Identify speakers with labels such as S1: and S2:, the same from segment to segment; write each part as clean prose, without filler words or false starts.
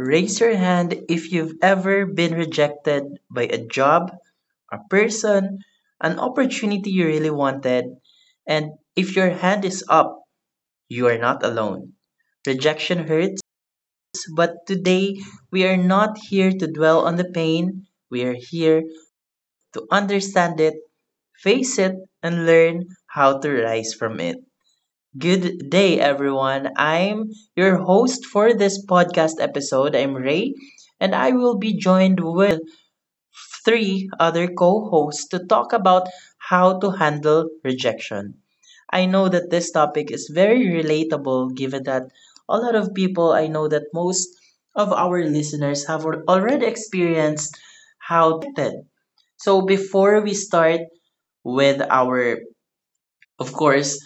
S1: Raise your hand if you've ever been rejected by a job, a person, an opportunity you really wanted, and if your hand is up, you are not alone. Rejection hurts, but today we are not here to dwell on the pain. We are here to understand it, face it, and learn how to rise from it. Good day, everyone. I'm your host for this podcast episode. I'm Ray, and I will be joined with three other co hosts to talk about how to handle rejection. I know that this topic is very relatable given that a lot of people, I know that most of our listeners have already experienced how rejected. So, before we start with our of course,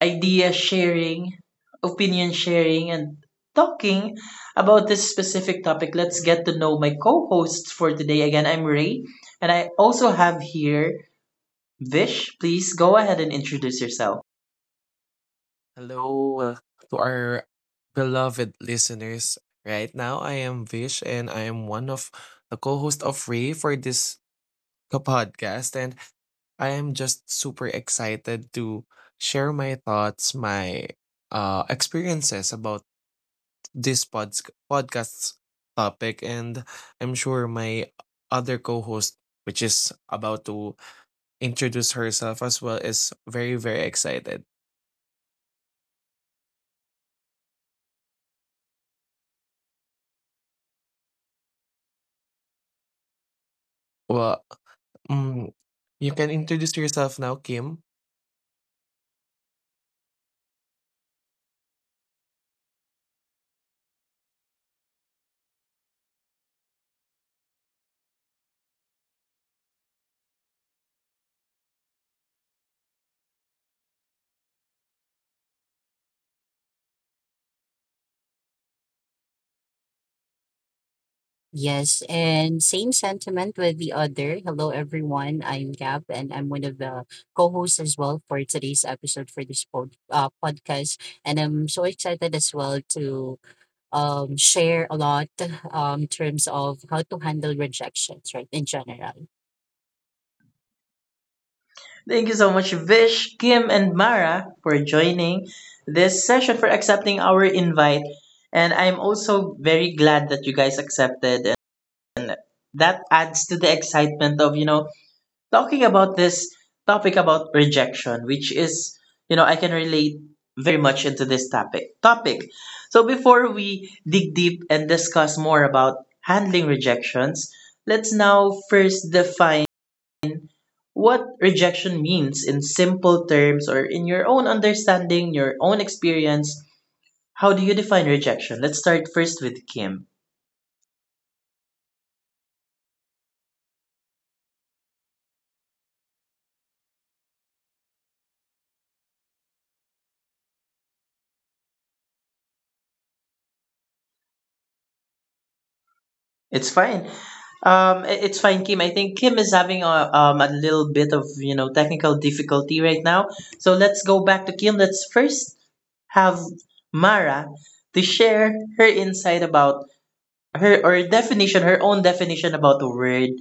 S1: idea sharing, opinion sharing, and talking about this specific topic. Let's get to know my co hosts for today. Again, I'm Ray, and I also have here Vish. Please go ahead and introduce yourself.
S2: Hello to our beloved listeners. Right now, I am Vish and I am one of the co host of Ray for this podcast. And I am just super excited to share my thoughts, my experiences about this podcast's topic. And I'm sure my other co host, which is about to introduce herself as well, is very, very excited. Well, mm. You can introduce yourself now, Kim.
S3: Yes, and same sentiment with the other. Hello, everyone. I'm Gab, and I'm one of the co-hosts as well for today's episode for this podcast. And I'm so excited as well to share a lot in terms of how to handle rejections, right, in general.
S1: Thank you so much, Vish, Kim, and Mara, for joining this session, for accepting our invite. And I'm also very glad that you guys accepted, and that adds to the excitement of, talking about this topic about rejection, which is, I can relate very much into this topic. Topic. So before we dig deep and discuss more about handling rejections, let's now first define what rejection means in simple terms or in your own understanding, your own experience, how do you define rejection? Let's start first with Kim. It's fine. It's fine, Kim. I think Kim is having a a little bit of technical difficulty right now. So let's go back to Kim. Let's first have Mara to share her insight about her or definition, her own definition about the word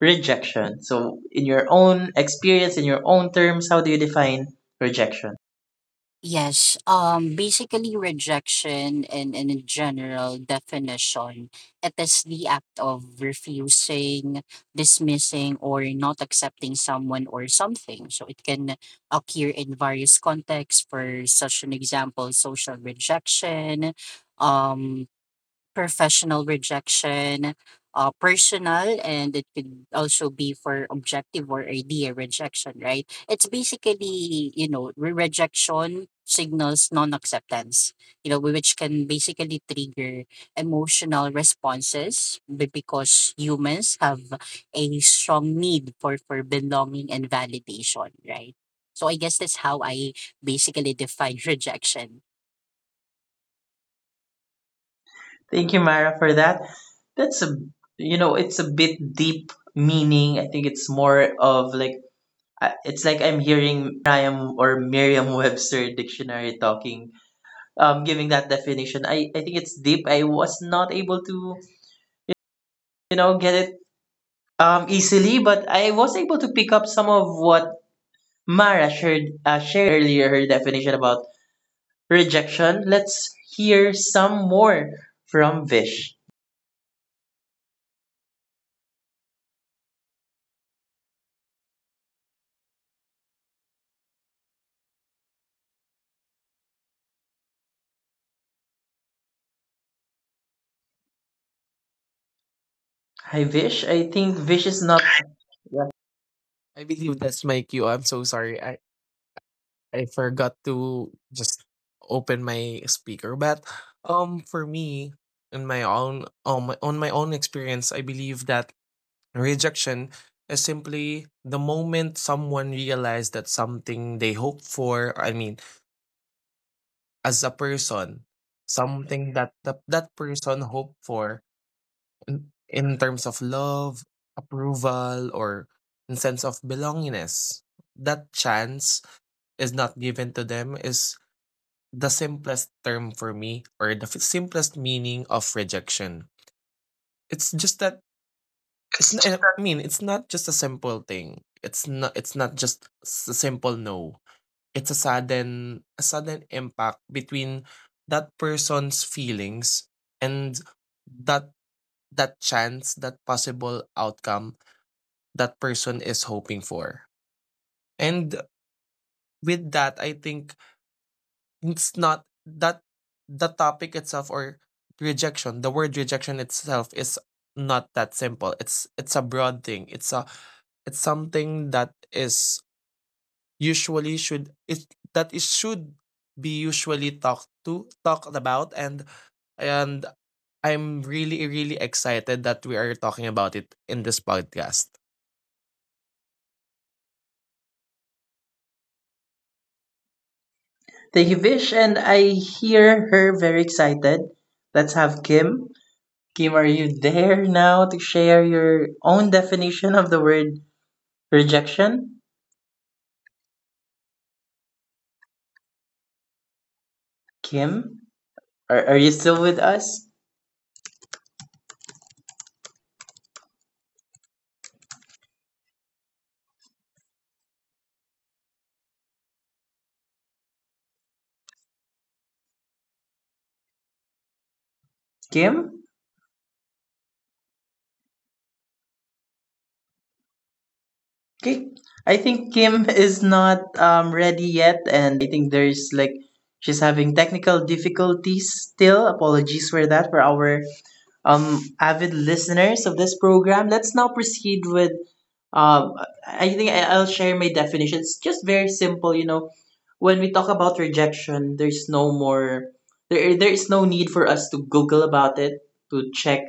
S1: rejection. So, in your own experience, in your own terms, how do you define rejection?
S3: Yes, basically rejection and in general definition, it is the act of refusing, dismissing, or not accepting someone or something. So it can occur in various contexts. For such an example, social rejection, um, professional rejection, personal, and it could also be for objective or idea rejection, right? It's basically rejection signals non acceptance, which can basically trigger emotional responses because humans have a strong need for belonging and validation, right? So I guess that's how I basically define rejection.
S1: Thank you, Mara, for that. That's a it's a bit deep meaning. I think it's more of like it's like I'm hearing Merriam or Merriam-Webster dictionary talking, giving that definition. I think it's deep. I was not able to get it easily, but I was able to pick up some of what Mara shared, shared earlier her definition about rejection. Let's hear some more from Vish. Hi, Vish. I think Vish is not. Yeah.
S2: I believe that's my cue. I'm so sorry. I forgot to just open my speaker. But for me, in my own on my own experience, I believe that rejection is simply the moment someone realized that something they hope for, I mean, as a person, something that that person hoped for in terms of love, approval, or a sense of belongingness. That chance is not given to them is the simplest term for me or the simplest meaning of rejection. It's just that it's not, I mean it's not just a simple thing. It's not just a simple no. It's a sudden impact between that person's feelings and that that chance, that possible outcome that person is hoping for. And with that, I think it's not that the topic itself or rejection, the word rejection itself is not that simple. It's a broad thing. It's something that is usually should it that it should be usually talked about and I'm really really excited that we are talking about it in this podcast.
S1: Thank you, Vish. And I hear her very excited. Let's have Kim. Kim, are you there now to share your own definition of the word rejection? Kim, are you still with us? Kim? Okay. I think Kim is not ready yet, and think there's like she's having technical difficulties still. Apologies for that for our avid listeners of this program. Let's now proceed with. Um, I think I'll share my definition. It's just very simple, When we talk about rejection, there's no more. There is no need for us to Google about it to check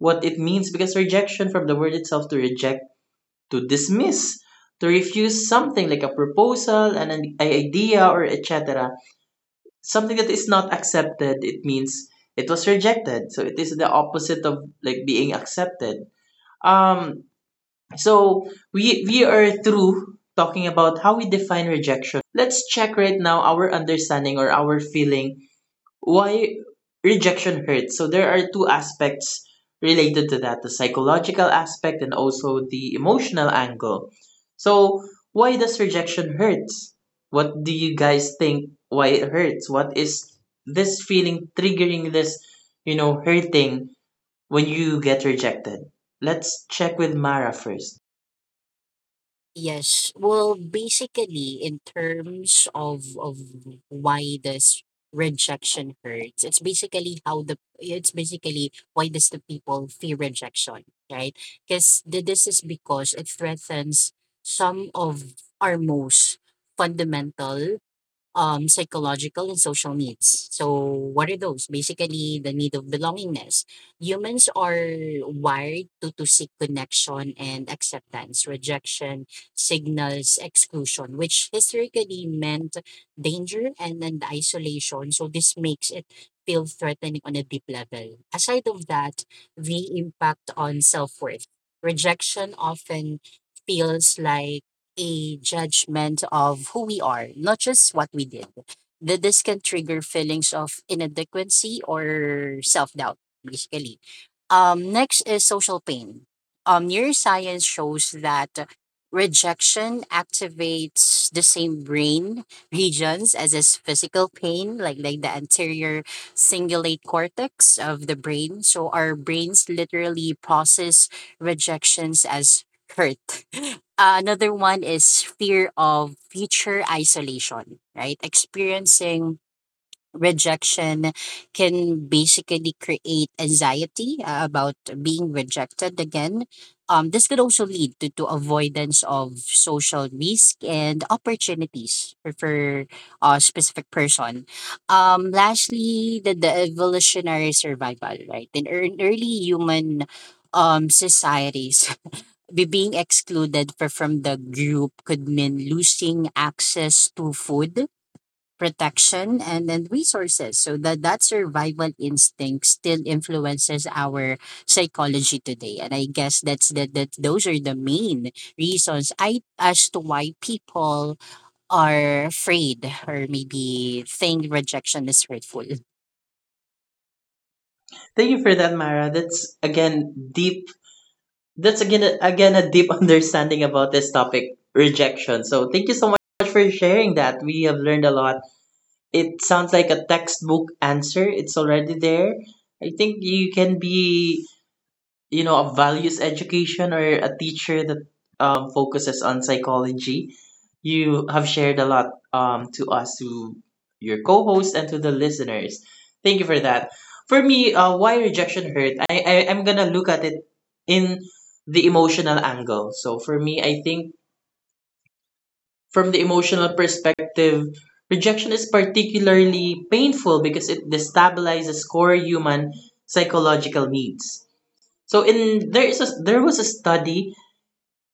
S1: what it means because rejection from the word itself to reject to dismiss, to refuse something like a proposal, an idea, or etc. Something that is not accepted, it means it was rejected. So it is the opposite of like being accepted. Um, so we are through talking about how we define rejection, let's check right now our understanding or our feeling why rejection hurts. So there are two aspects related to that the psychological aspect and also the emotional angle. So, why does rejection hurt? What do you guys think why it hurts? What is this feeling triggering this, hurting when you get rejected? Let's check with Mara first.
S3: Yes. Well, basically, in terms of why this rejection hurts, it's basically why does the people fear rejection, right? Because this is because it threatens some of our most fundamental psychological and social needs. So, what are those? Basically, the need of belongingness. Humans are wired to seek connection and acceptance. Rejection signals exclusion, which historically meant danger and isolation. So, this makes it feel threatening on a deep level. Aside of that, the impact on self worth. Rejection often feels like a judgment of who we are, not just what we did. That this can trigger feelings of inadequacy or self doubt, basically. Next is social pain. Neuroscience shows that rejection activates the same brain regions as is physical pain, like the anterior cingulate cortex of the brain. So our brains literally process rejections as hurt. Another one is fear of future isolation, right? Experiencing rejection can basically create anxiety about being rejected again. This could also lead to avoidance of social risk and opportunities for a specific person. Lastly, the evolutionary survival, right? In early human societies, being excluded from the group could mean losing access to food, protection, and then resources. So that survival instinct still influences our psychology today. And I guess that's that that those are the main reasons I as to why people are afraid or maybe think rejection is hurtful.
S1: Thank you for that, Mara. That's again deep. That's again a deep understanding about this topic, rejection. So thank you so much for sharing that. We have learned a lot. It sounds like a textbook answer. It's already there. I think you can be a values education or a teacher that focuses on psychology you have shared a lot to us to your co-host and to the listeners thank you for that for me why rejection hurt I I'm gonna look at it in the emotional angle so for me I think from the emotional perspective rejection is particularly painful because it destabilizes core human psychological needs so in there is a there was a study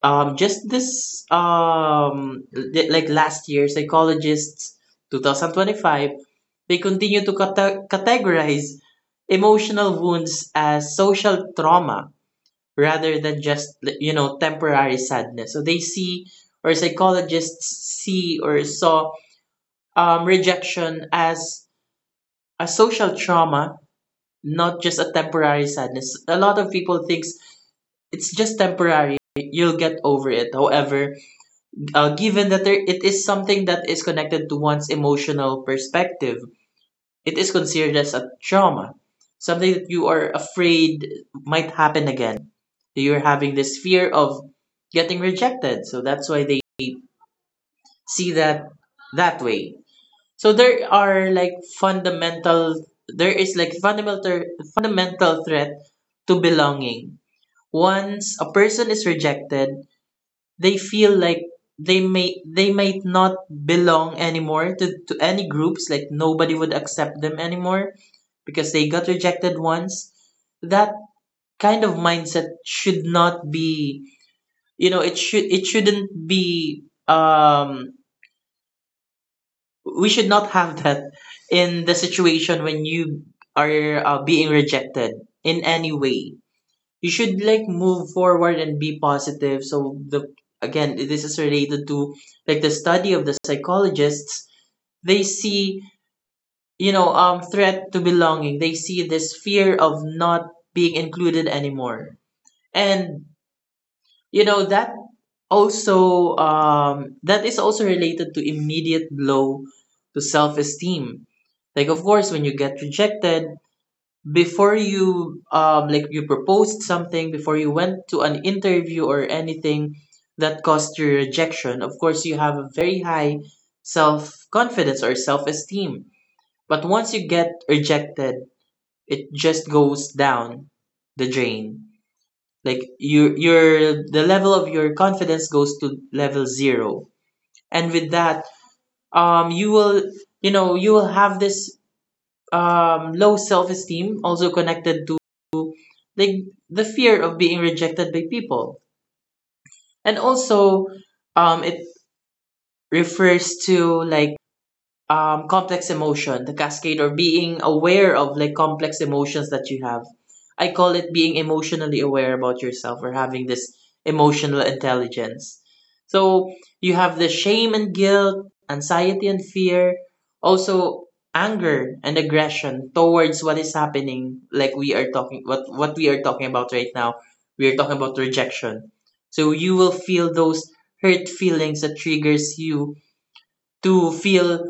S1: just this like last year psychologists 2025 they continue to categorize emotional wounds as social trauma rather than just temporary sadness. So they see or psychologists see or saw rejection as a social trauma not just a temporary sadness. A lot of people thinks it's just temporary. You'll get over it. However, given that there, it is something that is connected to one's emotional perspective, it is considered as a trauma, something that you are afraid might happen again. You're having this fear of getting rejected, so that's why they see that that way. So there are like fundamental there is like fundamental threat to belonging. Once a person is rejected, they feel like they might not belong anymore to any groups, like nobody would accept them anymore because they got rejected once. That kind of mindset should not be it shouldn't be um we should not have that in the situation when you are being rejected in any way you should like move forward and be positive so the again this is related to like the study of the psychologists they see threat to belonging they see this fear of not being included anymore and that also that is also related to immediate blow to self-esteem like of course when you get rejected before you like you proposed something before you went to an interview or anything that caused your rejection of course you have a very high self-confidence or self-esteem but once you get rejected it just goes down the drain like your the level of your confidence goes to level zero and with that you will you will have this low self-esteem also connected to like the fear of being rejected by people and also it refers to like complex emotion the cascade or being aware of like complex emotions that you have I call it being emotionally aware about yourself or having this emotional intelligence so you have the shame and guilt anxiety and fear also anger and aggression towards what is happening like we are talking what we are talking about right now we are talking about rejection so you will feel those hurt feelings that triggers you to feel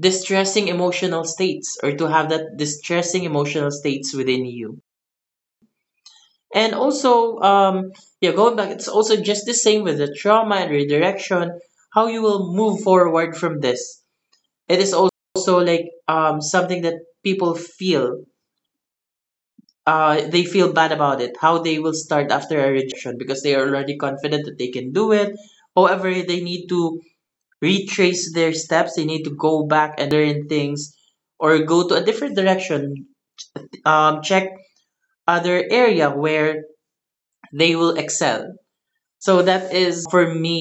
S1: distressing emotional states or to have that distressing emotional states within you. And also, yeah, going back, it's also just the same with the trauma and redirection, how you will move forward from this. It is also like something that people feel. They feel bad about it, how they will start after a rejection because they are already confident that they can do it. However, they need to retrace their steps, they need to go back and relearn things or go to a different direction check other area where they will excel. So that is for me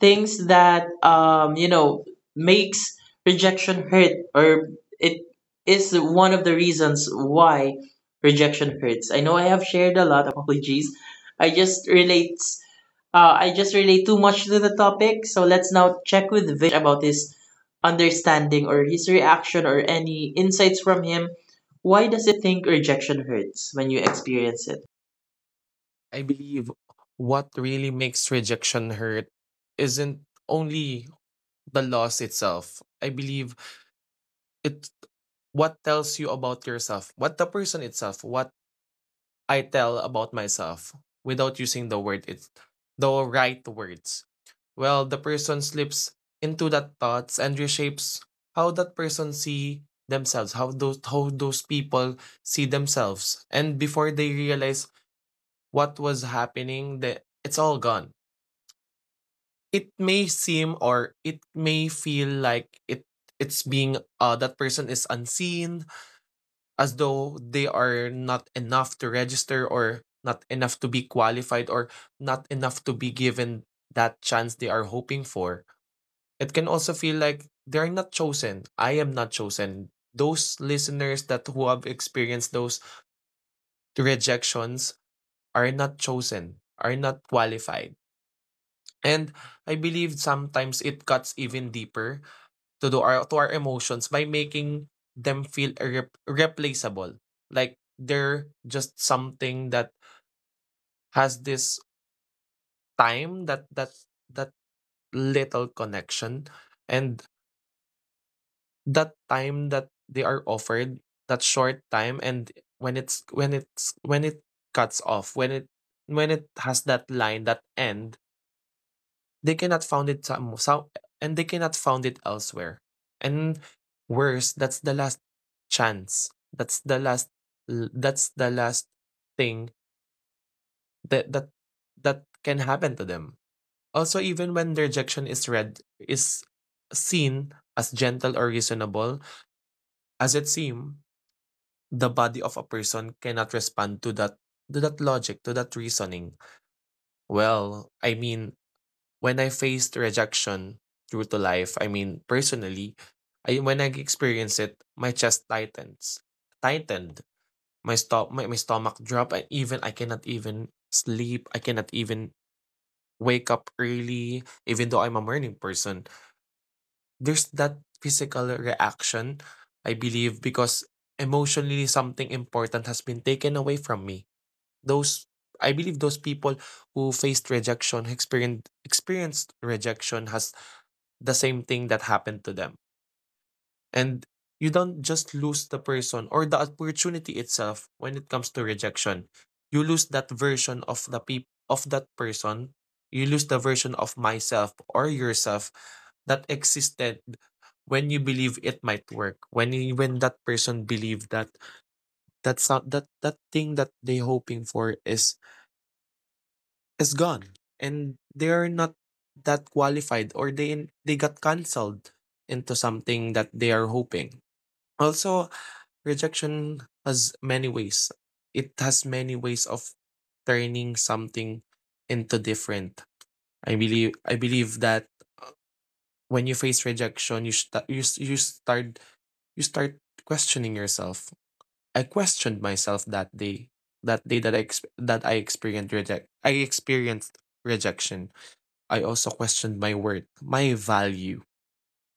S1: things that makes rejection hurt or it is one of the reasons why rejection hurts. I know I have shared a lot. Apologies. I just relate I just relate too much to the topic, so let's now check with about his understanding or his reaction or any insights from him. Why does it think rejection hurts when you experience it?
S2: I believe what really makes rejection hurt isn't only the loss itself. I believe it what tells you about yourself, what the person itself, what I tell about myself without using the word it the right words. Well, the person slips into that thoughts and reshapes how that person see themselves, how those people see themselves. And before they realize what was happening, it's all gone, it may seem, or it may feel like it's being that person is unseen, as though they are not enough to register, or not enough to be qualified, or not enough to be given that chance they are hoping for. It can also feel like they're not chosen. I am not chosen. Those listeners that who have experienced those rejections are not chosen, are not qualified. And I believe sometimes it cuts even deeper to our emotions by making them feel irrep replaceable. Like they're just something that has this time, that little connection, and that time that they are offered, that short time, and when it cuts off, when it has that line, that end. They cannot found it some, and they cannot found it elsewhere. And worse, that's the last chance. That's the last thing that that can happen to them. Also, even when the rejection is read is seen as gentle or reasonable, as it seems, the body of a person cannot respond to that logic, to that reasoning. Well, I mean, when I faced rejection through to life, I mean personally, I when I experienced it, my chest tightened, my stomach drop, and even I cannot even sleep. I cannot even wake up early, even though I'm a morning person. There's that physical reaction, I believe, because emotionally something important has been taken away from me. Those I believe those people who faced rejection, experienced rejection has the same thing that happened to them. And you don't just lose the person or the opportunity itself when it comes to rejection. You lose that version of that person. You lose the version of myself or yourself that existed when you believe it might work. When that person believed that that's not that that thing that they hoping for is gone, and they're not that qualified, or they got cancelled into something that they are hoping. Also, rejection has many ways. It has many ways of turning something into different. I believe that when you face rejection, you start questioning yourself. I questioned myself that day that I exp- that I experienced reject I experienced rejection. I also questioned my worth, my value,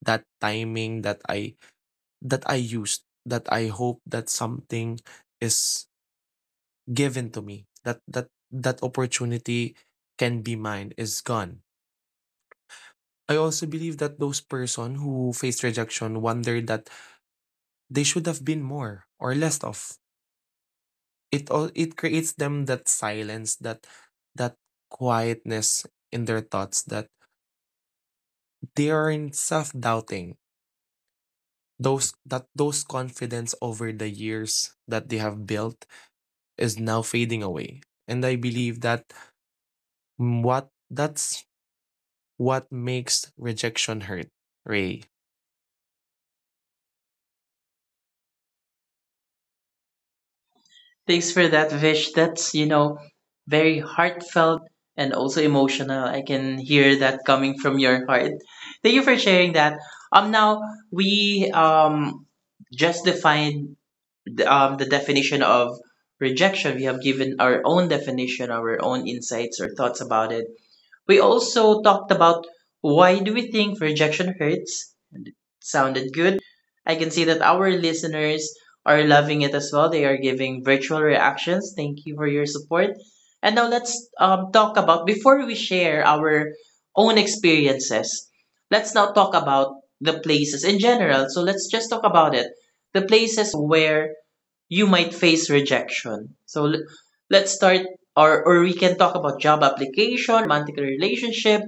S2: that timing that I used, that I hope that something is given to me, that that opportunity can be mine is gone. I also believe that those person who faced rejection wonder that they should have been more or less of. It creates them that silence, that quietness in their thoughts, that they are in self-doubting, those confidence over the years that they have built is now fading away. And I believe that's what makes rejection hurt, Ray.
S1: Thanks for that, Vish. That's, very heartfelt and also emotional. I can hear that coming from your heart. Thank you for sharing that. Now we just defined the definition of rejection. We have given our own definition, our own insights or thoughts about it. We also talked about why do we think rejection hurts? Sounded good. I can see that our listeners are loving it as well. They are giving virtual reactions. Thank you for your support. And now let's talk about, before we share our own experiences, let's now talk about the places in general. So let's just talk about it. The places where you might face rejection. So let's start, or we can talk about job application, romantic relationship,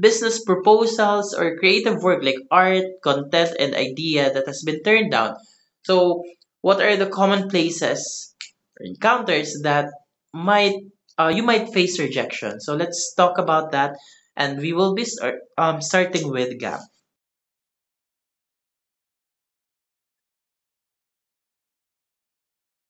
S1: business proposals, or creative work like art, content, and idea that has been turned down. So, what are the common places or encounters that might you might face rejection? So let's talk about that, and we will be start, starting with Gab.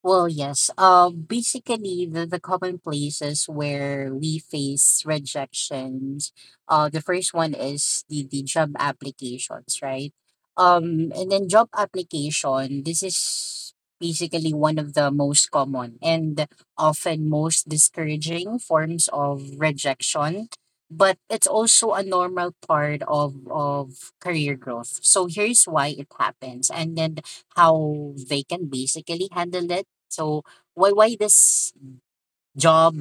S3: Well, yes. Basically, the common places where we face rejections, the first one is the job applications, right? And then job application, this is basically one of the most common and often most discouraging forms of rejection, but it's also a normal part of career growth. So here's why it happens, and then how they can basically handle it. So why this job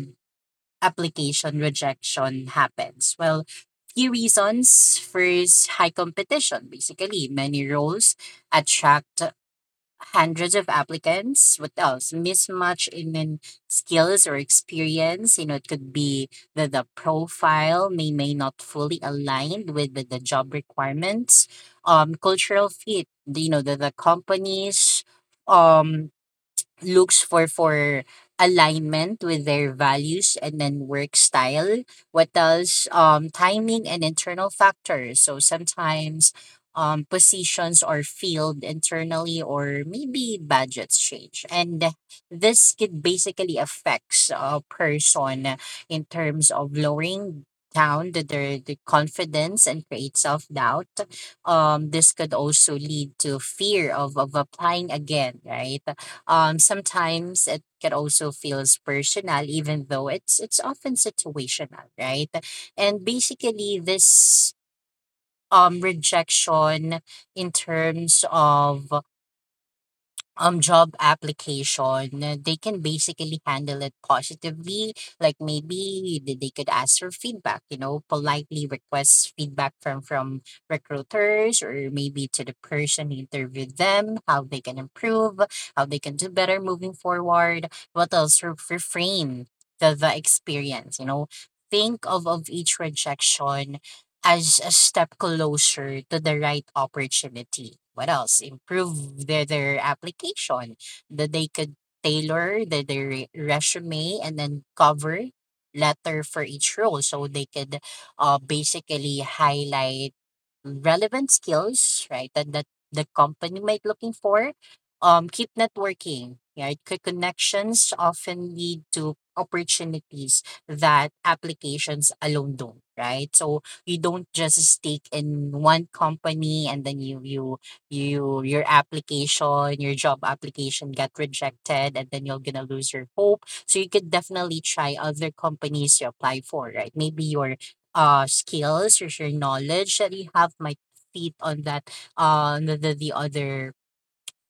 S3: application rejection happens? Well, few reasons. First, high competition. Basically, many roles attract hundreds of applicants. What else? Mismatch in skills or experience. You know, it could be that the profile may not fully aligned with the job requirements. Cultural fit. You know, the companies um looks for alignment with their values and then work style. What else? Timing and internal factors. So sometimes positions are filled internally, or maybe budgets change, and this could basically affects a person in terms of lowering down the, their the confidence and create self-doubt. This could also lead to fear of applying again, right? Sometimes it can also feels personal, even though it's often situational, right? And basically, this rejection in terms of job application, they can basically handle it positively. Like maybe they could ask for feedback. You know, politely request feedback from recruiters, or maybe to the person who interviewed them, how they can improve, how they can do better moving forward. What else? Reframe the experience. You know, think of each rejection as a step closer to the right opportunity. What else? Improve their application. That they could tailor their resume and then cover letter for each role, so they could basically highlight relevant skills, right? That that the company might looking for. Keep networking. Right, connections often lead to opportunities that applications alone don't. Right, so you don't just stick in one company, and then you your application, your job application got rejected, and then you're gonna lose your hope. So you could definitely try other companies you apply for. Right, maybe your skills or your knowledge that you have might feed on that the, the other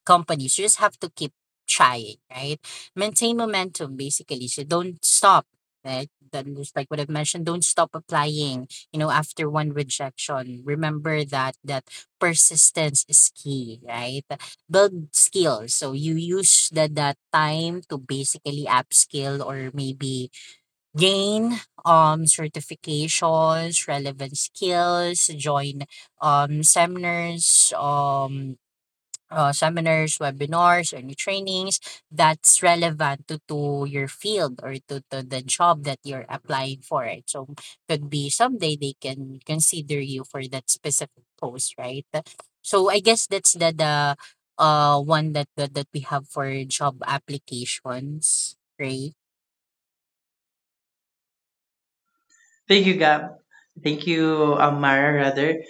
S3: companies. You just have to keep trying, right? Maintain momentum, basically. So don't stop, right? Then just like what I've mentioned, don't stop applying. You know, after one rejection, remember that that persistence is key, right? Build skills. So you use that time to basically upskill, or maybe gain certifications, relevant skills, join seminars, seminars, webinars, or any trainings that's relevant to your field or to the job that you're applying for. Right? So could be someday they can consider you for that specific post, right? So I guess that's the one that we have for job applications, right?
S1: Thank you, Gab. Thank you, Amara, rather.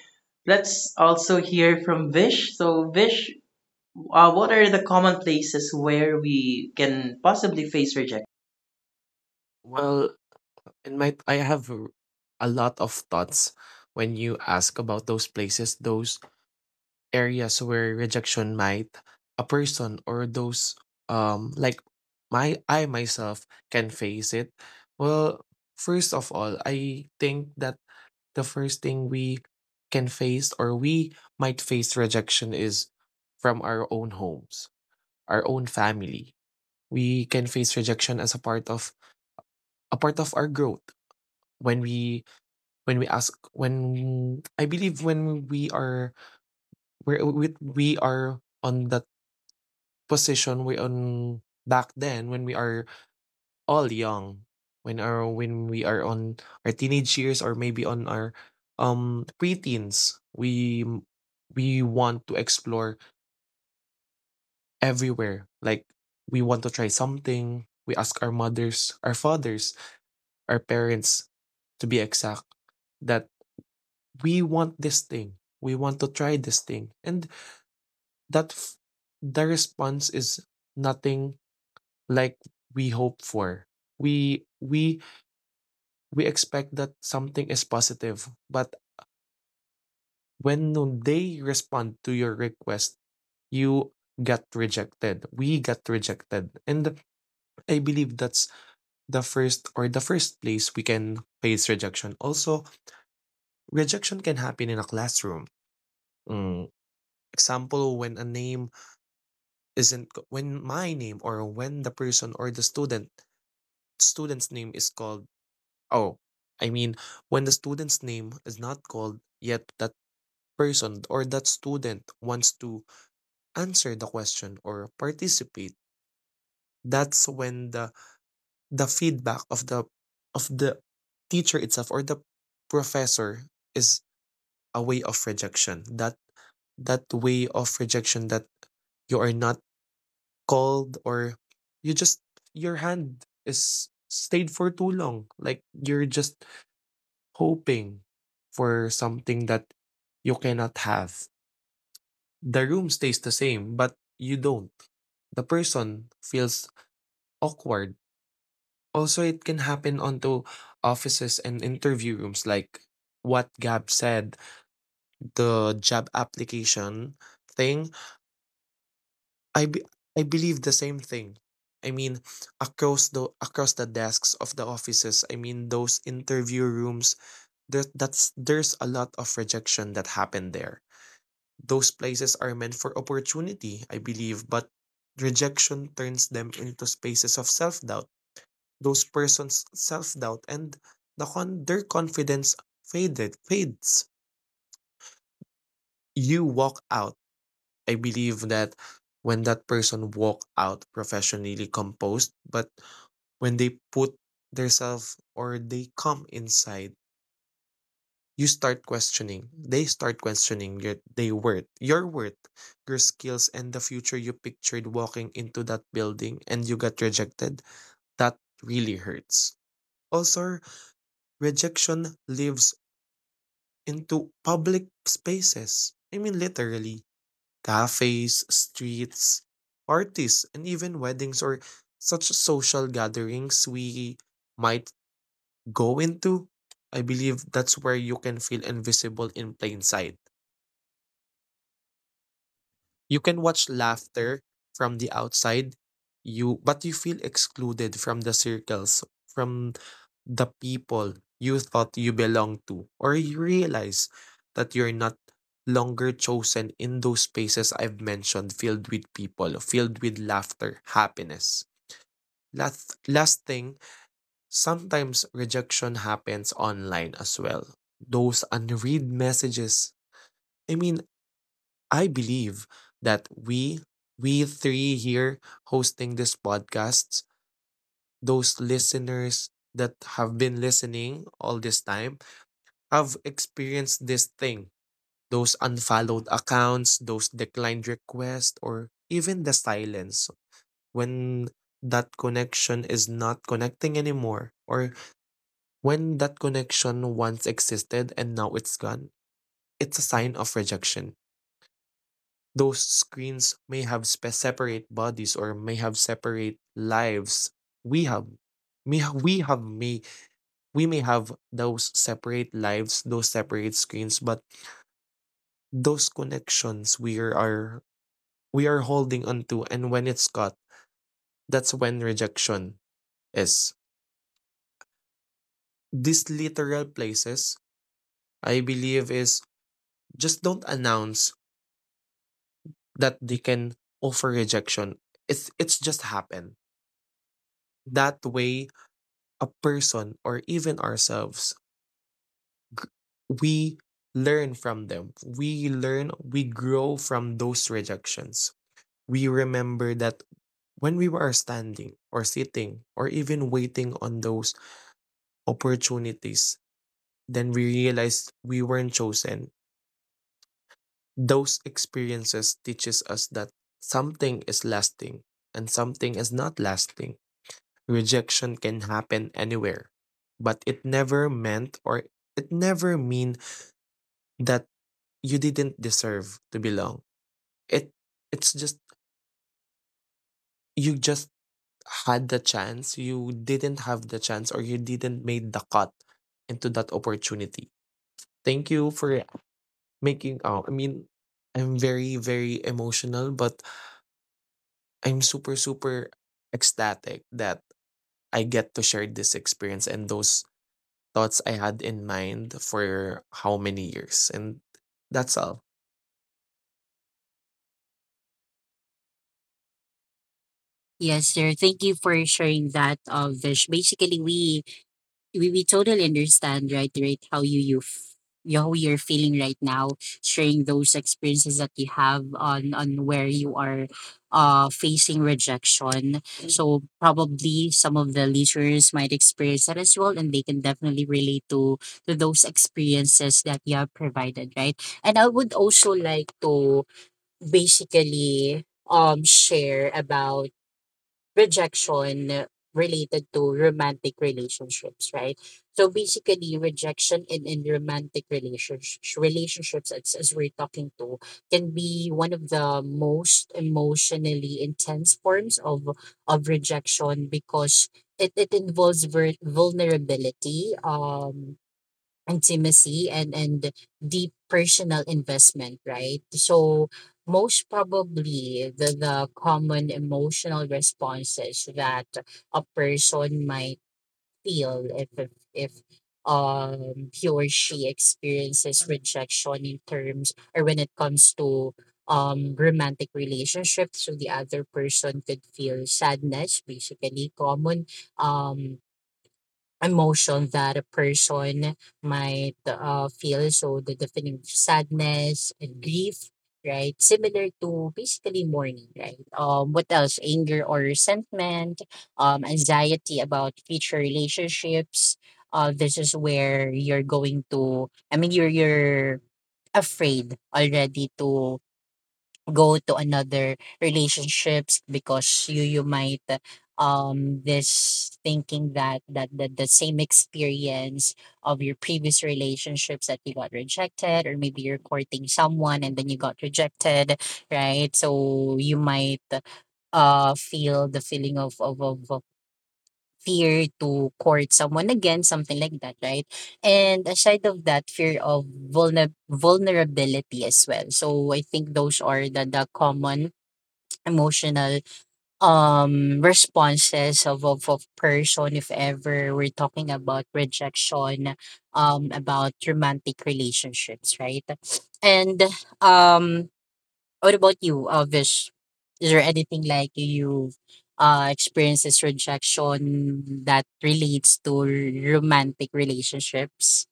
S1: Let's also hear from Vish. So, Vish, what are the common places where we can possibly face rejection?
S2: Well, in my a lot of thoughts when you ask about those places, those areas where rejection might a person, or those like my I myself can face it. Well, first of all, I think that the first thing we can face or we might face rejection is from our own homes, our own family. We can face rejection as a part of our growth when we ask, when I believe when we are, where we are on that position, we on back then when we are all young, when we are on our teenage years, or maybe on our preteens, we want to explore everywhere. Like, we want to try something, we ask our mothers, our fathers, our parents to be exact, that we want this thing, we want to try this thing, and that f- the response is nothing like we hope for. We we we expect that something is positive. But when they respond to your request, you got rejected. We got rejected. And I believe that's the first place we can face rejection. Also, rejection can happen in a classroom. Mm, Example, when a name isn't, when my name, or when the person, or the student's name is called, oh, I mean, when the student's name is not called yet, that person or that student wants to answer the question or participate, that's when the feedback of the teacher itself or the professor is a way of rejection. That that way of rejection, that you are not called, or you just your hand is stayed for too long, like you're just hoping for something that you cannot have. The room stays the same, but you don't. The person feels awkward. Also, it can happen onto offices and interview rooms, like what Gab said, the job application thing. I be- I believe the same thing. I mean, across the desks of the offices, I mean those interview rooms, there's a lot of rejection that happened there. Those places are meant for opportunity, I believe, but rejection turns them into spaces of self doubt. Those persons' self doubt, and their confidence faded fades. You walk out. I believe that when that person walk out professionally composed, but when they put their self, or they come inside, you start questioning they start questioning your worth, your skills, and the future you pictured walking into that building, and you got rejected, that really hurts. Also, rejection lives into public spaces. I mean, literally, cafes, streets, parties, and even weddings or such social gatherings we might go into. I believe that's where you can feel invisible in plain sight. You can watch laughter from the outside, you but you feel excluded from the circles, from the people you thought you belong to, or you realize that you're not longer chosen in those spaces I've mentioned, filled with people, filled with laughter, happiness. Last thing, sometimes rejection happens online as well. Those unread messages. I mean, I believe that we three here hosting this podcast, those listeners that have been listening all this time, have experienced this thing. Those unfollowed accounts, those declined requests, or even the silence when that connection is not connecting anymore, or when that connection once existed and now it's gone. It's a sign of rejection. Those screens may have separate bodies, or may have separate lives. We have may ha- we have may We may have those separate lives, those separate screens, but those connections we are holding onto, and when it's cut, that's when rejection is. These literal places, I believe, is just don't announce that they can offer rejection. It's just happen that way. A person, or even ourselves, we learn from them. We learn, we grow from those rejections. We remember that when we were standing or sitting or even waiting on those opportunities, then we realized we weren't chosen. Those experiences teaches us that something is lasting and something is not lasting. Rejection can happen anywhere, but it never meant or it never mean that you didn't deserve to belong. It it's just you just had the chance, you didn't have the chance, or you didn't made the cut into that opportunity. Thank you for making I mean, I'm very very emotional, but I'm super super ecstatic that I get to share this experience and those thoughts I had in mind for how many years, and that's all.
S3: Yes, sir. Thank you for sharing that, Vish. Basically, we totally understand, right, right, how you you f- you- how you're feeling right now, sharing those experiences that you have on where you are, facing rejection. So probably some of the listeners might experience that as well, and they can definitely relate to those experiences that you have provided, right? And I would also like to basically share about rejection related to romantic relationships, right? So basically, rejection in romantic relationships as we're talking to, can be one of the most emotionally intense forms of rejection, because it involves vulnerability, intimacy, and deep personal investment, right? So most probably, the common emotional responses that a person might feel if he or she experiences rejection in terms, or when it comes to romantic relationships. So the other person could feel sadness, basically common um emotion that a person might feel. So the definition of sadness and grief, right? Similar to basically mourning, right? What else? Anger or resentment, anxiety about future relationships. This is where you're going to. I mean, you're afraid already to go to another relationships, because you might this thinking that the same experience of your previous relationships that you got rejected, or maybe you're courting someone and then you got rejected, right? So you might feel the feeling of fear to court someone again, something like that, right? And aside of that, fear of vulnerability as well. So I think those are the common emotional responses of person, if ever we're talking about rejection, about romantic relationships, right? And um what about you, Vish? Is there anything like you experiences rejection that relates to romantic relationships?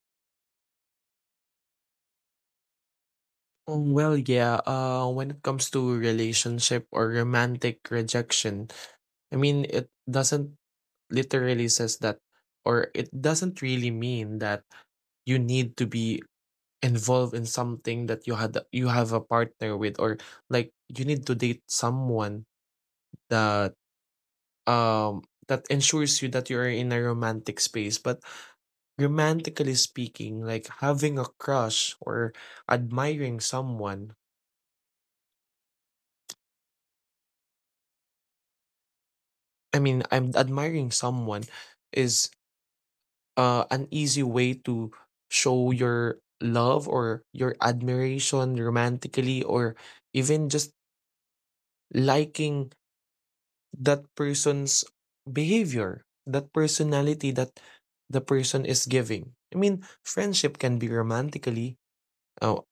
S2: Well, yeah, when it comes to relationship or romantic rejection, I mean, it doesn't literally says that, or it doesn't really mean that you need to be involved in something that you have a partner with, or like you need to date someone that um that ensures you that you are in a romantic space. But romantically speaking, like having a crush or admiring someone, I mean, I'm admiring someone is an easy way to show your love or your admiration romantically, or even just liking that person's behavior, that personality that the person is giving. I mean, friendship can be romantically. Oh,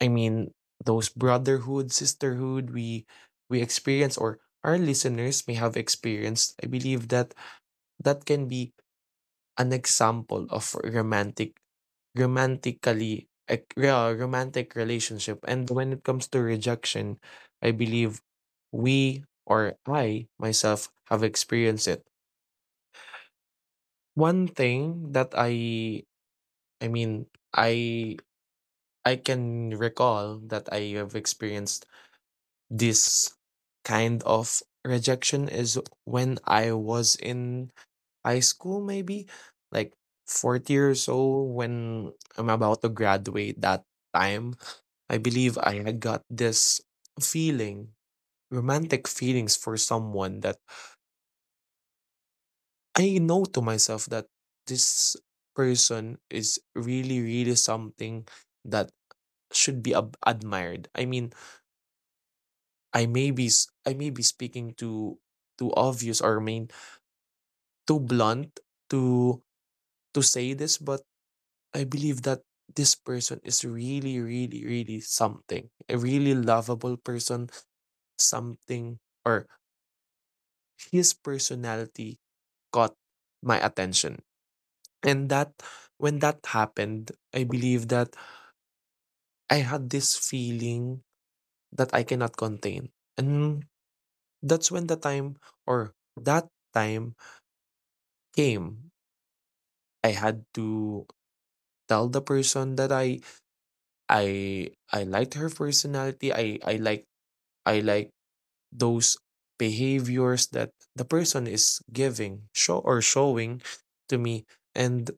S2: I mean, those brotherhood, sisterhood we experience, or our listeners may have experienced. I believe that that can be an example of romantic yeah, romantic relationship. And when it comes to rejection, I believe we, or I myself, have experienced it. One thing that i i mean i i can recall that I have experienced this kind of rejection is when I was in high school, maybe like 40 years old, when I'm about to graduate. That time I believe I had got this feeling romantic feelings for someone that I know to myself that this person is really really something that should be admired. I mean, I may be speaking too too obvious, or I mean too blunt to to say this, but I believe that this person is really, really, really something. A really lovable person, something, or his personality caught my attention. And that, when that happened, I believe that I had this feeling that I cannot contain. And that's when the time, or that time came. I had to tell the person that I liked her personality. I like those behaviors that the person is giving show or showing to me. And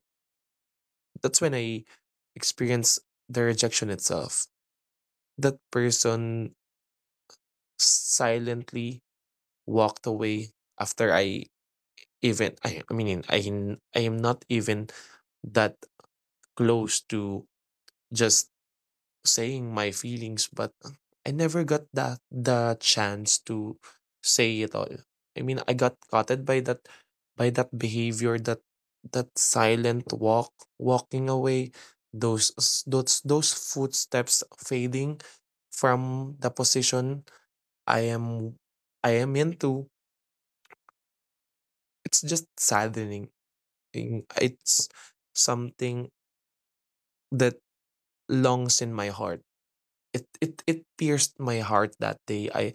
S2: that's when I experience the rejection itself. That person silently walked away after I mean I am not even that close to just saying my feelings, but I never got that the chance to say it all. I mean, I got caught by that behavior, that silent walking away, those s- those footsteps fading from the position I am I am into. It's just saddening. It's something that longs in my heart. It pierced my heart that day. I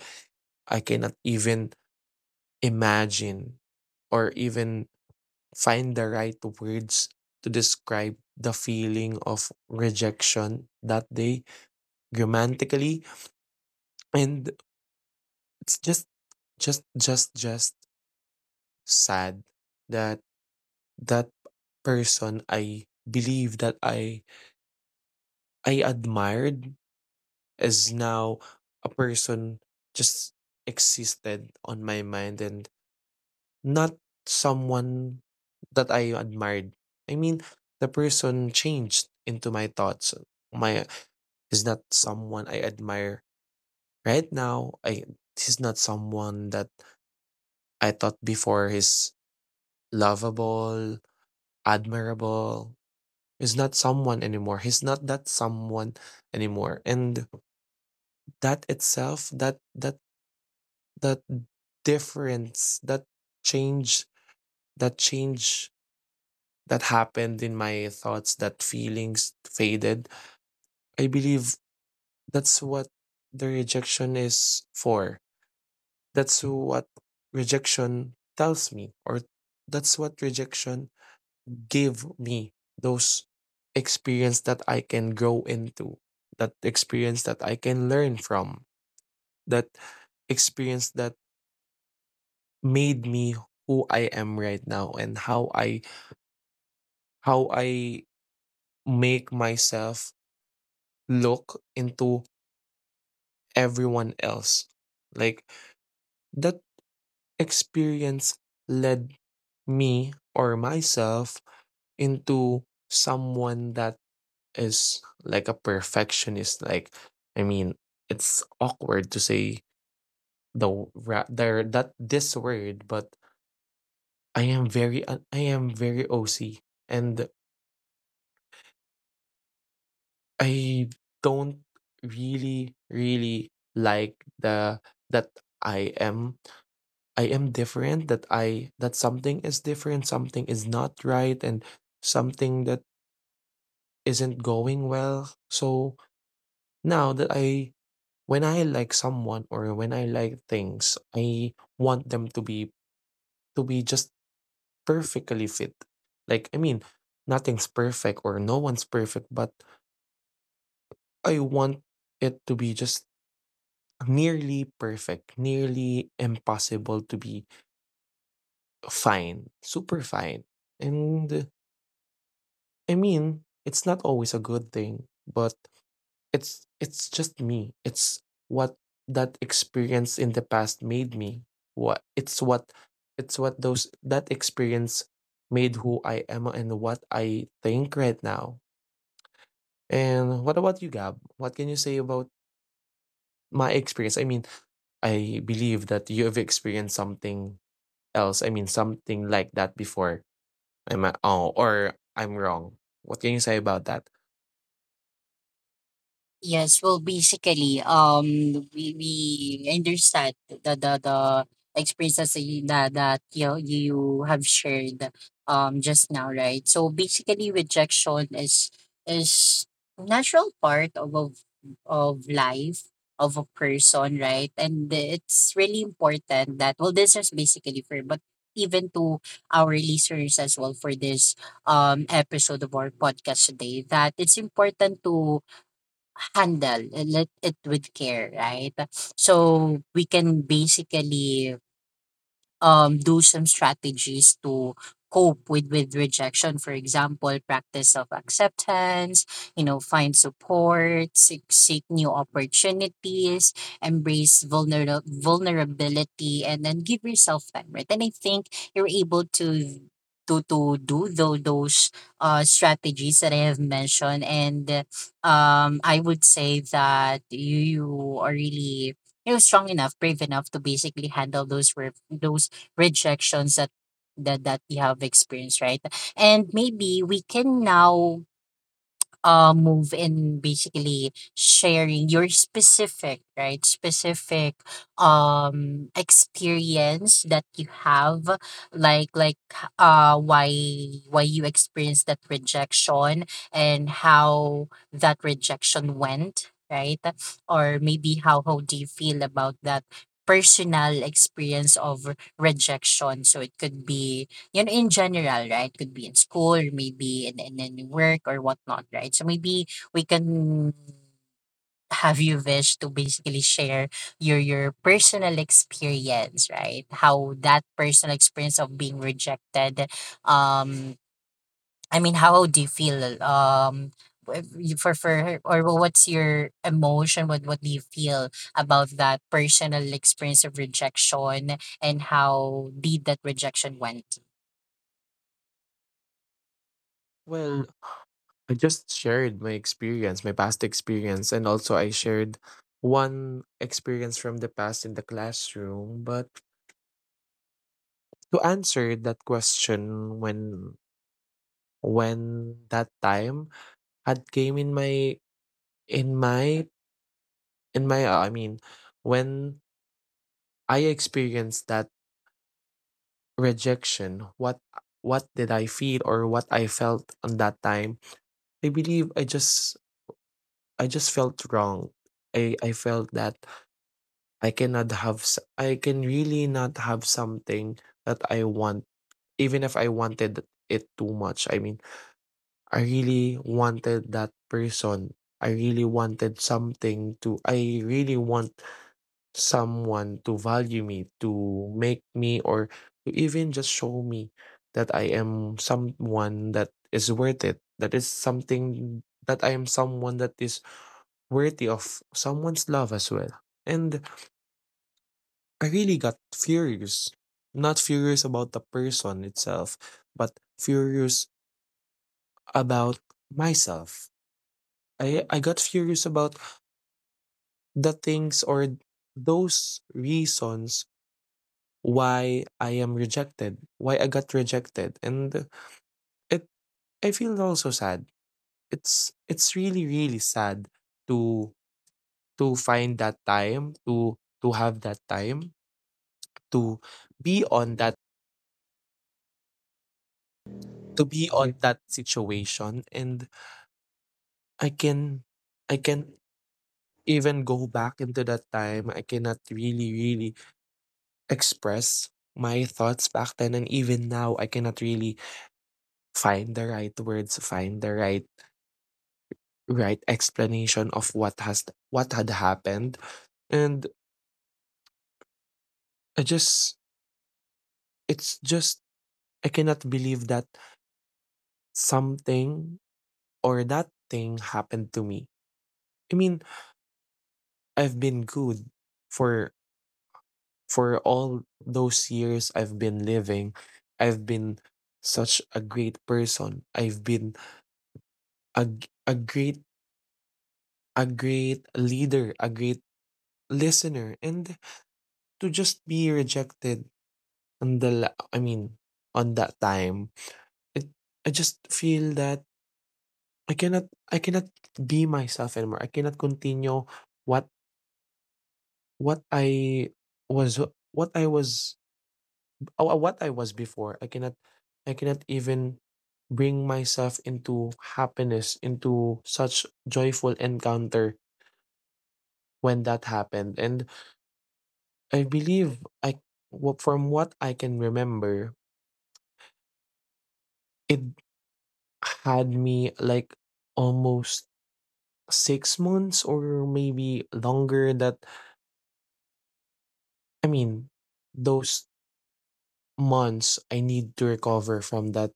S2: I cannot even imagine or even find the right words to describe the feeling of rejection that day grammatically. And it's just sad that that person I believe that I admired is now a person just existed on my mind, and not someone that I admired. I mean, the person changed into my thoughts. My is not someone I admire right now. I He's not someone that I thought before is lovable, admirable. He's not someone anymore. He's not that someone anymore. And that itself, that difference, change, that change that happened in my thoughts, that feelings faded. I believe that's what the rejection is for. That's what rejection tells me, or that's what rejection gave me those experience that I can grow into, that experience that I can learn from, that experience that made me who I am right now, and how I make myself look into everyone else. Like that experience led me, or myself, into someone that is like a perfectionist. Like, I mean, it's awkward to say the w- ra- there that this word, but I am very OC, and I don't really really like the that I am I am different, that something is different, something is not right, and something that isn't going well. So now that I when I like someone, or when I like things, I want them to be just perfectly fit. Like, I mean, nothing's perfect or no one's perfect, but I want it to be just nearly perfect, nearly impossible to be fine, super fine. And I mean, it's not always a good thing, but it's just me. It's what that experience in the past made me. What it's what it's what those that experience made who I am and what I think right now. And what about you, Gab? What can you say about my experience? I mean, I believe that you have experienced something else. I mean, something like that before. I'm Oh, or I'm wrong. What can you say about that?
S3: Yes, well, basically, we understand the experiences that you have shared, just now, right? So basically, rejection is natural part of life of a person, right? And it's really important that, well, this is basically for, but even to our listeners as well, for this episode of our podcast today, that it's important to handle and let it with care, right? So we can basically do some strategies to cope with rejection. For example, practice of acceptance, find support, seek new opportunities, embrace vulnerability, and then give yourself time, right? And I think you're able to do those strategies that I have mentioned. And I would say that you are really, strong enough, brave enough to basically handle those rejections that we have experienced, right? And maybe we can now move in basically sharing your specific, right, specific experience that you have, like uh why why you experienced that rejection, and how that rejection went, right? Or maybe how do you feel about that personal experience of rejection. So it could be, in general, right? Could be in school, or maybe in work or whatnot, right? So maybe we can have you, Vish, to basically share your personal experience, right? How that personal experience of being rejected, um, I mean, how do you feel, w- for or what's your emotion? What do you feel about that personal experience of rejection, and how did that rejection went?
S2: Well, I just shared my experience, my past experience, and also I shared one experience from the past in the classroom. But to answer that question, when that time had came in my in my in my I mean, when I experienced that rejection, what did I feel, or what I felt on that time? I believe I just felt wrong. I felt that I can really not have something that I want, even if I wanted it too much. I mean, I really wanted that person. I really want someone to value me, to make me or to even just show me that I am someone that is worth it. That is something, that I am someone that is worthy of someone's love as well. And I really got furious. Not furious about the person itself, but furious about myself. I got furious about the things, or those reasons why I am rejected, why I got rejected. And it I feel also sad. It's really, really sad to to find that time, to have that time, to be on that to be on that situation, and I can I can even go back into that time. I cannot really, really express my thoughts back then, and even now I cannot really find the right words, find the right explanation of what had happened. And I just it's just I cannot believe that something, or that thing, happened to me. I mean, I've been good for for all those years I've been living, I've been such a great person. I've been a, g- a great a great leader, a great listener, and to just be rejected I mean on that time, it, I just feel that I cannot be myself anymore. I cannot continue what what I was what I was Oh, what I was before. I cannot even bring myself into happiness, into such joyful encounter when that happened. And I believe from what I can remember, it had me like almost 6 months, or maybe longer, that — I mean, those months I need to recover from that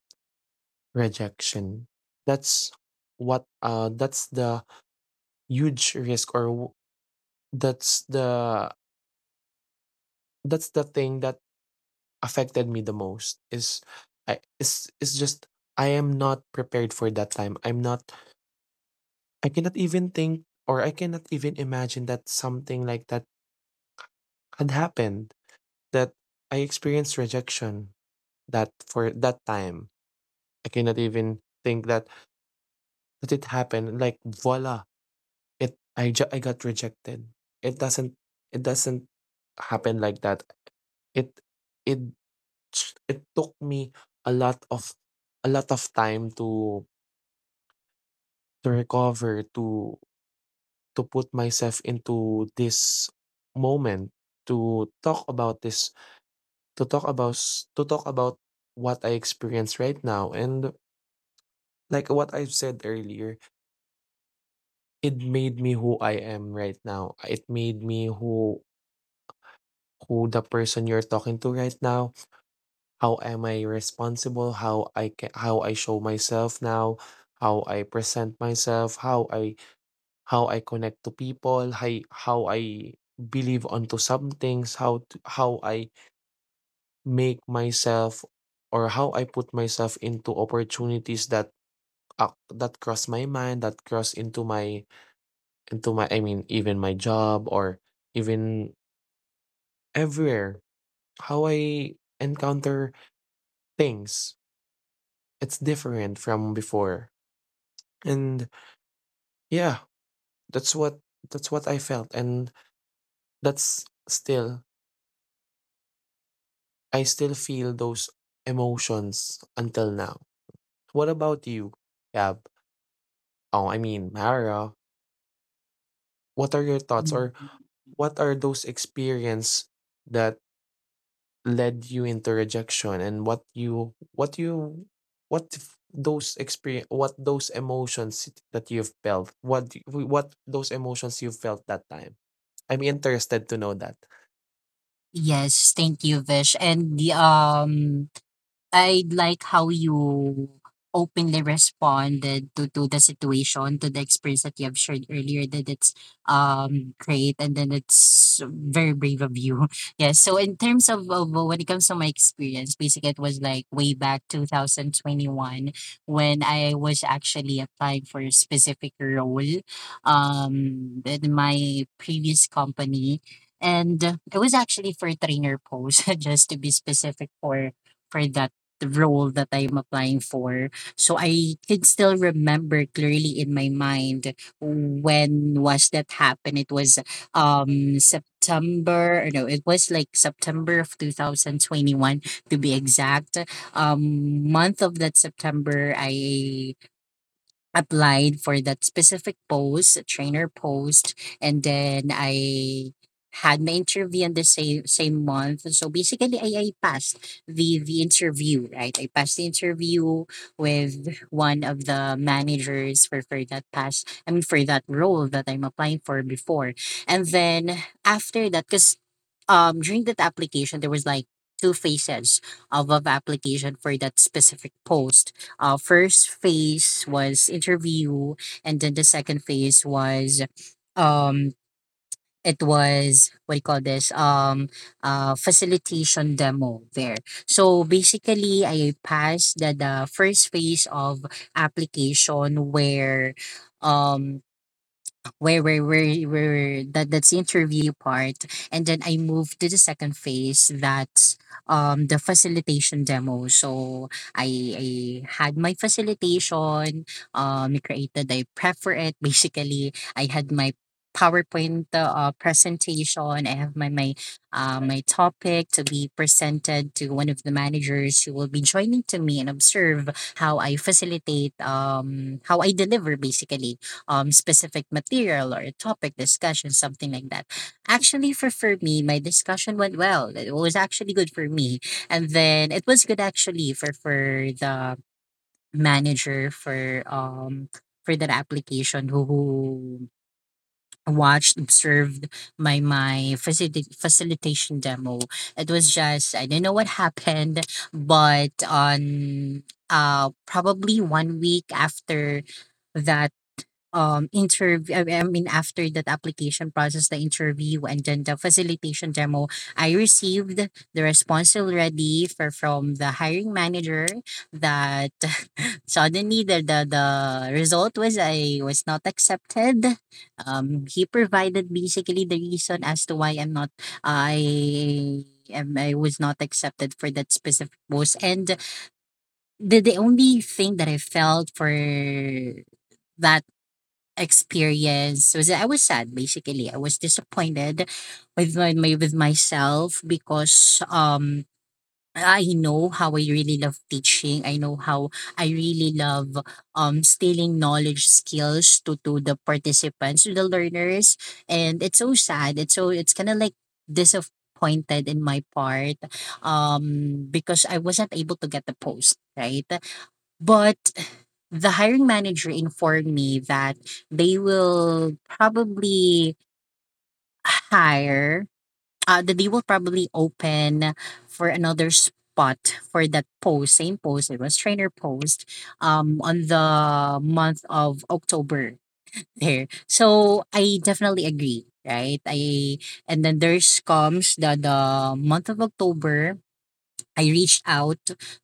S2: rejection. That's that's the huge risk, or w- that's the that's the thing that affected me the most, is I is just I am not prepared for that time. I cannot even think, or I cannot even imagine that something like that had happened, that I experienced rejection, that for that time I cannot even think that it happened like voila. I got rejected. It doesn't it doesn't happen like that. It it It took me a lot of a lot of time to recover, to put myself into this moment, to talk about this, to talk about what I experience right now. And like what I've said earlier, it made me who I am right now. It made me who the person you're talking to right now. How am I responsible, how I can, how I show myself now, how I present myself, how I connect to people, how I believe onto some things, how I make myself, or how I put myself into opportunities that cross my mind, that cross into my I mean, even my job, or even everywhere. How I encounter things. It's different from before. And yeah, that's what that's what I felt, and that's still I still feel those emotions until now. What about you? Yeah. Oh, I mean, Mara, what are your thoughts or what are those experience that led you into rejection and what you what you what if those experience what those emotions you felt that time? I'm interested to know that.
S3: Yes, thank you, Vish. And the I like how you openly responded to the situation, to the experience that you have shared earlier, that it's great, and then it's very brave of you. Yeah. So in terms of, when it comes to my experience, basically it was like way back 2021 when I was actually applying for a specific role in my previous company. And it was actually for a trainer post, just to be specific for that the role that I'm applying for. So I can still remember clearly in my mind when was that happened. It was September, or no, it was like September of 2021 to be exact. Month of that September I applied for that specific post, a trainer post, and then I had my interview in the same month. So basically, I passed the interview, right? I passed the interview with one of the managers for that pass. I mean, for that role that I'm applying for before, and then after that, because during that application there was like two phases of application for that specific post. First phase was interview, and then the second phase was um it was, what do you call this, facilitation demo there. So basically I passed the first phase of application um where that's the interview part, and then I moved to the second phase, that's the facilitation demo. So i I had my facilitation, I created, I prefer it, basically I had my PowerPoint presentation. I have my my topic to be presented to one of the managers who will be joining to me and observe how I facilitate, how I deliver basically specific material or a topic discussion, something like that. Actually, for me, my discussion went well. It was actually good for me, and then it was good actually for the manager for that application who watched, observed my facilitation demo. It was just, I don't know what happened, but on probably one week after that interview, I mean, after that application process, the interview and then the facilitation demo, I received the response already for from the hiring manager that suddenly, the result was I was not accepted. He provided basically the reason as to why I was not accepted for that specific post, and the only thing that I felt for that experience was that I was sad, basically. I was disappointed with my, my with myself because I know how I really love teaching. I know how I really love stealing knowledge skills to the participants, to the learners. And it's so sad. It's so, it's kinda like disappointed in my part. Because I wasn't able to get the post, right? But the hiring manager informed me that they will probably hire that they will probably open for another spot for that post, same post. It was trainer post on the month of October there. So I definitely agree, right? I, and then there's comes the month of October, I reached out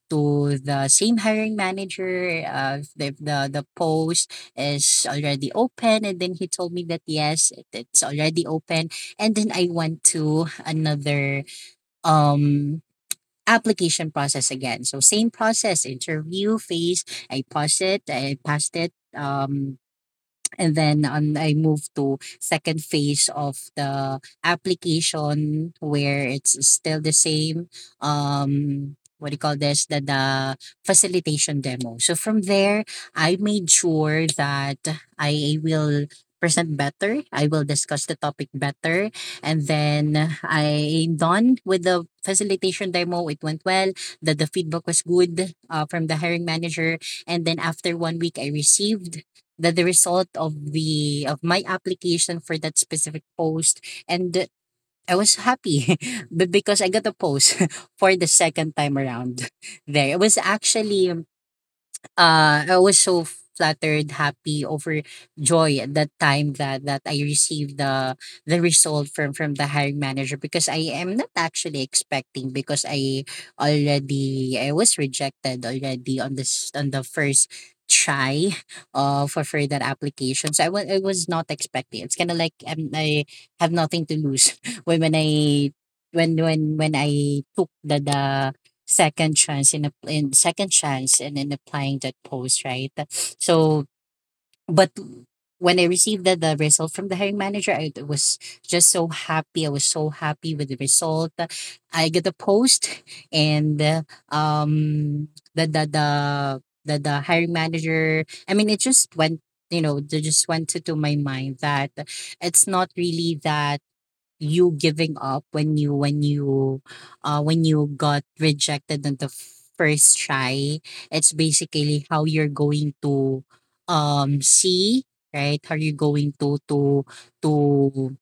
S3: to the same hiring manager, if the post is already open, and then he told me that yes, it's already open, and then I went to another um application process again, so same process. Interview phase, I paused it, I passed it, and then on, I moved to second phase of the application where it's still the same. What do you call this? The facilitation demo. So from there, I made sure that I will present better. I will discuss the topic better. And then I'm done with the facilitation demo. It went well. The feedback was good from the hiring manager. And then after one week, I received that the result of the of my application for that specific post, and I was happy but because I got a post for the second time around there. It was actually I was so flattered, happy, overjoyed at that time that I received the result from the hiring manager because I am not actually expecting, because I already, I was rejected already on this on the first try for that application, so I was not expecting. It's kind of like, I have nothing to lose when I when I took the second chance in a, in second chance and in applying that post, right? So but when I received the result from the hiring manager, I was just so happy. I was so happy with the result. I get the post, and um the the the the hiring manager, I mean, it just went, you know, they just went to my mind that it's not really that you giving up when you, when you got rejected on the first try. It's basically how you're going to see, right, how you're going to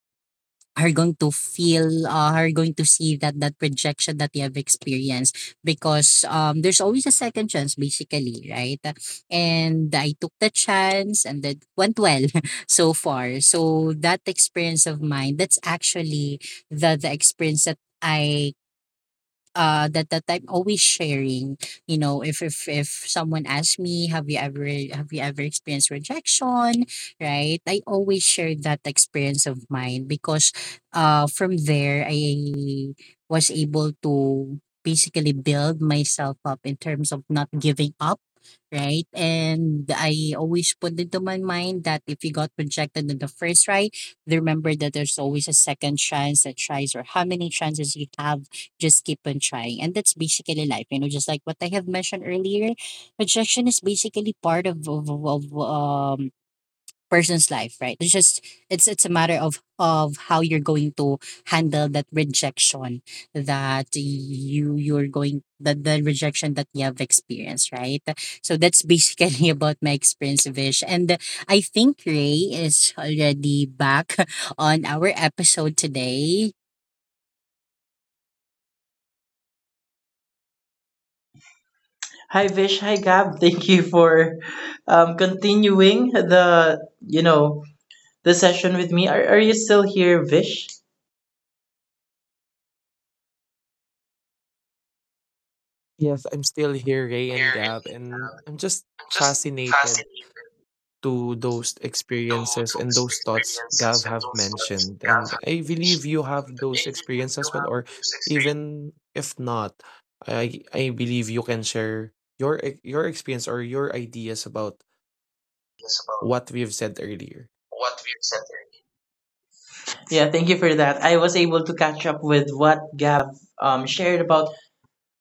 S3: are going to feel, are going to see that that rejection that you have experienced, because there's always a second chance, basically, right? And I took the chance and that went well. So far, so that experience of mine, that's actually the experience that I that that I'm always sharing. You know, if someone asks me, have you ever experienced rejection? Right? I always share that experience of mine because from there I was able to basically build myself up in terms of not giving up. Right. And I always put into my mind that if you got rejected in the first try, remember that there's always a second chance, a tries, or how many chances you have, just keep on trying. And that's basically life, you know, just like what I have mentioned earlier. Rejection is basically part of um person's life, right? It's just it's a matter of how you're going to handle that rejection that you you're going that the rejection that you have experienced, right? So that's basically about my experience, Vish. And I think Ray is already back on our episode today.
S1: Hi Vish, hi Gab. Thank you for continuing the you know the session with me. Are you still here, Vish?
S2: Yes, I'm still here, Ray and Gab, and I'm just fascinated to those experiences and those thoughts Gav have mentioned. And I believe you have those experiences as well, or even if not, I believe you can share your experience or your ideas about what we've said earlier.
S1: Yeah, thank you for that. I was able to catch up with what Gab have shared about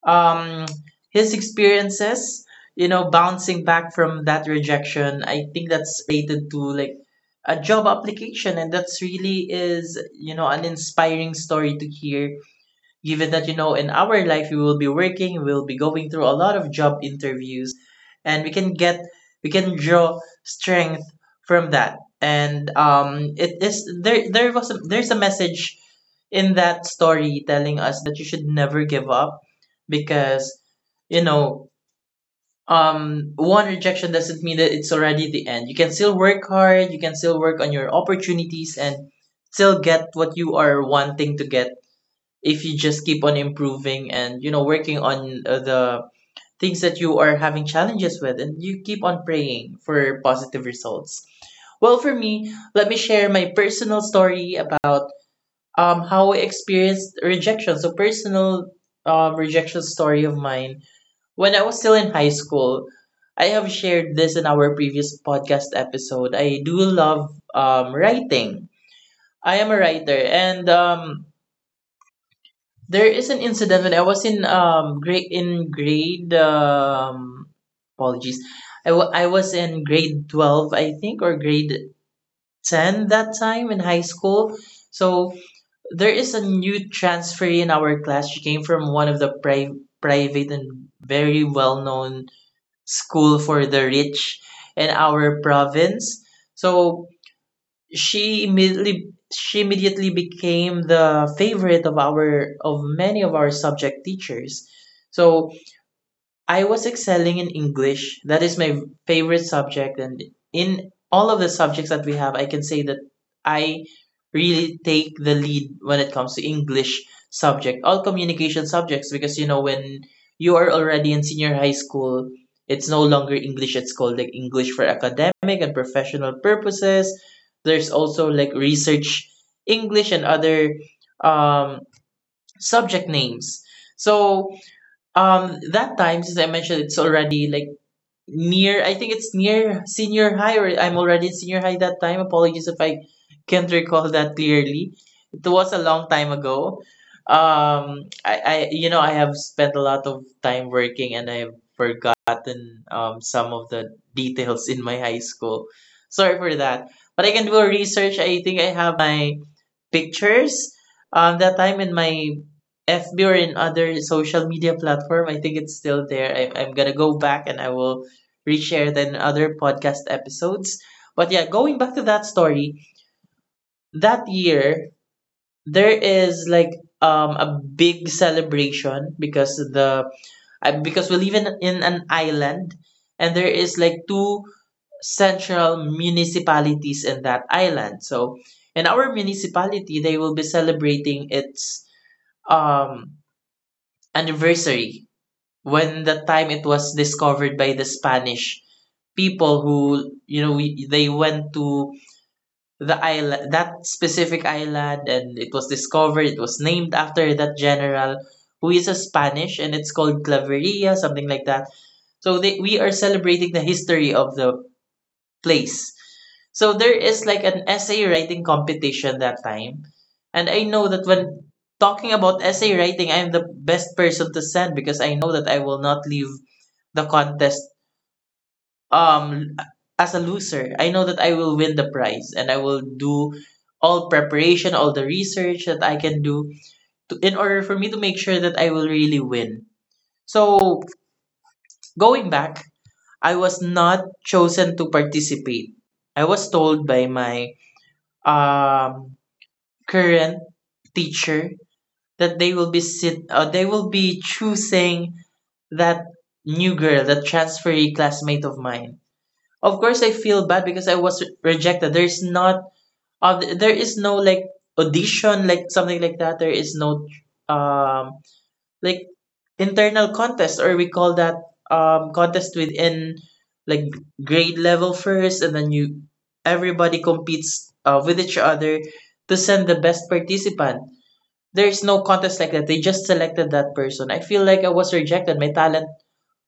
S1: um, his experiences, you know, bouncing back from that rejection. I think that's related to like a job application, and that's really is, you know, an inspiring story to hear, given that, you know, in our life we will be working, we will be going through a lot of job interviews, and we can draw strength from that, and it is, there was a, there's a message in that story telling us that you should never give up, because, you know, one rejection doesn't mean that it's already the end. You can still work hard, you can still work on your opportunities and still get what you are wanting to get if you just keep on improving and, you know, working on the things that you are having challenges with, and you keep on praying for positive results. Well, for me, let me share my personal story about how I experienced rejection. So, personal rejection story of mine: when I was still in high school, I have shared this in our previous podcast episode. I do love writing. I am a writer, and there is an incident when I was in grade, in grade apologies. I was in grade 12, I think, or grade 10 that time in high school. So there is a new transfer in our class. She came from one of the private and very well-known school for the rich in our province. So she immediately became the favorite of our of many of our subject teachers. So I was excelling in English. That is my favorite subject. And in all of the subjects that we have, I can say that I really take the lead when it comes to English subject, all communication subjects, because, you know, when you are already in senior high school, it's no longer English, it's called like English for academic and professional purposes. There's also like research English and other um, subject names. So that time, since I mentioned it's already like near, I think it's near senior high, or I'm already in senior high that time. Apologies if I can't recall that clearly. It was a long time ago. I, you know, I have spent a lot of time working, and I've forgotten some of the details in my high school. Sorry for that. But I can do a research. I think I have my pictures that time in my FB or in other social media platform. I think it's still there. I'm gonna go back and I will reshared in other podcast episodes. But yeah, going back to that story, that year there is like a big celebration because the because we live in an island, and there is like two central municipalities in that island. So in our municipality they will be celebrating its um anniversary, when the time it was discovered by the Spanish people who, you know, they went to the island, that specific island, and it was discovered, it was named after that general who is a Spanish, and it's called Claveria, something like that. So they, we are celebrating the history of the place. So there is like an essay writing competition that time, and I know that when talking about essay writing, I'm the best person to send, because I know that I will not leave the contest um as a loser. I know that I will win the prize and I will do all preparation, all the research that I can do to, in order for me to make sure that I will really win. So going back, I was not chosen to participate. I was told by my um current teacher that they will be sit they will be choosing that new girl, that transferee classmate of mine. Of course, I feel bad because I was rejected. There's not, there is no like audition, like something like that. There is no, um, like internal contest, or we call that contest within like grade level first, and then you everybody competes with each other to send the best participant. There's no contest like that. They just selected that person. I feel like I was rejected. My talent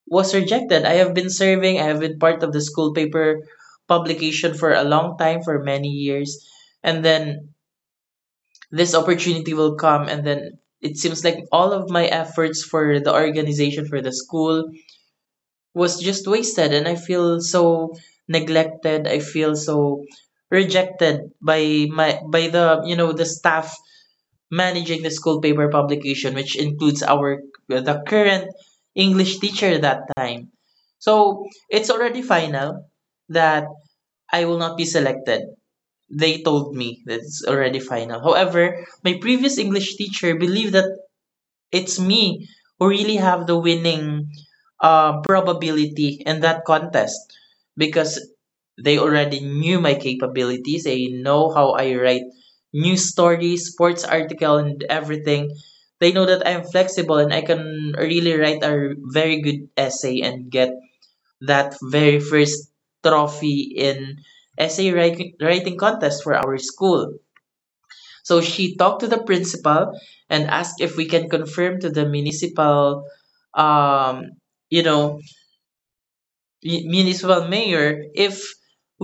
S1: was rejected. I have been serving, I have been part of the school paper publication for a long time, for many years. And then this opportunity will come. And then it seems like all of my efforts for the organization, for the school, was just wasted. And I feel so neglected. I feel so rejected by my, by, the you know, the staff managing the school paper publication, which includes our the current English teacher that time. So it's already final that I will not be selected. They told me that it's already final. However, my previous English teacher believed that it's me who really have the winning probability in that contest, because they already knew my capabilities. They know how I write news stories, sports article, and everything. They know that I'm flexible and I can really write a very good essay and get that very first trophy in essay writing contest for our school. So she talked to the principal and asked if we can confirm to the municipal, um, you know, municipal mayor if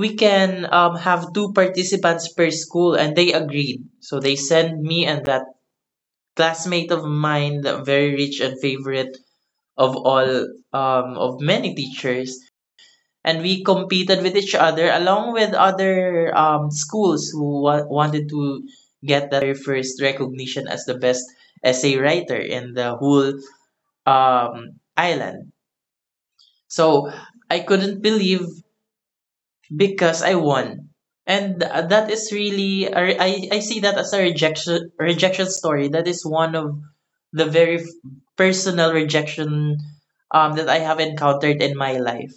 S1: we can have two participants per school, and they agreed. So they sent me and that classmate of mine, the very rich and favorite of all of many teachers, and we competed with each other along with other schools who wanted to get that very first recognition as the best essay writer in the whole island. So I couldn't believe, because I won. And that is really a I see that as a rejection rejection story. That is one of the very personal rejection that I have encountered in my life.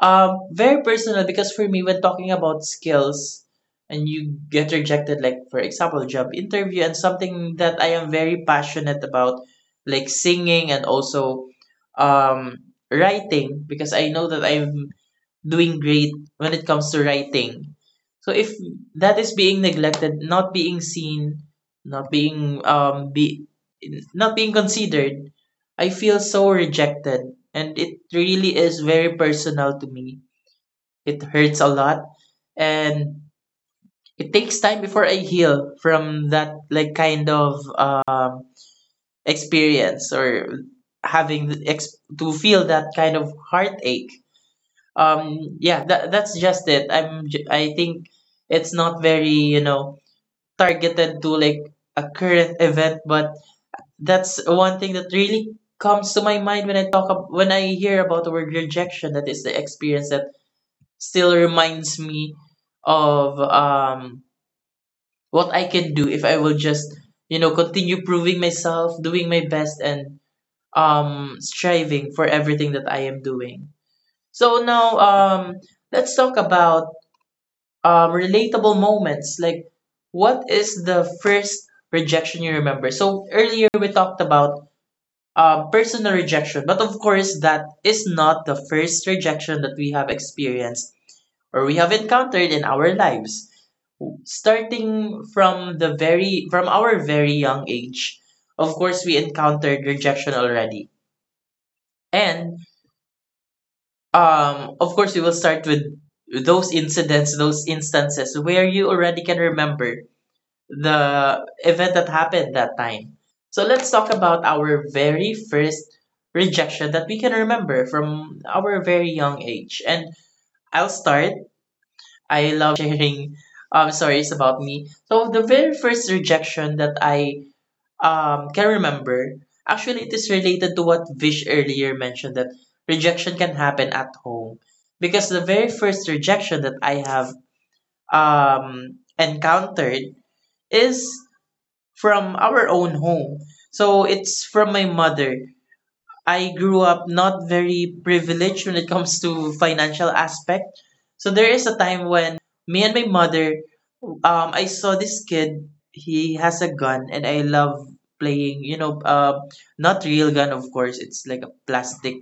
S1: Very personal, because for me when talking about skills and you get rejected, like for example job interview and something that I am very passionate about, like singing, and also um writing, because I know that I'm doing great when it comes to writing. So if that is being neglected, not being seen, not being be not being considered, I feel so rejected and it really is very personal to me. It hurts a lot, and it takes time before I heal from that like kind of experience, or having the to feel that kind of heartache. Yeah, that's just it. I think it's not very, you know, targeted to like a current event, but that's one thing that really comes to my mind when I talk when I hear about the word rejection. That is the experience that still reminds me of what I can do if I will just, you know, continue proving myself, doing my best, and striving for everything that I am doing. So now, let's talk about relatable moments, like what is the first rejection you remember. So earlier we talked about personal rejection, but of course that is not the first rejection that we have experienced or we have encountered in our lives. Starting from the very, from our very young age, of course we encountered rejection already, and of course we will start with those incidents, those instances, where you already can remember the event that happened that time. So let's talk about our very first rejection that we can remember from our very young age. And I'll start. I love sharing stories about me. So the very first rejection that I can remember, actually it is related to what Vish earlier mentioned, that rejection can happen at home. Because the very first rejection that I have encountered is from our own home. So it's from my mother. I grew up not very privileged when it comes to financial aspect. So there is a time when me and my mother, I saw this kid. He has a gun, and I love playing. You know, not real gun, of course. It's like a plastic.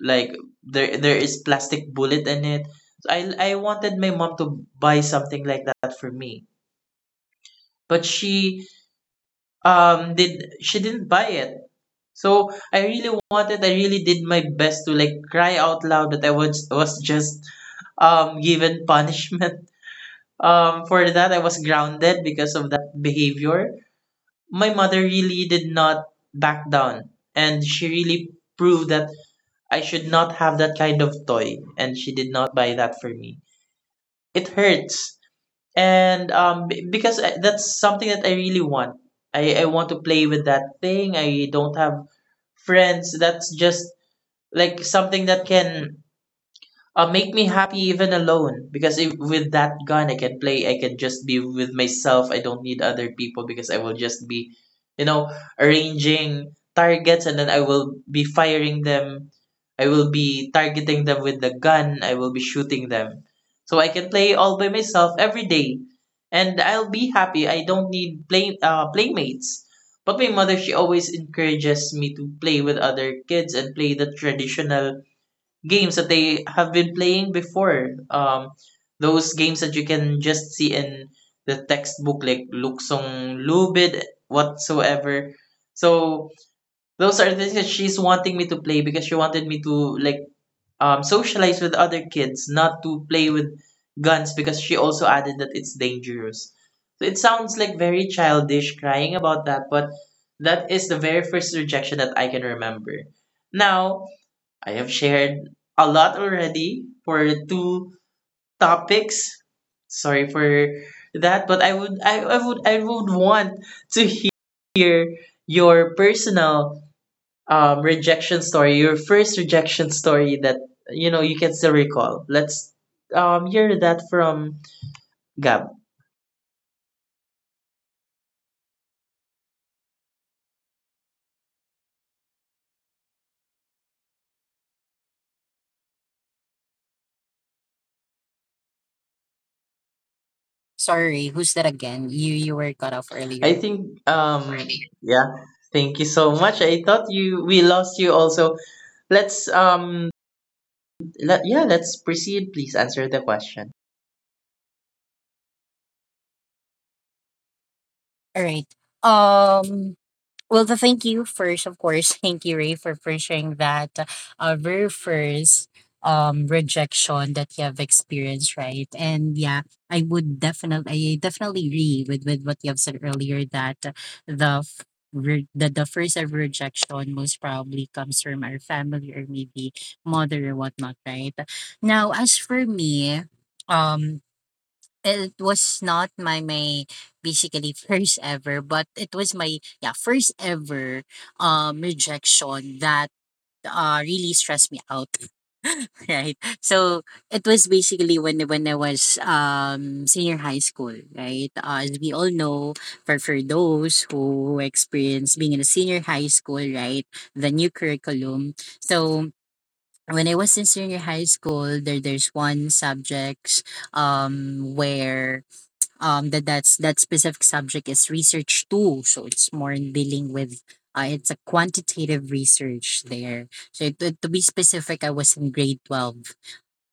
S1: Like there is plastic bullet in it. So I wanted my mom to buy something like that for me, but she did, she didn't buy it. So I really wanted, I really did my best to like cry out loud, that I was just given punishment. For that I was grounded because of behavior. My mother really did not back down, and she really proved that I should not have that kind of toy, and she did not buy that for me. It hurts. And that's something that I really want. I want to play with that thing. I don't have friends. That's just like something that can make me happy even alone, because if, with that gun I can play, I can just be with myself. I don't need other people because I will just be, you know arranging targets, and then I will be firing them, I will be targeting them with the gun, I will be shooting them. So I can play all by myself every day, and I'll be happy. I don't need playmates. But my mother, she always encourages me to play with other kids and play the traditional games that they have been playing before. Those games that you can just see in the textbook, like Luxong Lubid, whatsoever. So those are things that she's wanting me to play because she wanted me to, like, socialize with other kids, not to play with guns because she also added that it's dangerous. So it sounds like very childish, crying about that, but that is the very first rejection that I can remember. Now, I have shared a lot already for two topics. Sorry for that, but I would want to hear your personal, rejection story, your first rejection story that you know you can still recall. Let's hear that from Gab.
S3: Sorry, who's that again? You were cut off
S1: I
S3: earlier.
S1: think, yeah. Thank you so much. I thought you we lost you also. Yeah, let's proceed. Please answer the question.
S3: All right. Um. Well, the thank you first, of course. Thank you, Ray, for sharing that very first rejection that you have experienced, right? And yeah, I definitely agree with what you have said earlier that the f- re- the first ever rejection most probably comes from our family or maybe mother or whatnot, right? Now, as for me, um, it was not my basically first ever, but it was my, yeah, first ever rejection that really stressed me out, right? So it was basically when I was senior high school, right? As we all know, for those who experience being in a senior high school, right, the new curriculum. So when I was in senior high school, there's one subjects where that that's that specific subject is research too, so it's more in dealing with it's a quantitative research there. So to be specific, I was in grade 12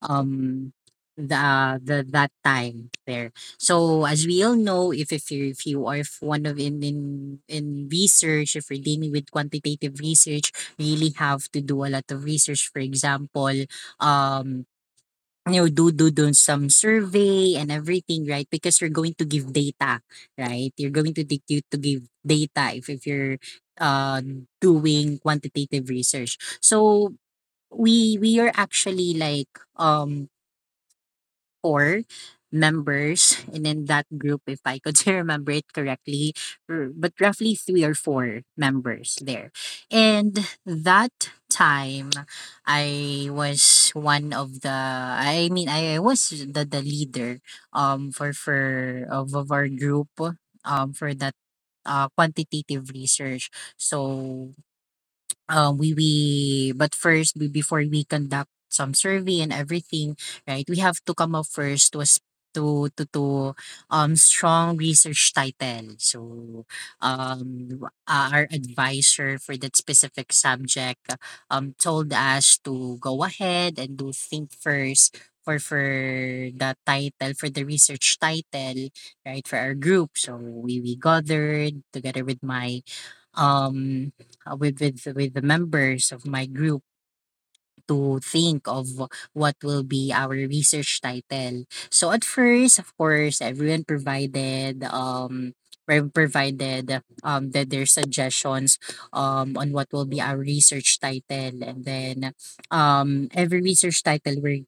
S3: um the that time there. So as we all know, if you are, if one of in research, if you're dealing with quantitative research, you really have to do a lot of research, for example, um you know, do some survey and everything, right? Because you're going to give data, right? You're going to you to give data if you're uh doing quantitative research. So we are actually like four members, and in that group, if I could remember it correctly, but roughly three or four members there. And that time, I was one of the. I mean, I was the leader of our group for that quantitative research. So we but first we, before we conduct some survey and everything, right, we have to come up first to a s- to strong research title. So our advisor for that specific subject told us to go ahead and do think first for the title, for the research title, right, for our group. So we gathered together with my um with the members of my group to think of what will be our research title. So at first, of course, everyone provided pro- provided that their suggestions on what will be our research title. And then every research title we're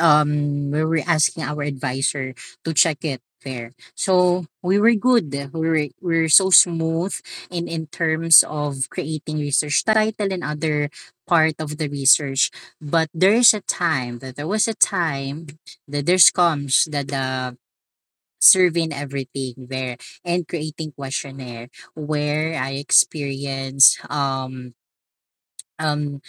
S3: um we were asking our advisor to check it there. So we were good. We were so smooth in terms of creating research title and other part of the research. But there was a time that there's comes that the survey and everything there, and creating questionnaire where I experienced um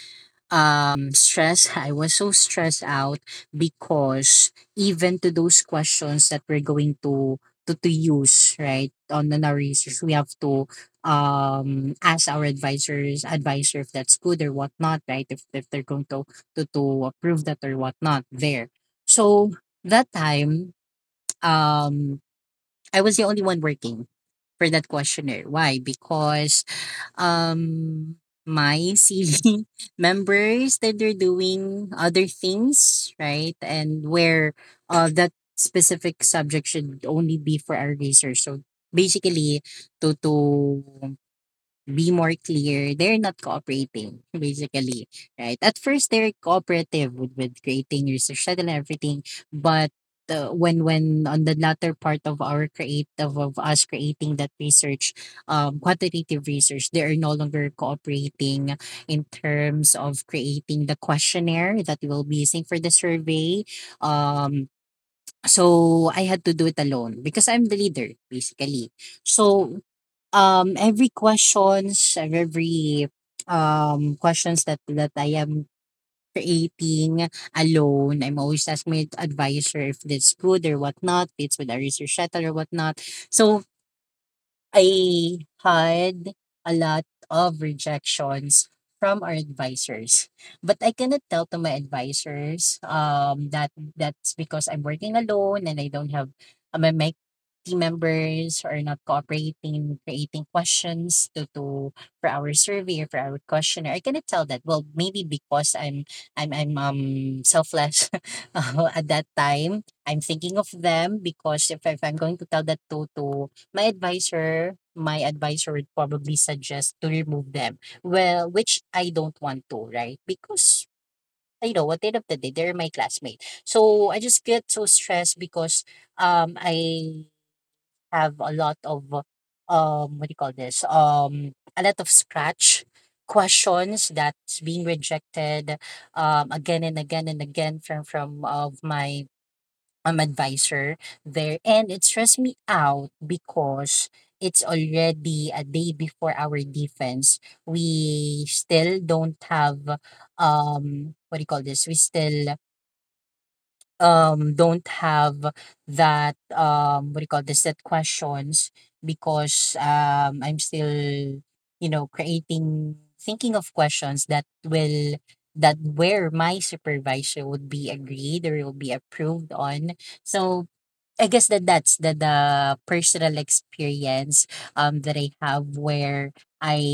S3: stress. I was so stressed out, because even to those questions that we're going to use, right, on the our research, we have to ask our advisor if that's good or whatnot, right, if they're going to approve that or whatnot there. So that time, um I was the only one working for that questionnaire. Why? Because um my CV members that they're doing other things, right? And where that specific subject should only be for our research. So, basically, to be more clear, they're not cooperating, basically, right? At first, they're cooperative with creating your social and everything, but when on the latter part of our creative of us creating that research, quantitative research, they are no longer cooperating in terms of creating the questionnaire that we'll be using for the survey. Um, so I had to do it alone because I'm the leader, basically. So every questions every um, questions that I am creating alone, I'm always asking my advisor if it's good or whatnot, if it's with a research title or whatnot. So I had a lot of rejections from our advisors. But I cannot tell to my advisors that that's because I'm working alone, and I don't have, my team members are not cooperating in creating questions to for our survey or for our questionnaire. I cannot tell that. Well, maybe because I'm selfless at that time. I'm thinking of them, because if I'm going to tell that to my advisor would probably suggest to remove them. Well, which I don't want to, right? Because at the end of the day, they're my classmate. So I just get so stressed because I have a lot of, what do you call this, a lot of scratch questions that's being rejected again and again and again from of my, advisor there, and it stressed me out because it's already a day before our defense. We still don't have, what do you call this, we still don't have that, what do you call this, that questions, because I'm still, creating, thinking of questions that will, that where my supervisor would be agreed or will be approved on. So I guess that that's the personal experience that I have, where I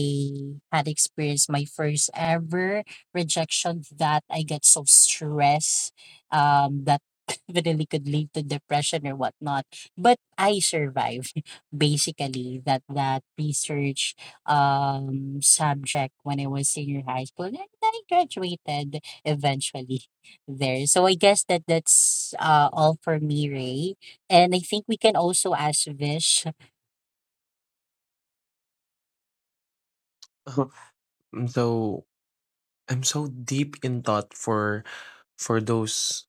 S3: had experienced my first ever rejection that I get so stressed that definitely could lead to depression or whatnot. But I survived basically that research subject when I was senior high school, and I graduated eventually there. So I guess that that's all for me, Ray. And I think we can also ask Vish.
S2: I'm so I'm so deep in thought for those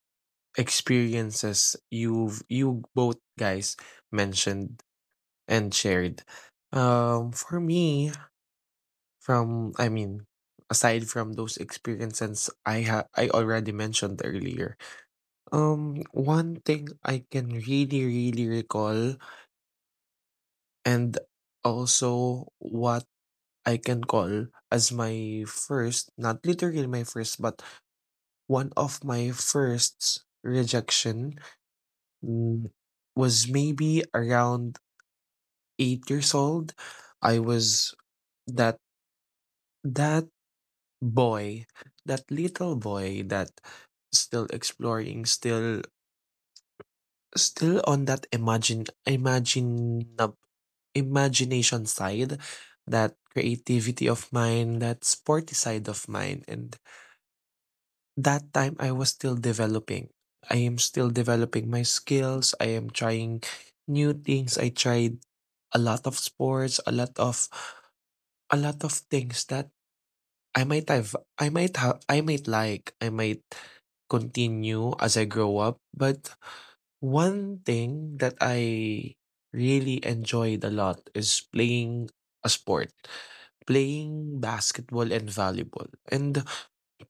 S2: experiences you both guys mentioned and shared. For me, from I mean, aside from those experiences I already mentioned earlier, one thing I can really, really recall, and also what I can call as my first, not literally my first, but one of my first rejection, mm, was maybe around 8 years old. I was that that boy, that little boy that still exploring, still on that imagine imagine imagination side, that creativity of mine, that sporty side of mine. And that time I was still developing. I am still developing my skills. I am trying new things. I tried a lot of sports, a lot of things that I might have I might have I might like I might continue as I grow up, but one thing that I really enjoyed a lot is playing a sport, playing basketball and volleyball. And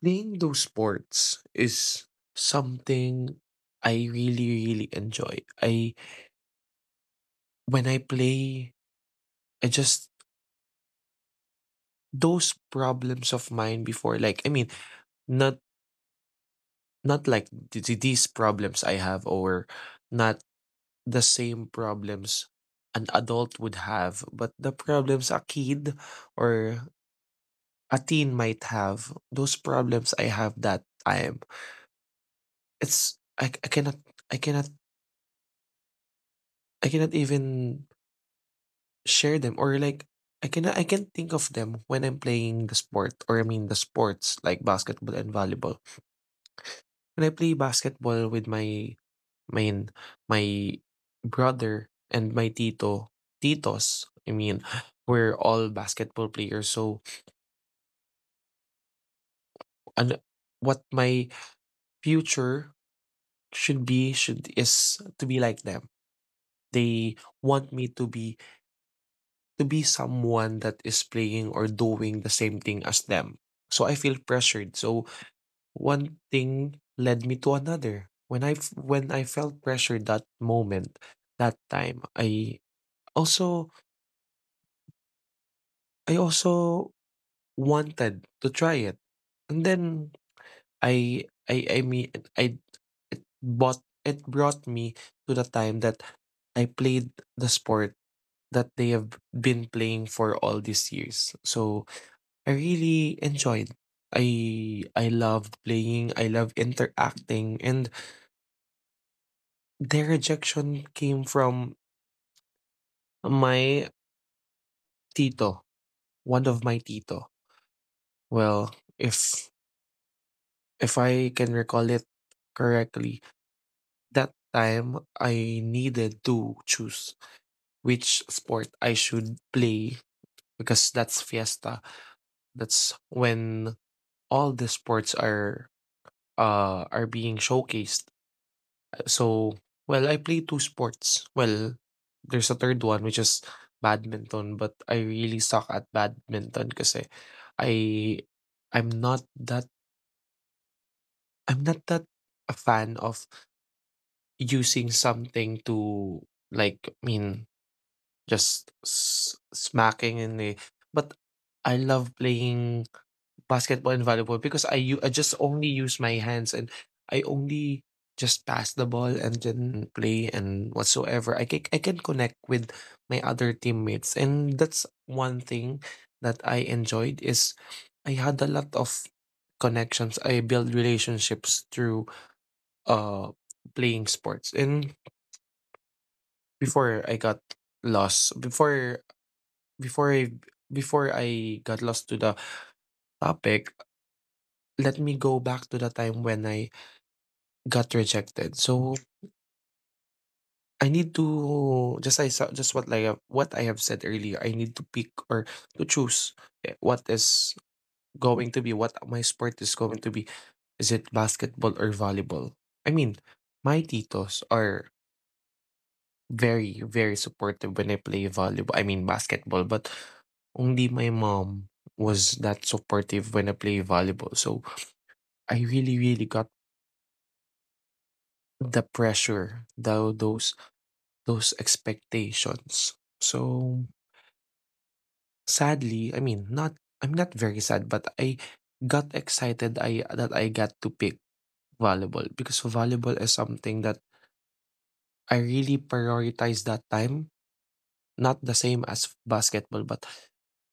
S2: playing those sports is something I really enjoy. I when I play, I just those problems of mine before, like, I mean, not not like these problems I have, or not the same problems an adult would have, but the problems a kid or a teen might have, those problems I have that time. It's I cannot I cannot even share them, or like I can not think of them when I'm playing the sport, or I mean the sports like basketball and volleyball. When I play basketball with my my brother and my titos, I mean, we're all basketball players. So, and what my future should be should is to be like them. They want me to be someone that is playing or doing the same thing as them. So I feel pressured. So one thing led me to another. When when I felt pressured that moment, that time, Also, I also wanted to try it, and then I mean, I it bought it brought me to the time that I played the sport that they have been playing for all these years. So I really enjoyed. I loved playing. I love interacting, and their rejection came from my tito, one of my tito. Well, if If I can recall it correctly, that time I needed to choose which sport I should play because that's fiesta. That's when all the sports are being showcased. So, well, I play two sports. Well, there's a third one which is badminton, but I really suck at badminton kasi I I'm not that I'm not that a fan of using something to, like, I mean, just s smacking in the but I love playing basketball and volleyball because I just only use my hands and I only just pass the ball and then play and whatsoever. I can connect with my other teammates, and that's one thing that I enjoyed is I had a lot of connections. I built relationships through uh playing sports. And before I got lost, before I before I got lost to the topic, let me go back to the time when I got rejected. So I need to just, just what, like, what I have said earlier, I need to pick or to choose, eh, what is what my sport is going to be. Is it basketball or volleyball? I mean, my titos are very, very supportive when I play volleyball, I mean, basketball, but only my mom was that supportive when I play volleyball, so I really, really got the pressure, those expectations. So, sadly, I mean, not I'm not very sad, but I got excited I that I got to pick volleyball because volleyball is something that I really prioritize that time. Not the same as basketball, but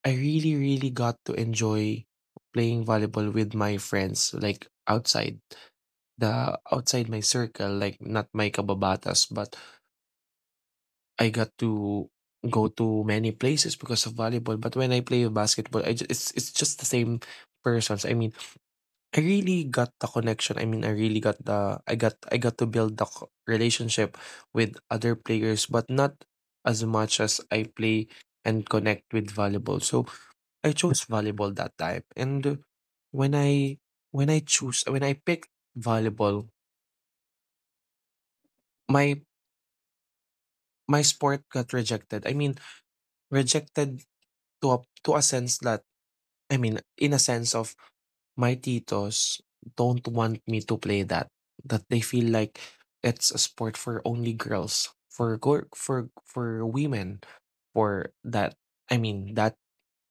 S2: I really, really got to enjoy playing volleyball with my friends, like outside the outside my circle, like not my kababatas, but I got to go to many places because of volleyball. But when I play basketball, I just, it's just the same persons. I mean, I really got the connection. I mean, I got to build the relationship with other players, but not as much as I play and connect with volleyball. So I chose volleyball that time, and when I when I choose when I picked volleyball, my my sport got rejected. I mean, rejected to a, to a sense that I mean, in a sense of, my titos don't want me to play that. That they feel like it's a sport for only girls, for women, for that I mean that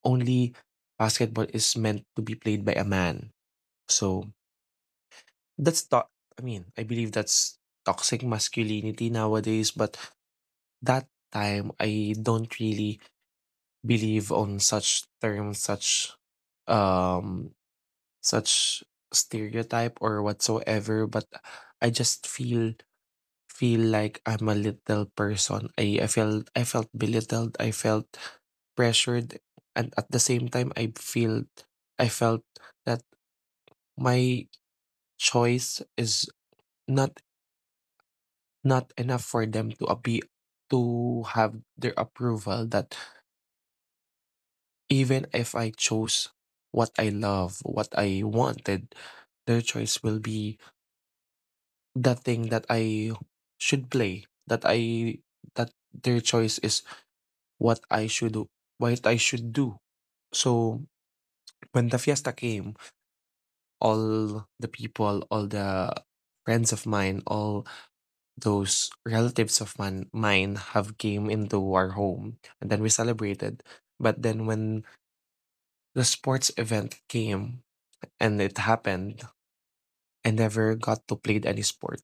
S2: only basketball is meant to be played by a man. So that's I mean, I believe that's toxic masculinity nowadays, but that time I don't really believe on such terms, um such stereotype or whatsoever, but I just feel like I'm a little person. I felt belittled, I felt pressured, and at the same time I felt that my choice is not not enough for them to have their approval, that even if I chose what I wanted, their choice will be the thing that I should play, that their choice is what I should do, what I should do. So when the fiesta came, all the people, all the friends of mine, all those relatives of mine, have came into our home, and then we celebrated. But then when the sports event came and it happened, I never got to play any sport.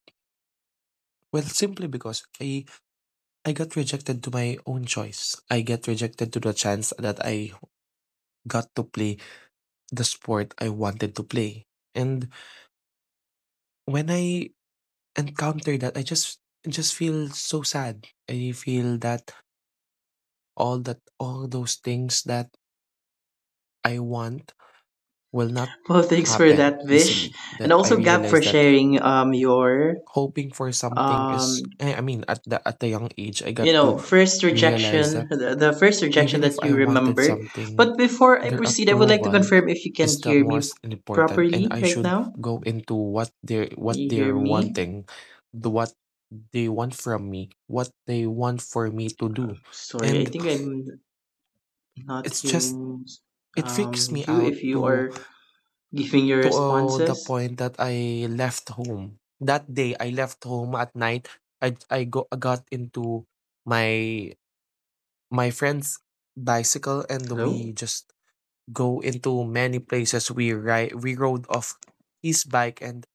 S2: Well, simply because I got rejected to my own choice. I get rejected to the chance that I got to play the sport I wanted to play. And when I encounter that, I just feel so sad. I feel that all those things that I want will not
S1: Well, thanks for
S2: happen
S1: that, Vish,
S2: easily.
S1: and
S2: That I
S1: also Gab
S2: realize
S1: for
S2: that
S1: sharing your
S2: hoping for something is,
S1: um
S2: I mean, at the young age I got to
S1: first
S2: realize
S1: rejection,
S2: that
S1: the first rejection
S2: even if
S1: that you
S2: I wanted
S1: remember.
S2: something,
S1: But before I
S2: their
S1: proceed, I would like to
S2: approval
S1: confirm if you
S2: is
S1: can
S2: the
S1: hear me
S2: most important, and
S1: properly
S2: I
S1: right
S2: should
S1: now.
S2: go into what
S1: Can you hear
S2: they're
S1: me?
S2: wanting, the what they want from me, what they want for me to do.
S1: Sorry, I
S2: And
S1: think I'm not
S2: it's just
S1: hearing
S2: it freaks me
S1: you
S2: out
S1: if you
S2: to
S1: are giving your
S2: to uh, the
S1: responses.
S2: point that I left home. That day I left home at night. I got into my my friend's bicycle, and
S1: Hello,
S2: we just go into many places. We rode off his bike, and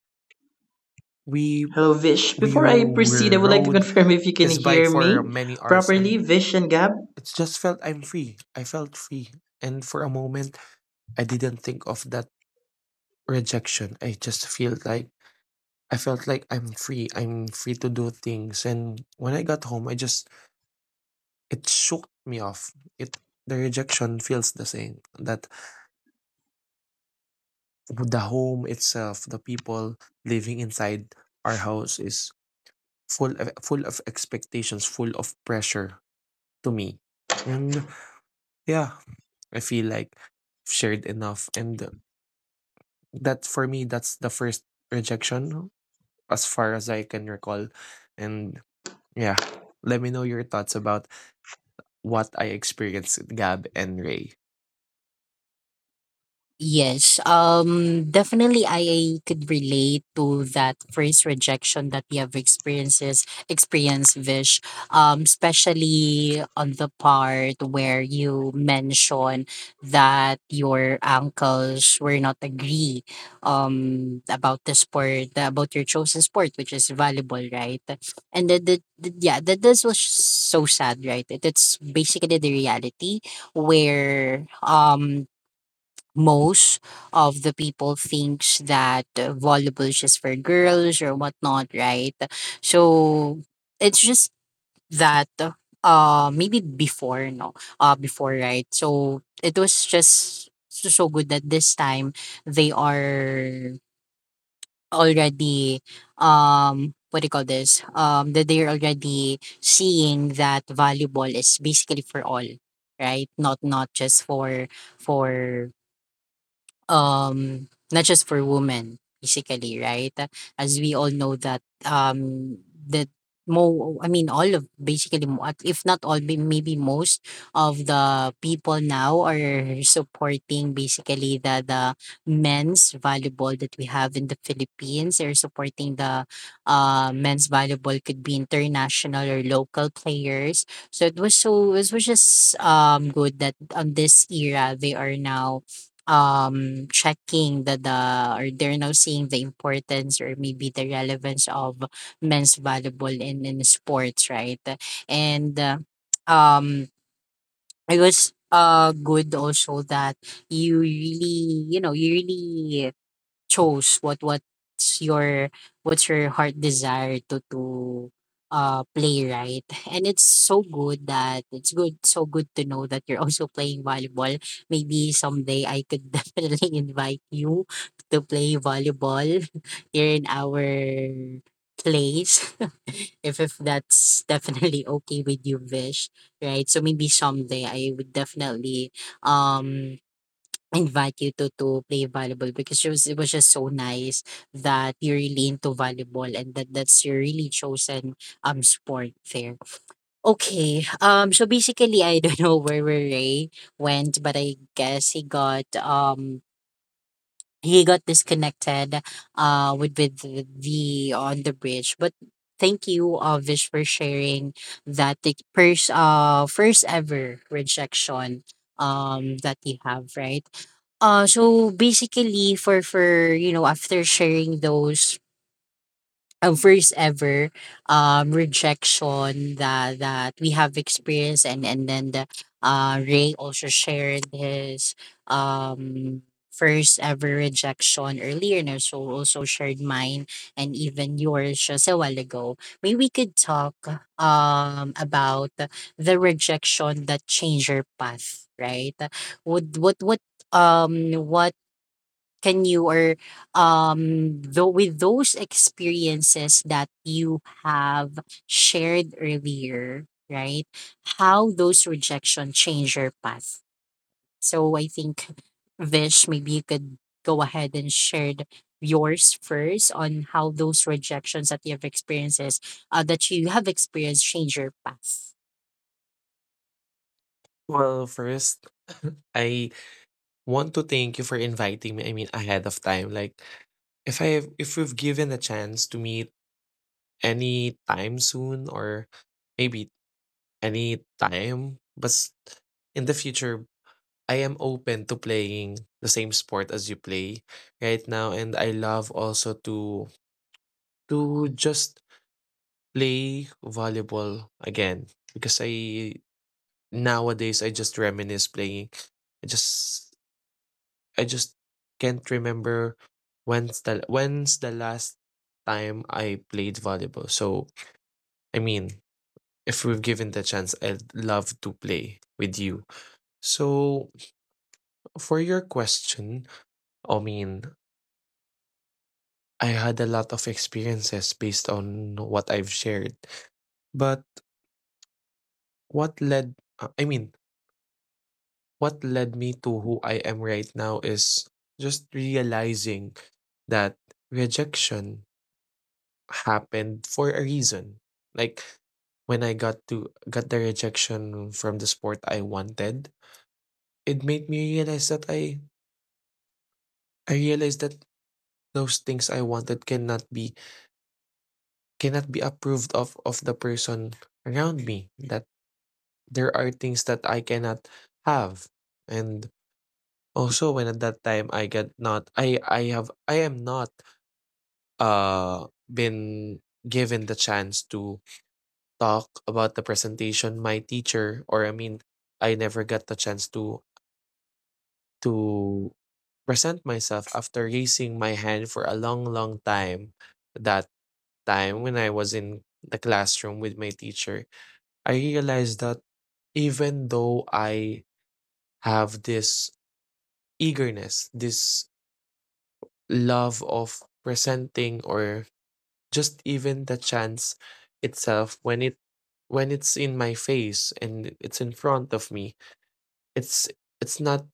S2: we
S1: hello, Vish. Before I proceed, I would like to
S2: rode
S1: confirm if you can
S2: his bike
S1: hear
S2: for
S1: me
S2: many hours,
S1: properly,
S2: and
S1: Vish and Gab.
S2: it just felt I'm free. I felt free, and for a moment, I didn't think of that rejection. I felt like I'm free. I'm free to do things, and when I got home, I just it shook me off. It The rejection feels the same. That the home itself, the people living inside our house is full of expectations, full of pressure to me. And yeah, I feel like I've shared enough. And that for me, that's the first rejection as far as I can recall. And yeah, let me know your thoughts about what I experienced with Gab and Ray.
S3: Yes, definitely I could relate to that first rejection that we have experiences experienced, Vish. Especially on the part where you mention that your uncles were not agree about the sport, about your chosen sport, which is volleyball, right? And yeah, that this was so sad, right? It's basically the reality where most of the people thinks that volleyball is just for girls or whatnot, right? So it's just that maybe before, no, before, right, so it was just so good that this time they are already, what do you call this, that they're already seeing that volleyball is basically for all, right, not just for um for women, basically, right. As we all know that, that mo I mean all of, basically, if not all, maybe most of the people now are supporting, basically, the men's volleyball that we have in the Philippines. They're supporting the men's volleyball, could be international or local players. It was just good that on this era they are now, checking the or they're now seeing the importance or maybe the relevance of men's volleyball in sports, right. And um it was good also that you really chose what's your heart desire to play, right. And it's so good to know that you're also playing volleyball. Maybe someday I could definitely invite you to play volleyball here in our place, if that's definitely okay with you, Vish, right. So maybe someday I would definitely um invite you to play volleyball, because it was just so nice that you're really into volleyball, and that that's your really chosen, sport there. Okay, so basically I don't know where Ray went, but I guess he got disconnected on the bridge. But thank you, Vish, for sharing that the first first ever rejection that you have, right. So basically, for you know after sharing those a first ever rejection that we have experienced, and then the Ray also shared his um first ever rejection earlier, and also shared mine and even yours just a while ago. Maybe we could talk about the rejection that changed your path, right? Would what can you, or though with those experiences that you have shared earlier, right, how those rejection change your path. So I think, Vish, maybe you could go ahead and share yours first on how those rejections that you have experienced change your path.
S2: Well, first, I want to thank you for inviting me. I mean, ahead of time. Like, if I have, if we've given a chance to meet any time soon, or maybe anytime. But in the future, I am open to playing the same sport as you play right now. And I love also to just play volleyball again because I nowadays I just reminisce playing. I just I just can't remember when's the last time I played volleyball. So I mean, if we've given the chance, I'd love to play with you. So, for your question, I mean, I had a lot of experiences based on what I've shared. But what led, uh, I mean, what led me to who I am right now is just realizing that rejection happened for a reason. Like when I got the rejection from the sport I wanted, it made me realize that I realized that those things I wanted cannot be approved of the person around me, that there are things that I cannot have. And also, when at that time I get not I I have I am not been given the chance to talk about the presentation, my teacher, or I never got the chance to to present myself after raising my hand for a long, long time that time when I was in the classroom with my teacher. I realized that even though I have this eagerness, this love of presenting, or just even the chance itself, when it's in my face and it's in front of me, it's it's not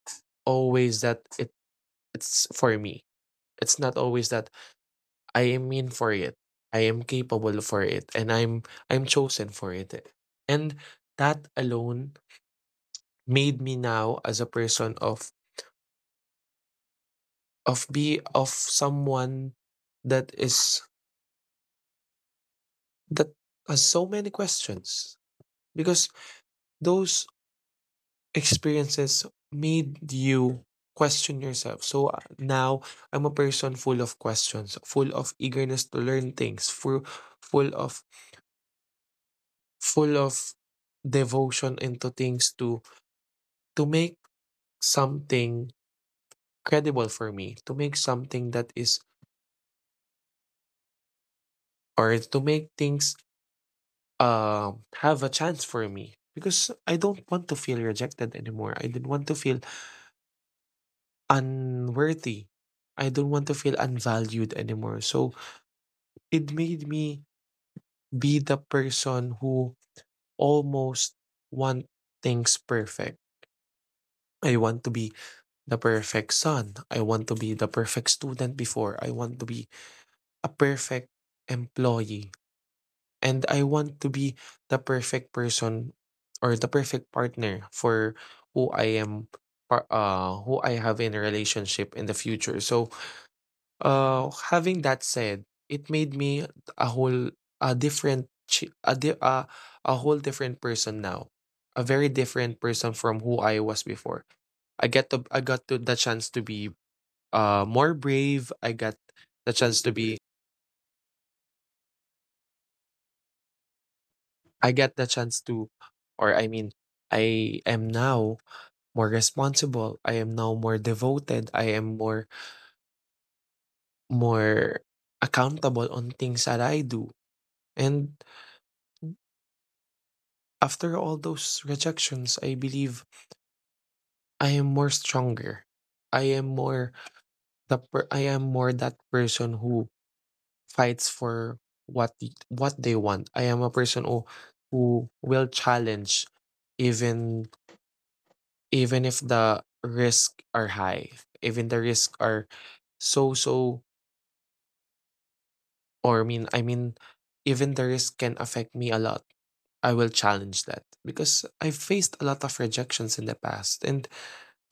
S2: always that it's for me, it's not always that I am in for it, I am capable for it, and I'm chosen for it. And that alone made me now as a person of be of someone that is that has so many questions, because those experiences made you question yourself. So now I'm a person full of questions, full of eagerness to learn things, full of full of devotion into things, to make something credible for me, to make something that is, or to make things have a chance for me, because I don't want to feel rejected anymore. I don't want to feel unworthy. I don't want to feel unvalued anymore. So it made me be the person who almost want things perfect. I want to be the perfect son. I want to be the perfect student before. I want to be a perfect employee. And I want to be the perfect person, or the perfect partner for who I am who I have in a relationship in the future. So, having that said, it made me a whole a different chi- a di- a, a whole different person now. A very different person from who I was before. I get to I got to the chance to be more brave. I got the chance to be I get the chance to or I mean, I am now more responsible, I am now more devoted, I am more accountable on things that I do. And after all those rejections, I believe I am more stronger. I am more I am more that person who fights for what they want. I am a person who will challenge, even if the risk are high, even the risk are so so or even the risk can affect me a lot. I will challenge that, because I've faced a lot of rejections in the past, and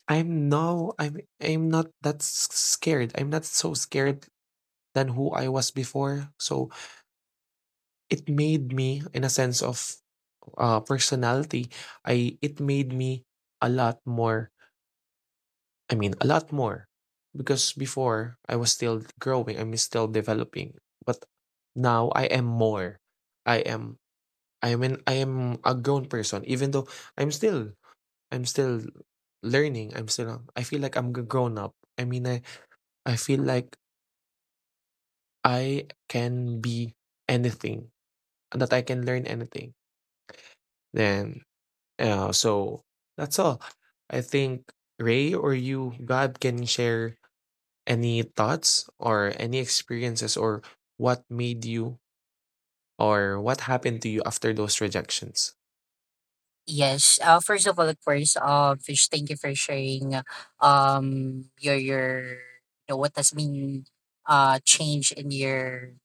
S2: I'm not that scared. I'm not so scared than who I was before. So it made me, in a sense of personality, I it made me a lot more, a lot more, because before I was still growing, I'm still developing. But now I am more. I am I am a grown person, even though I'm still, I'm still learning. I feel like I'm grown up. I mean, I feel like I can be anything, that I can learn anything. Then, so that's all. I think Ray or you, God, can share any thoughts or any experiences, or what made you, or what happened to you after those rejections.
S3: Yes. First of all, of course, Fish, thank you for sharing um your your what has been change in your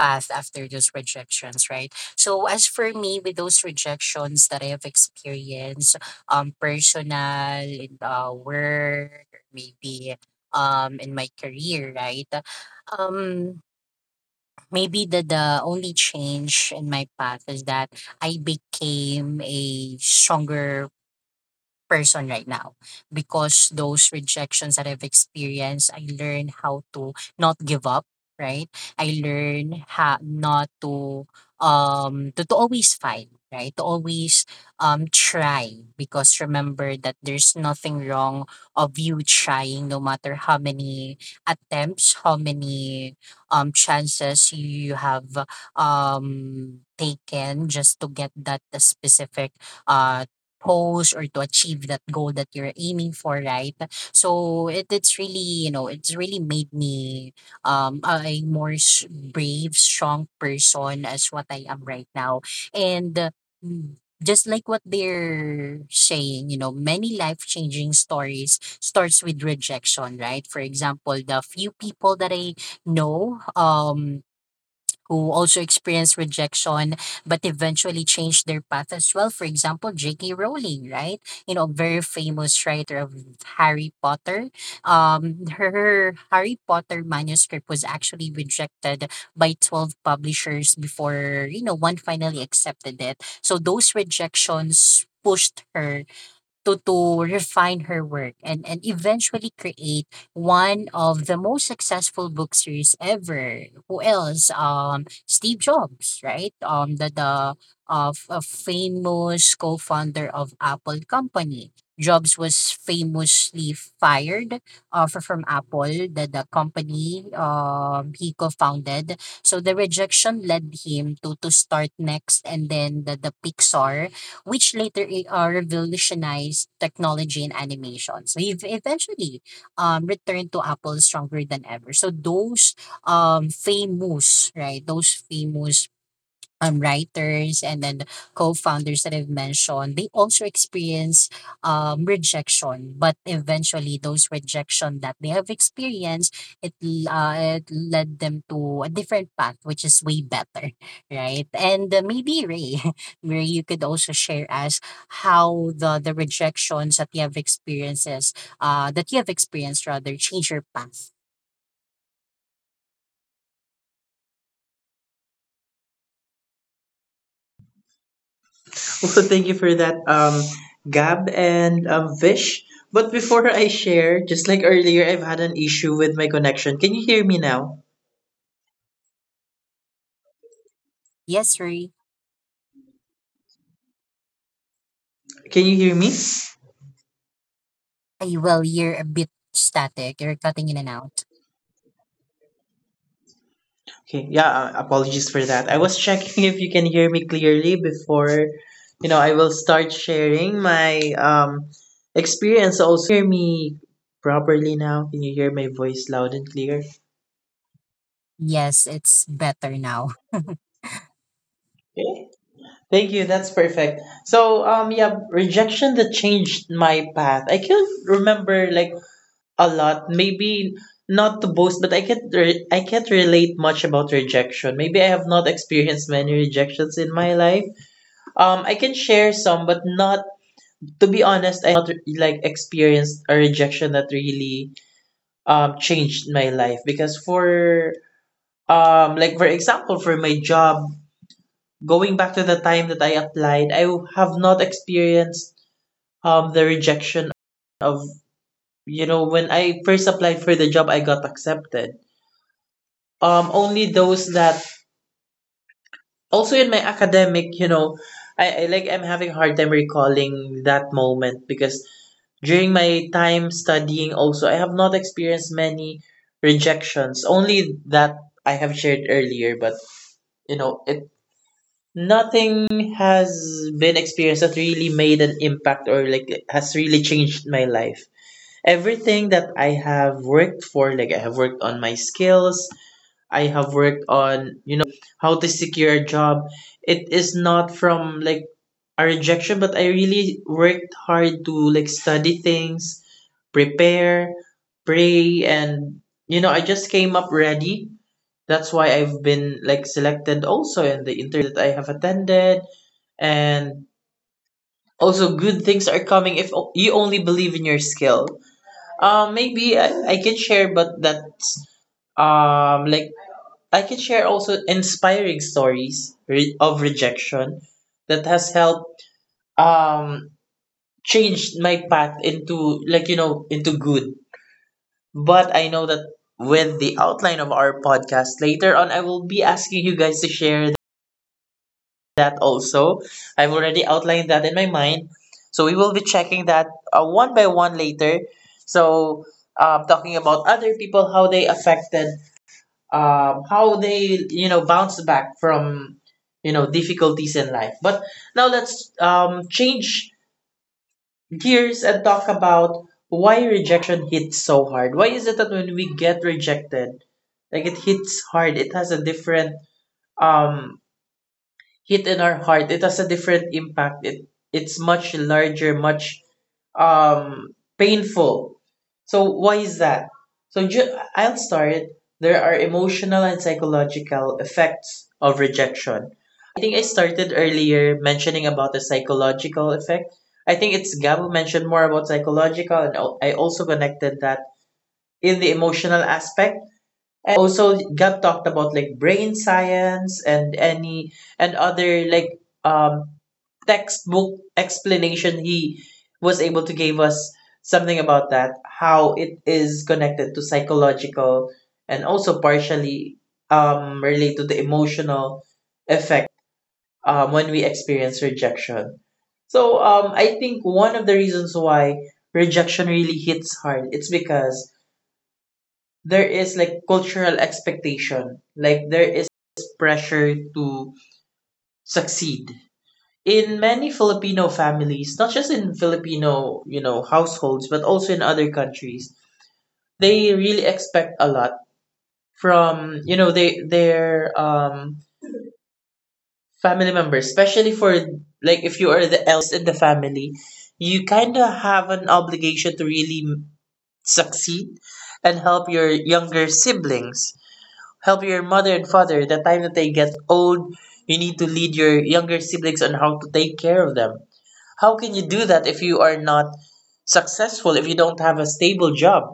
S3: path after those rejections, right? So as for me, with those rejections that I have experienced, personal in work, maybe in my career, right? Um, Maybe the only change in my path is that I became a stronger person right now, because those rejections that I've experienced, I learned how to not give up, right? I learned how not to, to always fight, right? To always try, because remember that there's nothing wrong of you trying, no matter how many attempts, how many chances you have taken just to get that specific uh post or to achieve that goal that you're aiming for, right. so it, it's really you know it's really made me a more brave, strong person as what I am right now. And mm, just like what they're saying, many life changing stories starts with rejection, right. For example, the few people that I know who also experienced rejection but eventually changed their path as well. For example, J.K. Rowling, right? Very famous writer of Harry Potter. Her Harry Potter manuscript was actually rejected by 12 publishers before, one finally accepted it. So those rejections pushed her to refine her work, and eventually create one of the most successful book series ever. Who else? Steve Jobs, right? The of a famous co-founder of Apple company. Jobs was famously fired, from Apple, the company he co-founded. So the rejection led him to start Next, and then the Pixar which later revolutionized technology in animation. So he eventually, returned to Apple stronger than ever. So those famous, right, those famous, writers and then co-founders that I've mentioned, they also experience rejection. But eventually, those rejection that they have experienced, it led them to a different path, which is way better, right? And maybe Ray, Ray, you could also share us how the rejections that you have experienced rather, change your path.
S1: Also, thank you for that, Gab, and Vish. But before I share, just like earlier, I've had an issue with my connection. Can you hear me now?
S3: Yes, Ray.
S1: Can you hear me?
S3: Ay, well, you're a bit static. You're cutting in and out.
S1: Okay, yeah, apologies for that. I was checking if you can hear me clearly before, I will start sharing my experience also. Hear me properly now? Can you hear my voice loud and clear?
S3: Yes, it's better now.
S1: Thank you. That's perfect. So, yeah, rejection that changed my path. I can't remember, like, a lot. Maybe not to boast, but I can't. I can't relate much about rejection. Maybe I have not experienced many rejections in my life. I can share some, but not. To be honest, I not like experienced a rejection that really changed my life. Because for like, for example, for my job, going back to the time that I applied, I have not experienced the rejection of, when I first applied for the job, I got accepted. Only those that also in my academic, I like, I'm having a hard time recalling that moment because during my time studying also I have not experienced many rejections. Only that I have shared earlier, but, you know, it nothing has been experienced that really made an impact, or, like, has really changed my life. Everything that I have worked for, like, I have worked on my skills, I have worked on, you how to secure a job. It is not from, like, a rejection, but I really worked hard to, like, study things, prepare, pray, and, I just came up ready. That's why I've been, like, selected also in the interview that I have attended. And also, good things are coming if you only believe in your skill. Maybe I can share, but that's like, I can share also inspiring stories of rejection that has helped um change my path into, like, into good. But I know that with the outline of our podcast later on, I will be asking you guys to share that also. I've already outlined that in my mind. So we will be checking that one by one later. So, talking about other people, how they affected, how they, bounced back from, difficulties in life. But now, let's change gears and talk about why rejection hits so hard. Why is it that when we get rejected, like, it hits hard? It has a different um hit in our heart. It has a different impact. It's much larger, much painful. So why is that? So I'll start. There are emotional and psychological effects of rejection. Think I started earlier mentioning about the psychological effect. I think it's Gab who mentioned more about psychological, and I also connected that in the emotional aspect. Also, Gab talked about, like, brain science and any and other, like, um textbook explanation. He was able to give us something about that, how it is connected to psychological and also partially related to the emotional effect, when we experience rejection. So, I think one of the reasons why rejection really hits hard, it's because there is, like, cultural expectation. Like, there is pressure to succeed in many Filipino families, not just in Filipino, households, but also in other countries. They really expect a lot from, you know, they their family members, especially for, like, if you are the eldest in the family, you kind of have an obligation to really succeed and help your younger siblings, help your mother and father. The time that they get old, you need to lead your younger siblings on how to take care of them. How can you do that if you are not successful, if you don't have a stable job?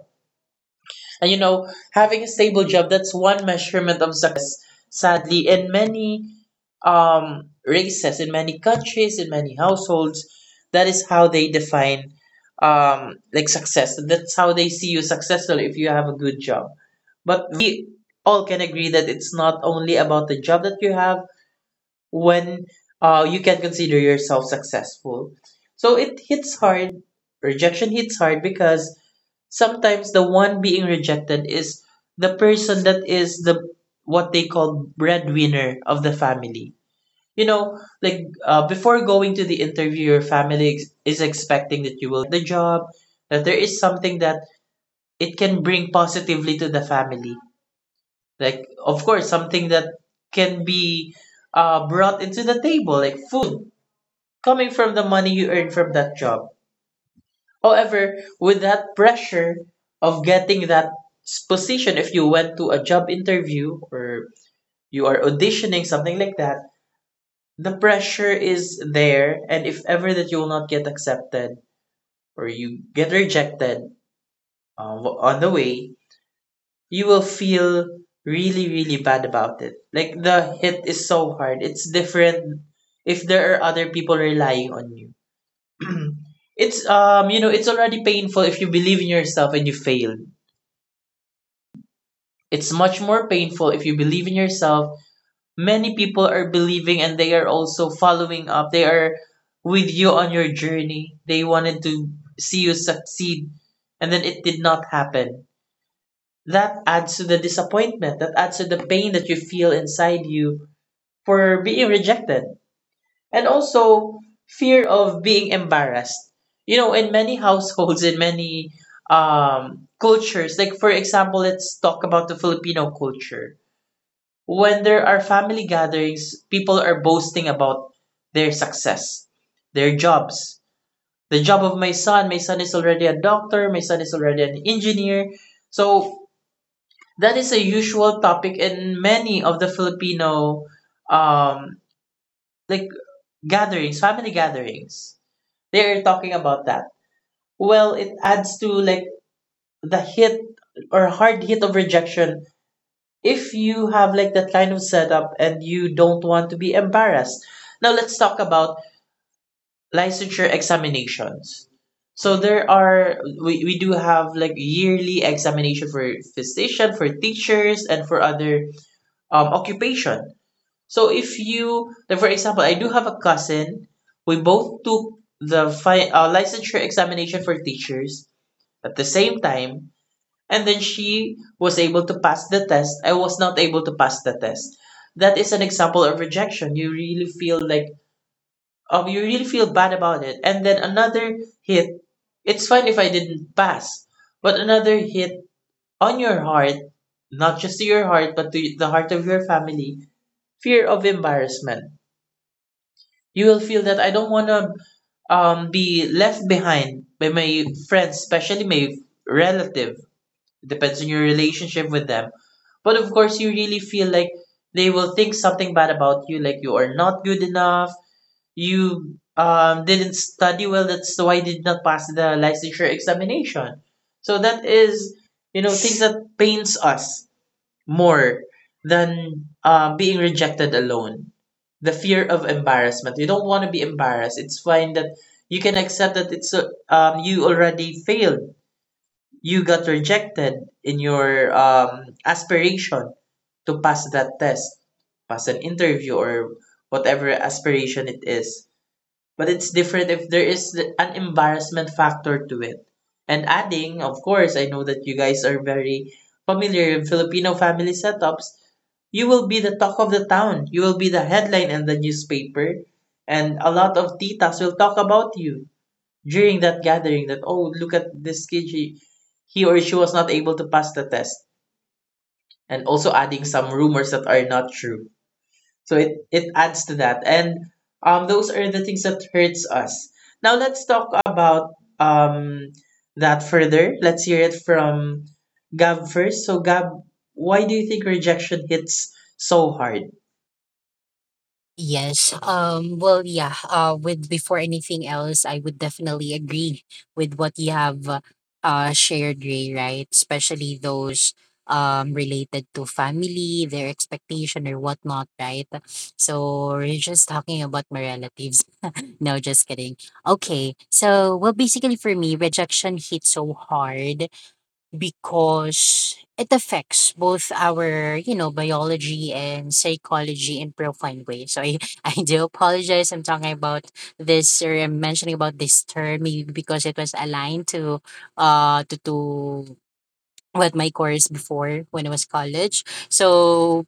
S1: And, having a stable job, that's one measurement of success. Sadly, in many races, in many countries, in many households, that is how they define, like, success. That's how they see you successful if you have a good job. But we all can agree that it's not only about the job that you have, when you can consider yourself successful. So it hits hard. Rejection hits hard because sometimes the one being rejected is the person that is the, what they call, breadwinner of the family. You know, like, before going to the interview, your family is expecting that you will the job, that there is something that it can bring positively to the family, like, of course, something that can be brought into the table, like food coming from the money you earn from that job. However, with that pressure of getting that position, if you went to a job interview or you are auditioning something like that, the pressure is there. And if ever that you will not get accepted or you get rejected on the way, you will feel really, really bad about it. Like, the hit is so hard. It's different if there are other people relying on you. It's already painful if you believe in yourself and you fail. It's much more painful if you believe in yourself, many people are believing, and they are also following up. They are with you on your journey, they wanted to see you succeed, and then it did not happen. That adds to the disappointment, that adds to the pain that you feel inside you for being rejected. And also, fear of being embarrassed. You know, in many households, in many cultures, like, for example, let's talk about the Filipino culture. When there are family gatherings, people are boasting about their success, their jobs. The job of my son is already a doctor, my son is already an engineer. So that is a usual topic in many of the Filipino um like gatherings, family gatherings. They're talking about that. Well, it adds to, like, the hit or hard hit of rejection if you have, like, that kind of setup and you don't want to be embarrassed. Now let's talk about licensure examinations. So we do have, like, yearly examination for physician, for teachers, and for other occupation. So if you, like, for example, I do have a cousin. We both took the licensure examination for teachers at the same time, and then she was able to pass the test. I was not able to pass the test. That is an example of rejection. You really feel like, oh, you really feel bad about it. And then another hit. It's fine if I didn't pass, but another hit on your heart, not just to your heart, but to the heart of your family. Fear of embarrassment. You will feel that I don't want to, be left behind by my friends, especially my relative. It depends on your relationship with them. But of course, you really feel like they will think something bad about you, like you are not good enough, you didn't study well, that's why you did not pass the licensure examination. So that is, things that pains us more than being rejected alone, the fear of embarrassment. You don't want to be embarrassed. It's fine that you can accept that it's you already failed. You got rejected in your aspiration to pass that test, pass an interview, or whatever aspiration it is. But it's different if there is an embarrassment factor to it. And adding, of course, I know that you guys are very familiar with Filipino family setups. You will be the talk of the town. You will be the headline in the newspaper, and a lot of titas will talk about you during that gathering. That, oh, look at this kid. He or she was not able to pass the test, and also adding some rumors that are not true. So it adds to that, and, those are the things that hurts us. Now let's talk about that further. Let's hear it from Gab first. So, Gab, why do you think rejection hits so hard?
S3: Yes. Well, yeah. With Before anything else, I would definitely agree with what you have shared, Ray, right? Especially those related to family, their expectation or whatnot, right? So we're just talking about my relatives. No, just kidding. Okay. So, well, basically for me, rejection hit so hard because it affects both our, biology and psychology in profound ways. So I, I do apologize. I'm talking about this, or I'm mentioning about this term maybe because it was aligned to to what my course before when I was college. So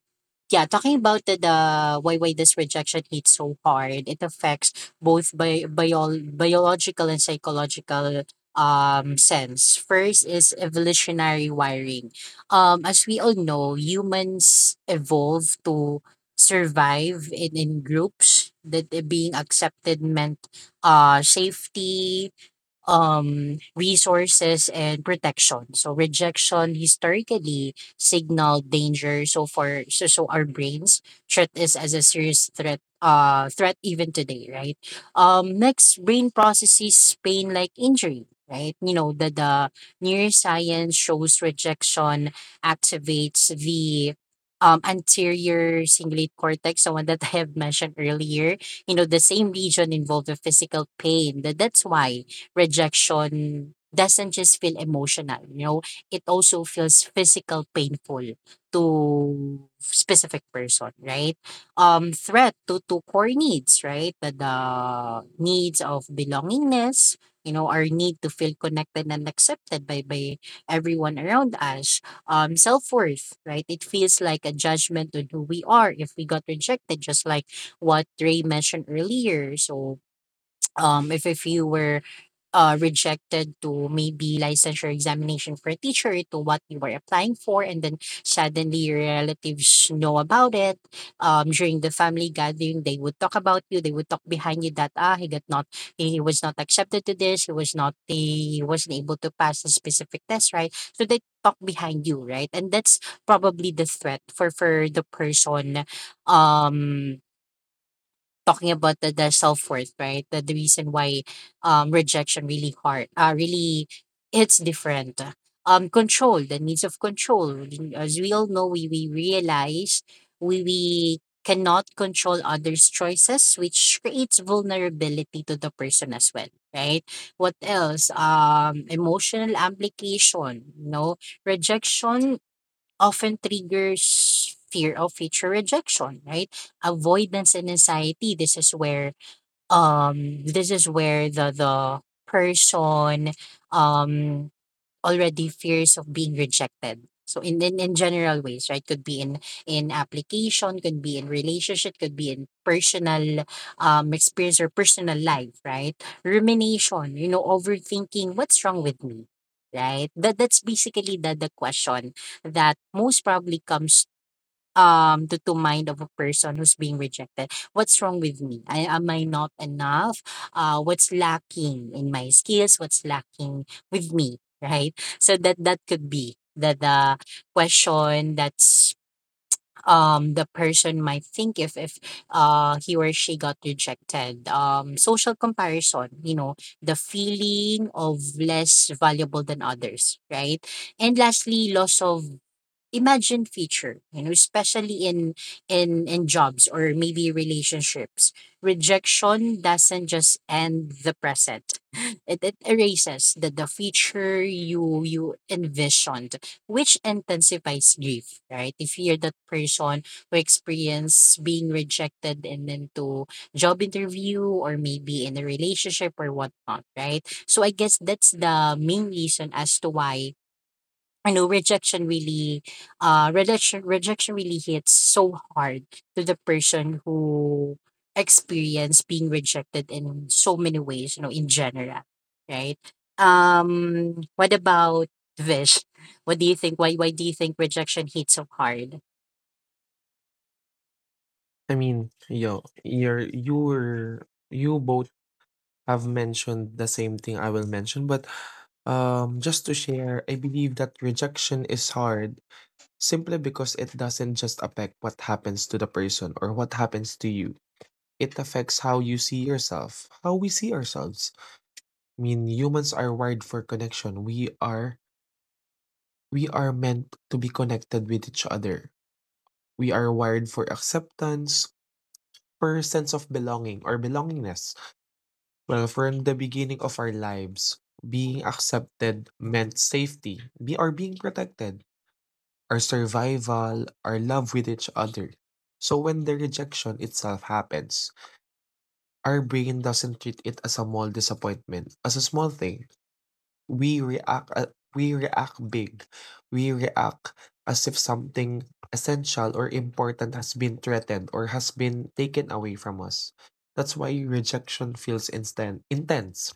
S3: yeah, talking about the why this rejection hits so hard, it affects both biological and psychological sense. First is evolutionary wiring. As we all know, humans evolve to survive in groups, that being accepted meant safety, resources, and protection. So rejection historically signaled danger. So our brains treat this as a serious threat. Threat even today, right? Next, brain processes pain like injury, right? You know, the neuroscience shows rejection activates the anterior cingulate cortex, the one that I have mentioned earlier. You know, the same region involved with physical pain. That's why rejection doesn't just feel emotional, it also feels physical, painful to specific person, right? Threat to core needs, right? The needs of belongingness, our need to feel connected and accepted by everyone around us. Self-worth, right? It feels like a judgment on who we are if we got rejected, just like what Ray mentioned earlier. So if you were rejected to maybe licensure examination for a teacher to what you were applying for, and then suddenly your relatives know about it, during the family gathering they would talk about you, they would talk behind you that he was not accepted to this, he wasn't able to pass a specific test, right? So they talk behind you, right? And that's probably the threat for the person, um talking about the self worth, right? The reason why rejection really hard, really, it's different. Control, the needs of control. As we all know, we realize we cannot control others' choices, which creates vulnerability to the person as well, right? What else? Emotional application. You know, rejection often triggers fear of future rejection, right? Avoidance and anxiety. This is where the person um already fears of being rejected. So in general ways, right? Could be in application, could be in relationship, could be in personal experience or personal life, right? Rumination, overthinking. What's wrong with me? Right? That's basically the question that most probably comes to mind of a person who's being rejected. What's wrong with me? Am I not enough? What's lacking in my skills? What's lacking with me? Right? So that could be the question that's, the person might think, if he or she got rejected. Social comparison the feeling of less valuable than others, right? And lastly, loss of imagine future, especially in jobs or maybe relationships. Rejection doesn't just end the present, it erases the future you envisioned, which intensifies grief, right? If you're that person who experience being rejected and then to job interview or maybe in a relationship or whatnot, right? So I guess that's the main reason as to why I know rejection really rejection really hits so hard to the person who experienced being rejected in so many ways, you know, in general, right? What about Vish? What do you think? Why do you think rejection hits so hard?
S2: I mean, you're, you both have mentioned the same thing I will mention, but just to share, I believe that rejection is hard simply because it doesn't just affect what happens to the person, or what happens to you. It affects how you see yourself, how we see ourselves. I mean, humans are wired for connection. We are meant to be connected with each other. We are wired for acceptance, for sense of belonging or belongingness. Well, from the beginning of our lives, being accepted meant safety, be or being protected, our survival, our love with each other. So when the rejection itself happens, our brain doesn't treat it as a small disappointment, as a small thing. We react big. We react as if something essential or important has been threatened or has been taken away from us. That's why rejection feels instant intense,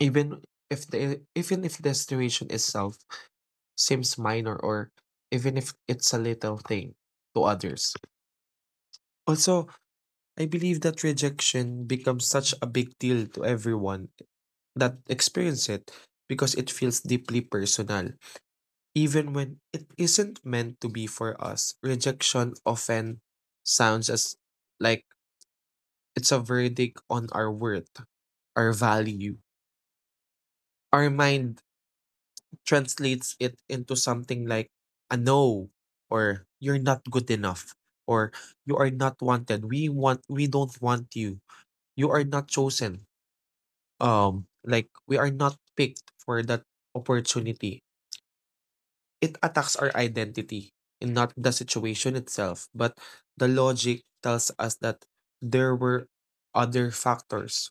S2: even if the situation itself seems minor, or even if it's a little thing to others. Also, I believe that rejection becomes such a big deal to everyone that experience it, because it feels deeply personal. Even when it isn't meant to be for us, rejection often sounds as like it's a verdict on our worth, our value. Our mind translates it into something like a no, or you're not good enough, or you are not wanted, we don't want you, you are not chosen, like we are not picked for that opportunity. It attacks our identity, and not the situation itself. But the logic tells us that there were other factors.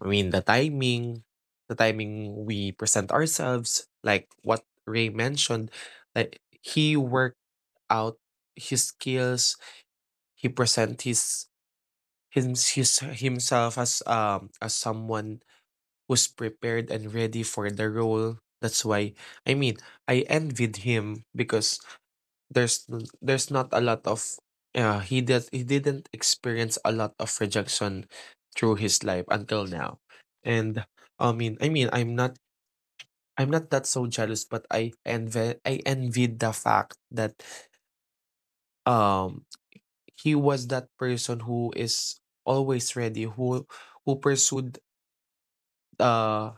S2: I mean, the timing we present ourselves, like what Ray mentioned, like he worked out his skills, he present his his himself as someone who's prepared and ready for the role. That's why I mean I envied him, because there's not a lot of he did he didn't experience a lot of rejection through his life until now. And I'm not, that so jealous, but I envy, I envied the fact that um he was that person who is always ready, who pursued uh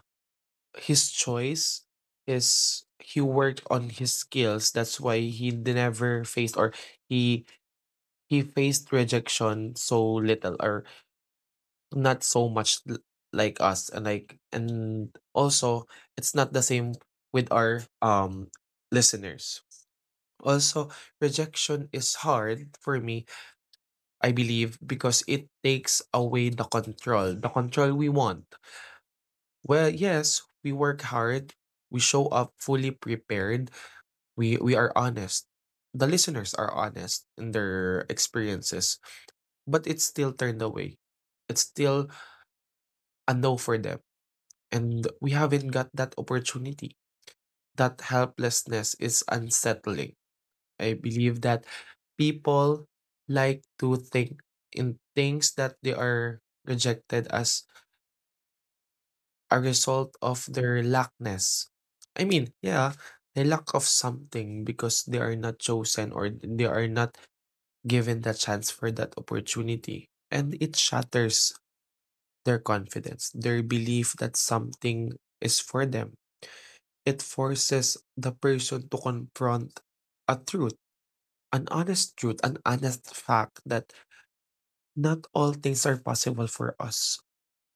S2: his choice, his he worked on his skills. That's why he never faced, or he faced rejection so little or not so much, like us, and and also it's not the same with our listeners. Also, rejection is hard for me, I believe, because it takes away the control we want. Well, yes, we work hard, we show up fully prepared, we are honest. The listeners are honest in their experiences, but it's still turned away. It's still a no for them, and we haven't got that opportunity. That helplessness is unsettling. I believe that people like to think in things that they are rejected as a result of their lackness. I mean, yeah, they lack of something because they are not chosen, or they are not given the chance for that opportunity. And it shatters their confidence, their belief that something is for them. It forces the person to confront a truth, an honest fact, that not all things are possible for us,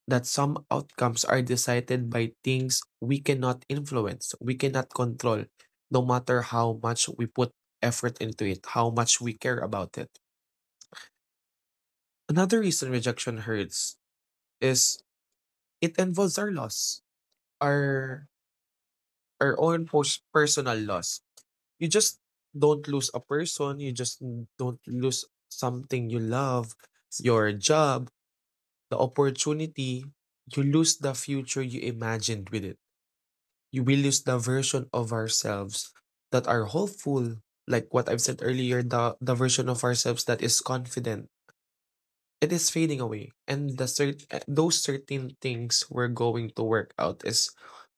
S2: that some outcomes are decided by things we cannot influence, we cannot control, no matter how much we put effort into it, how much we care about it. Another reason rejection hurts is it involves our loss, our or own personal loss. You just don't lose a person, you just don't lose something you love, your job, the opportunity. You lose the future you imagined with it. You will lose the version of ourselves that are hopeful, like what I've said earlier, the version of ourselves that is confident. It is fading away, and the those certain things we're going to work out is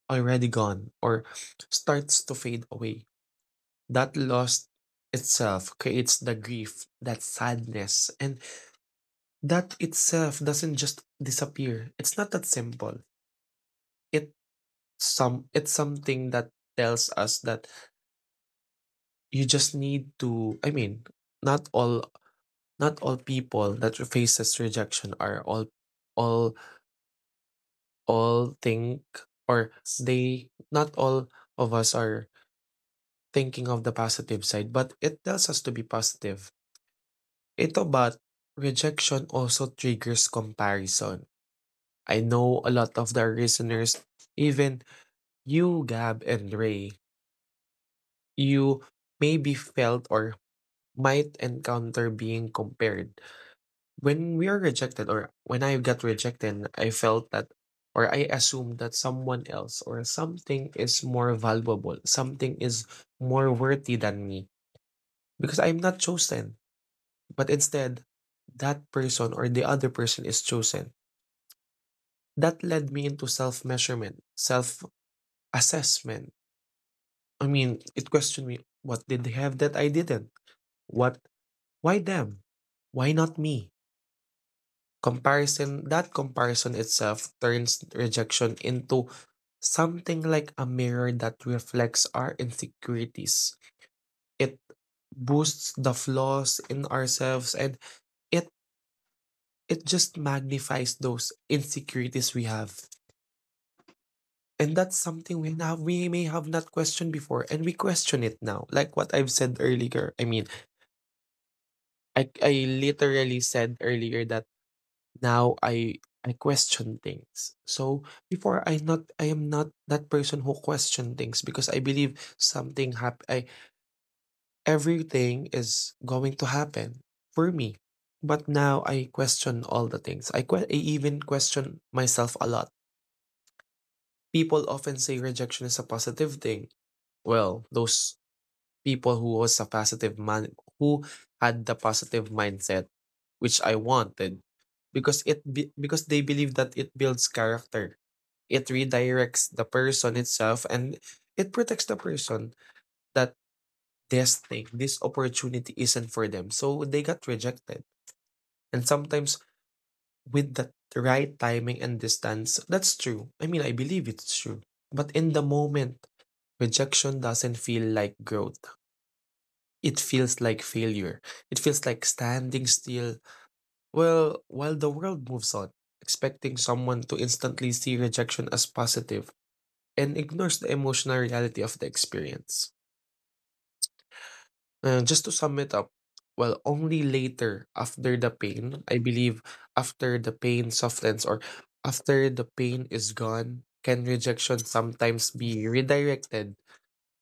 S2: already gone, or starts to fade away. That loss itself creates the grief, that sadness, and that itself doesn't just disappear. It's not that simple. It it's something that tells us that you just need to, not all people that faces rejection are all all think or they not all of us are thinking of the positive side, but it tells us to be positive. Ito, but rejection also triggers comparison. I know a lot of the listeners, even you, Gab and Ray, you maybe felt or might encounter being compared. When we are rejected, or when I got rejected, I felt that, or I assumed that someone else or something is more valuable, something is more worthy than me, because I'm not chosen. But instead, that person or the other person is chosen. That led me into self measurement, self assessment. I mean, it questioned me, what did they have that I didn't? What why them? Why not me? Comparison, that comparison itself turns rejection into something like a mirror that reflects our insecurities. It boosts the flaws in ourselves, and it it just magnifies those insecurities we have. And that's something we have we may have not questioned before, and we question it now. Like what I've said earlier. I mean, I literally said earlier that now I question things. So before I am not that person who question things, because I believe something hap- I everything is going to happen for me. But now I question all the things. I even question myself a lot. People often say rejection is a positive thing, well, those people who was a positive man who had the positive mindset which I wanted, because they believe that it builds character. It redirects the person itself and it protects the person that this thing, this opportunity isn't for them. So they got rejected. And sometimes with that right timing and distance, that's true. I mean, I believe it's true. But in the moment, rejection doesn't feel like growth. It feels like failure. It feels like standing still. Well, while the world moves on, expecting someone to instantly see rejection as positive and ignores the emotional reality of the experience. Just to sum it up, well, only later after the pain, I believe after the pain softens or after the pain is gone, can rejection sometimes be redirected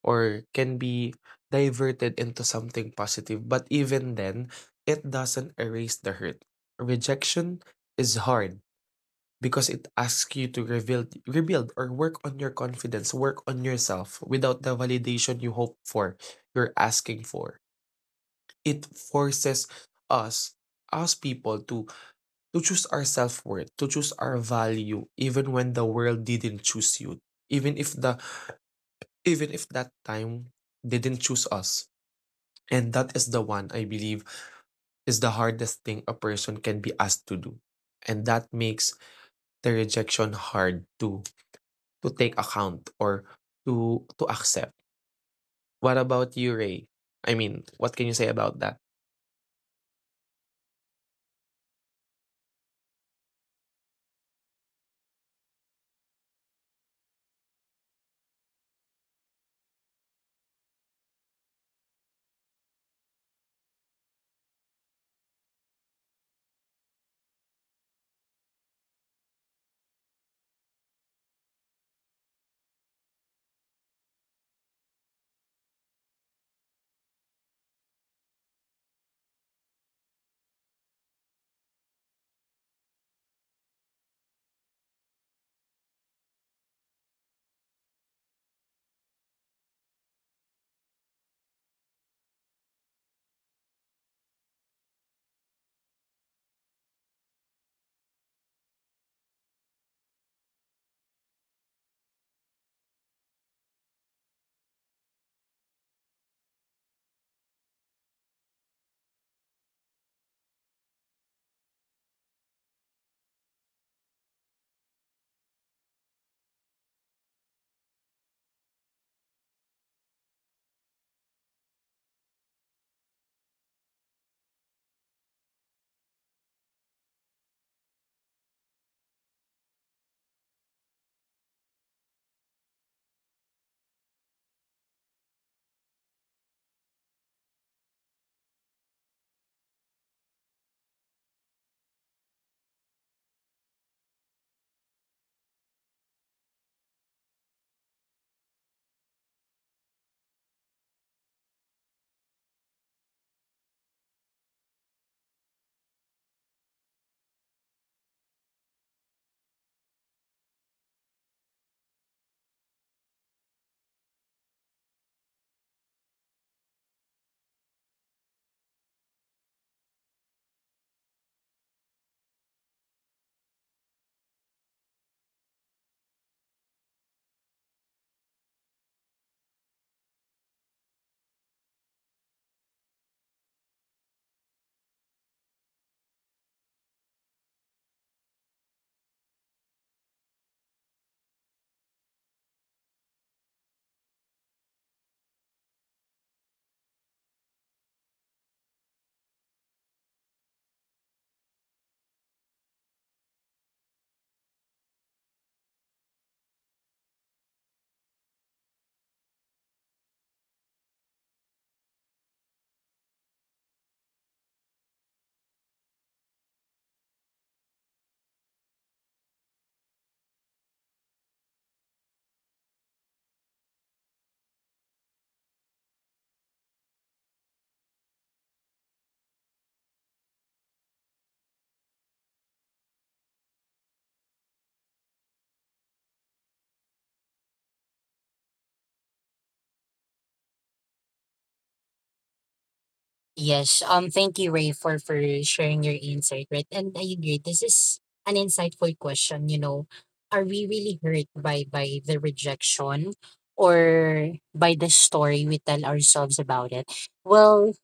S2: or can be diverted into something positive. But even then, it doesn't erase the hurt. Rejection is hard because it asks you to reveal, rebuild or work on your confidence, work on yourself without the validation you hope for, you're asking for. It forces us, us people, to choose our self-worth, to choose our value, even when the world didn't choose you, even if the even if that time didn't choose us. And that is the one I believe is the hardest thing a person can be asked to do. And that makes the rejection hard to take account or to accept. What about you, Ray? I mean, what can you say about that?
S3: Yes. Thank you, Ray, for sharing your insight. Right, and I agree. This is an insightful question. Are we really hurt by the rejection, or by the story we tell ourselves about it? Well,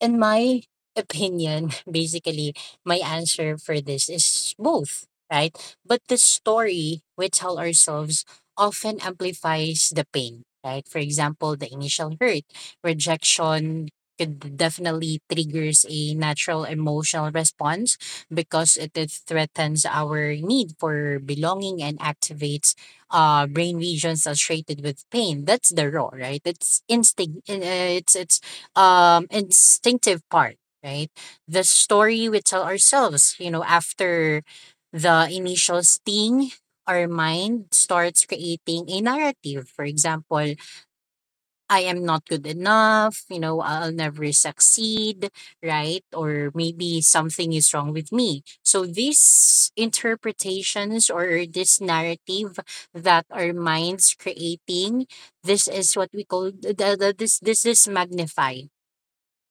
S3: in my opinion, basically, my answer for this is both, right? But the story we tell ourselves often amplifies the pain, right? For example, the initial hurt, rejection could definitely triggers a natural emotional response because it threatens our need for belonging and activates brain regions associated with pain. That's the raw, right? It's instinct, it's instinctive part, right? The story we tell ourselves, after the initial sting, our mind starts creating a narrative. For example, I am not good enough, I'll never succeed, right? Or maybe something is wrong with me. So these interpretations, or this narrative that our minds creating, this is what we call this is magnify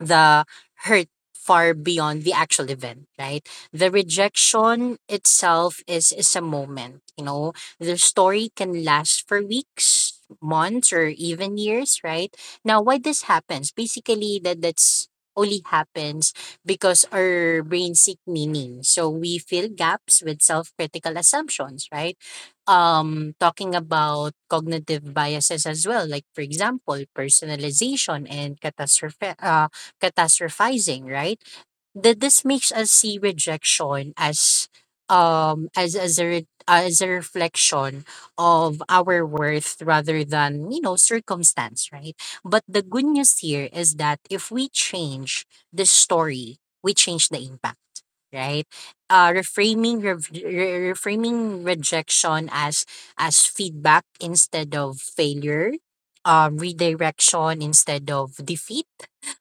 S3: the hurt far beyond the actual event, right? The rejection itself is a moment. The story can last for weeks, months, or even years, right? Now, why this happens? Basically, that's only happens because our brain seek meaning. So we fill gaps with self-critical assumptions, right? Talking about cognitive biases as well, like for example, personalization and catastrophe catastrophizing, right? That this makes us see rejection as a reflection of our worth rather than circumstance, right? But the good news here is that if we change the story, we change the impact, right? Reframing, reframing rejection as feedback instead of failure, redirection instead of defeat,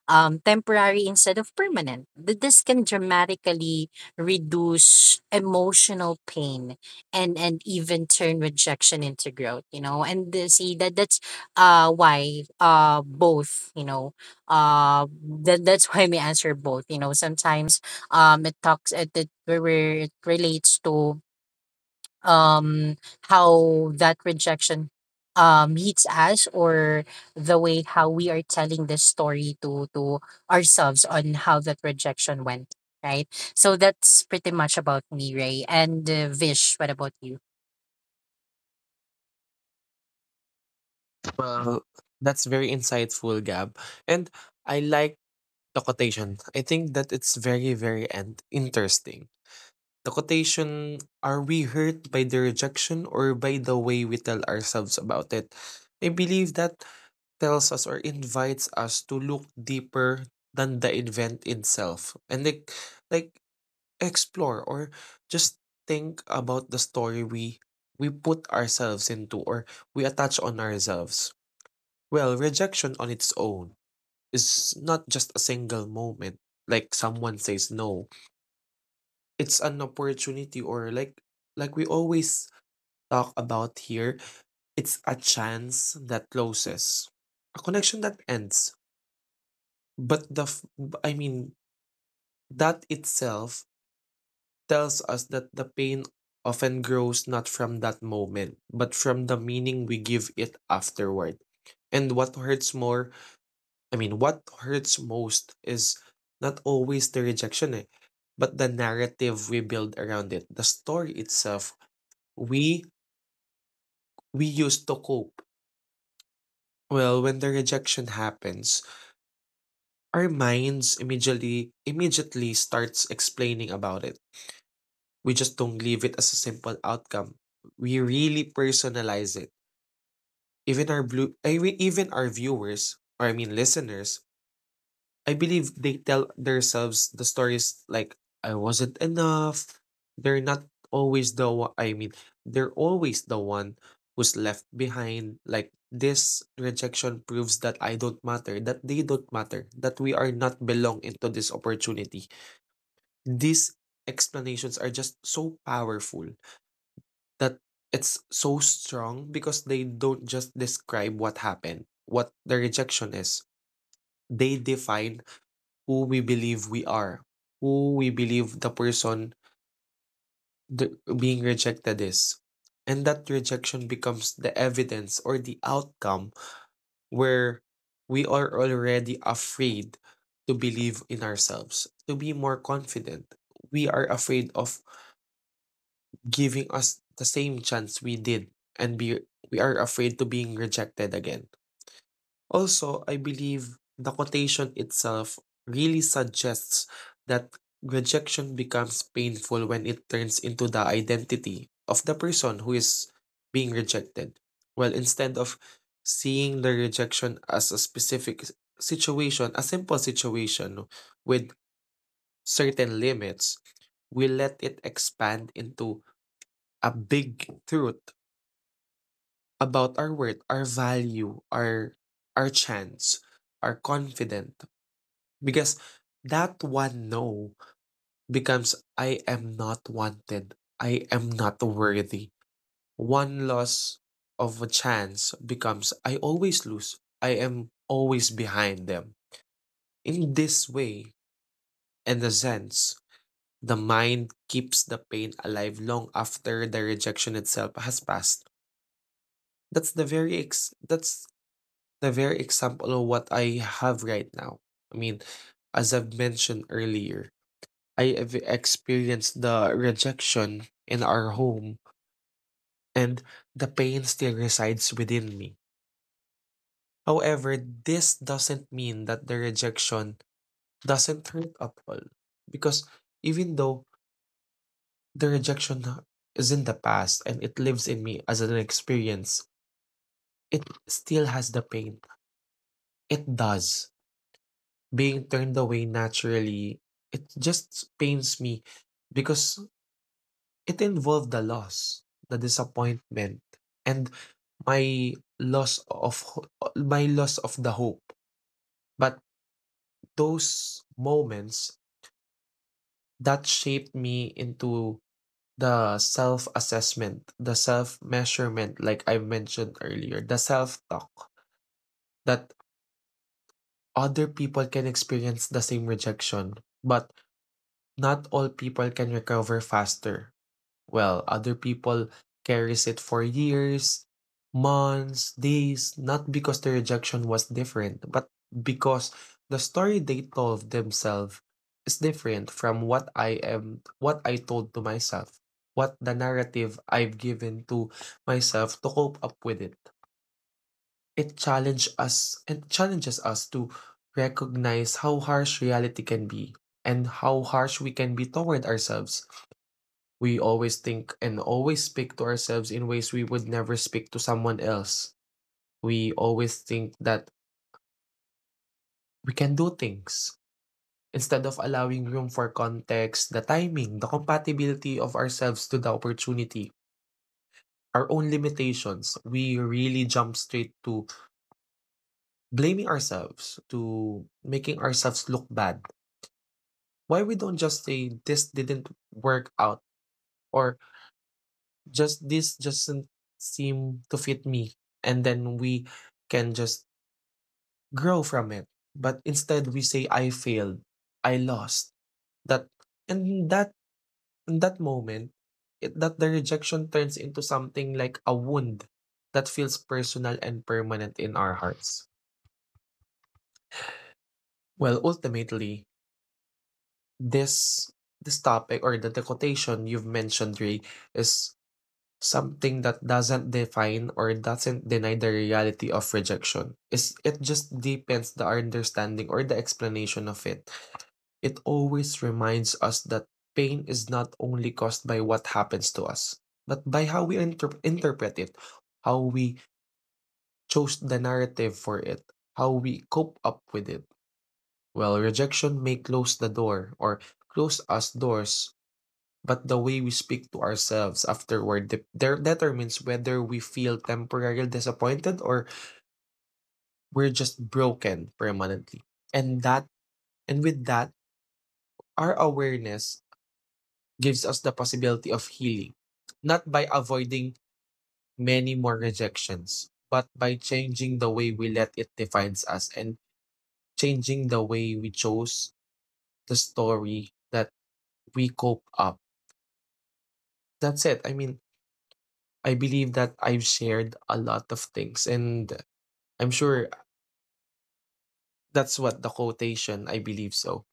S3: temporary instead of permanent. This can dramatically reduce emotional pain and even turn rejection into growth. You know, and see, that's why both, uh that's why we answer both. Sometimes it where it relates to um how that rejection hits us, or the way how we are telling this story to ourselves on how that rejection went, right? So that's pretty much about me, Ray. And Vish, what about you?
S2: Well, that's very insightful, Gab. And I like the quotation. I think that it's very, very and interesting. The quotation, are we hurt by the rejection or by the way we tell ourselves about it? I believe that tells us or invites us to look deeper than the event itself and like explore or just think about the story we put ourselves into or we attach on ourselves. Well, rejection on its own is not just a single moment, like someone says no, it's an opportunity, or like we always talk about here, it's a chance that closes, a connection that ends. But I mean, that itself tells us that the pain often grows not from that moment but from the meaning we give it afterward. And what hurts more I mean what hurts most is not always the rejection, but the narrative we build around it, the story itself we we used to cope. Well, when the rejection happens, our minds immediately starts explaining about it. We just don't leave it as a simple outcome. We really personalize it. Even our viewers, or, I mean, listeners, I believe they tell themselves the stories like I wasn't enough. They're not always the one, I mean, they're always the one who's left behind. Like, this rejection proves that I don't matter, that they don't matter, that we are not belong into this opportunity. These explanations are just so powerful, that it's so strong because they don't just describe what happened, what the rejection is. They define who we believe we are, who we believe the person, being rejected is. And that rejection becomes the evidence or the outcome where we are already afraid to believe in ourselves, to be more confident. We are afraid of giving us the same chance we did, and be we are afraid to being rejected again. Also, I believe the quotation itself really suggests that rejection becomes painful when it turns into the identity of the person who is being rejected. Well, instead of seeing the rejection as a specific situation, a simple situation with certain limits, we let it expand into a big truth about our worth, our value, our chance, our confidence. Because that one no becomes I am not wanted. I am not worthy. One loss of a chance becomes I always lose. I am always behind them. In this way, in a sense, the mind keeps the pain alive long after the rejection itself has passed. That's the very example of what I have right now. I mean, as I've mentioned earlier, I have experienced the rejection in our home, and the pain still resides within me. However, this doesn't mean that the rejection doesn't hurt at all. Because even though the rejection is in the past and it lives in me as an experience, it still has the pain. It does. Being turned away naturally, it just pains me because it involved the loss, the disappointment, and my loss of ho my loss of the hope. But those moments that shaped me into the self-assessment, the self-measurement, like I mentioned earlier, the self-talk, that other people can experience the same rejection, but not all people can recover faster. Well, other people carries it for years, months, days, not because the rejection was different, but because the story they told themselves is different from what I am, what I told to myself, what the narrative I've given to myself to cope up with it. It challenges us and challenges us to recognize how harsh reality can be and how harsh we can be toward ourselves. We always think and always speak to ourselves in ways we would never speak to someone else. We always think that we can do things instead of allowing room for context, the timing, the compatibility of ourselves to the opportunity, our own limitations. We really jump straight to blaming ourselves, to making ourselves look bad. Why we don't just say this didn't work out, or just this doesn't seem to fit me, and then we can just grow from it? But instead we say I failed, I lost. That that, in that moment, it, that the rejection turns into something like a wound that feels personal and permanent in our hearts. Well, ultimately, this topic or the quotation you've mentioned, Ray, is something that doesn't define or doesn't deny the reality of rejection. It just deepens the understanding or the explanation of it. It always reminds us that pain is not only caused by what happens to us, but by how we interpret it, how we chose the narrative for it, how we cope up with it. Well, rejection may close the door or close us doors, but the way we speak to ourselves afterward determines whether we feel temporarily disappointed or we're just broken permanently. And that, and with that, our awareness gives us the possibility of healing, not by avoiding many more rejections, but by changing the way we let it defines us and changing the way we chose the story that we cope up. That's it. I mean, I believe that I've shared a lot of things, and I'm sure that's what the quotation, I believe so.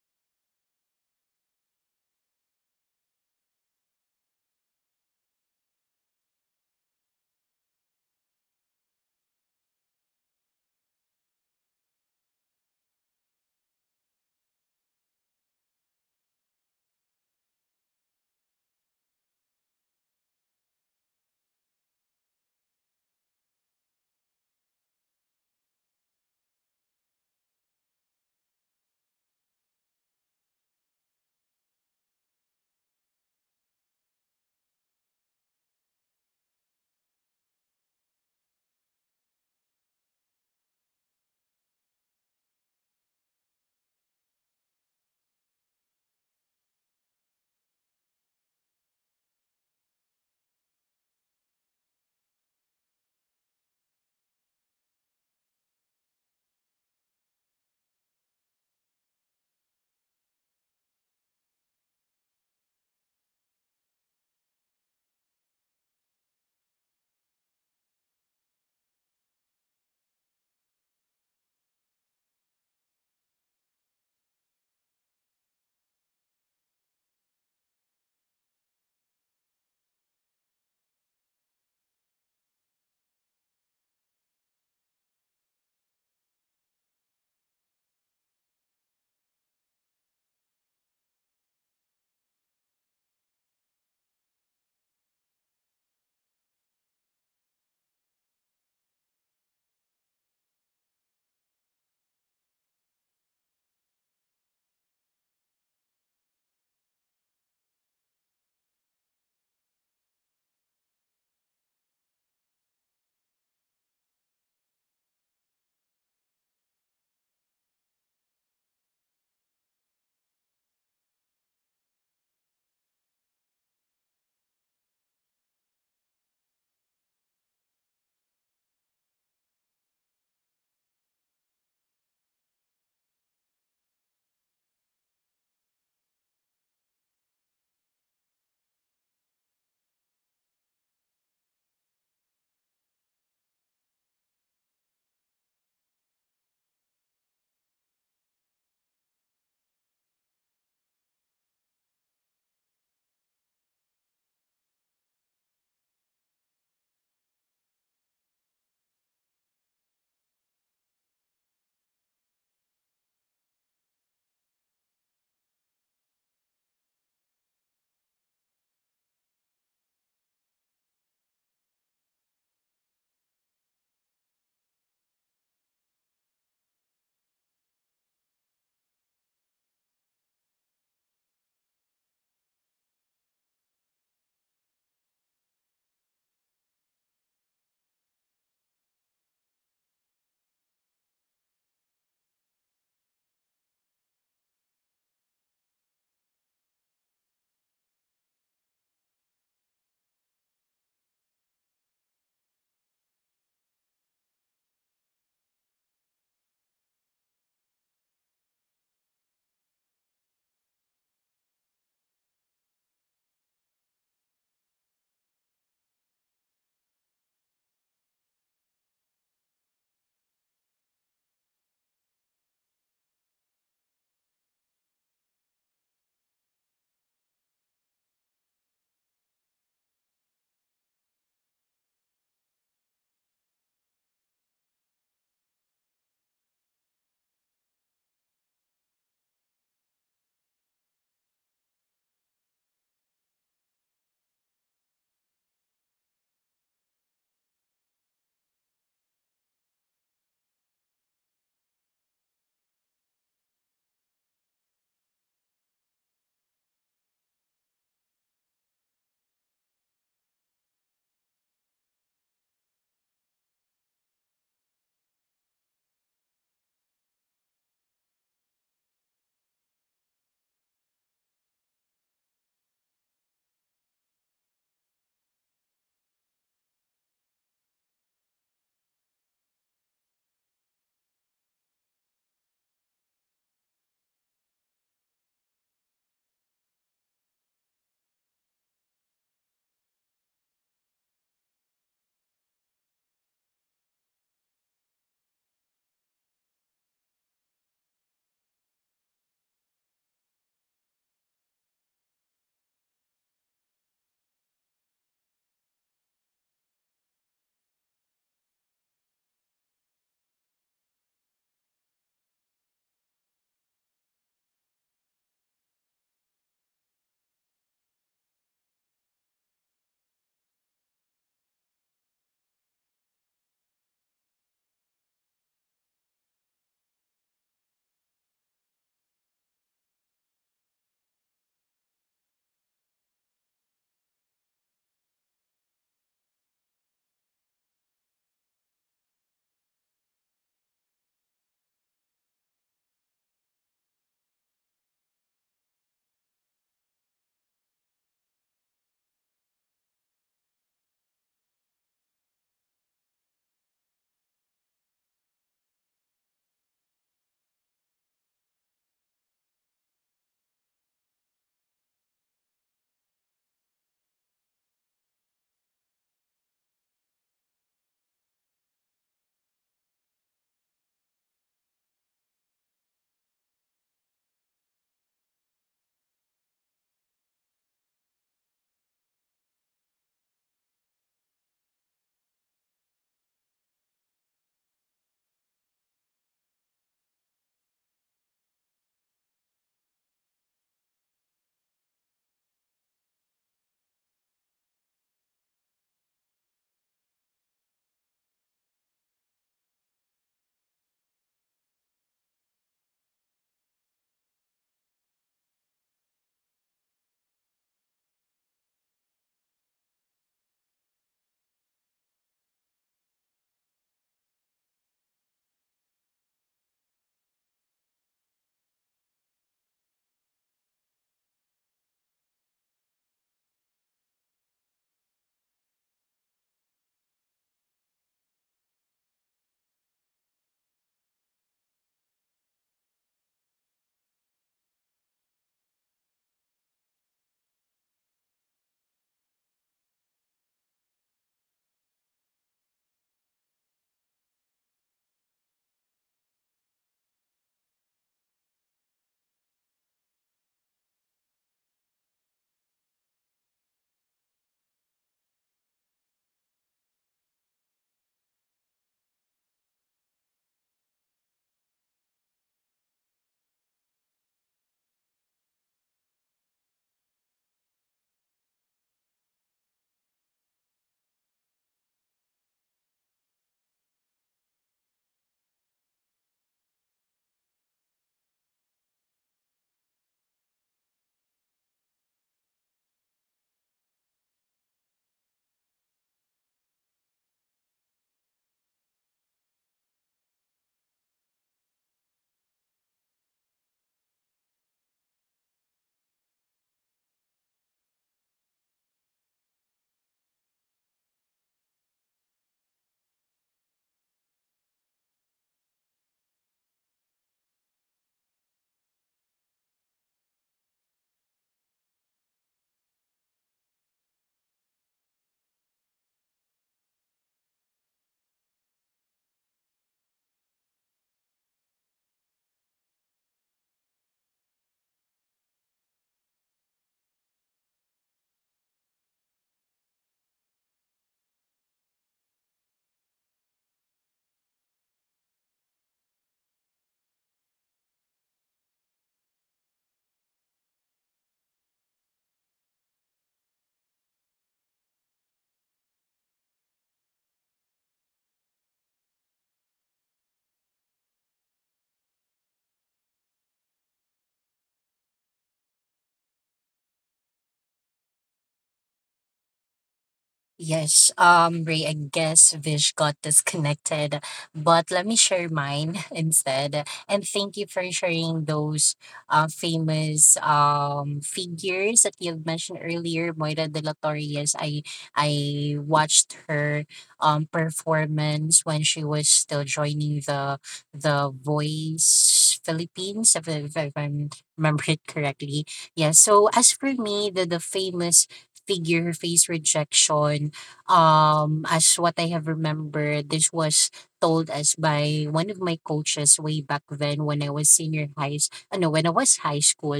S3: Yes, Ray, I guess Vish got disconnected, but let me share mine instead. And thank you for sharing those famous figures that you've mentioned earlier, Moira de la Torre. Yes, I watched her performance when she was still joining the Voice Philippines, if I remember it correctly. Yeah. So as for me, the famous figure face rejection. As what I have remembered, this was told us by one of my coaches way back then when I was senior high, no, when I was high school.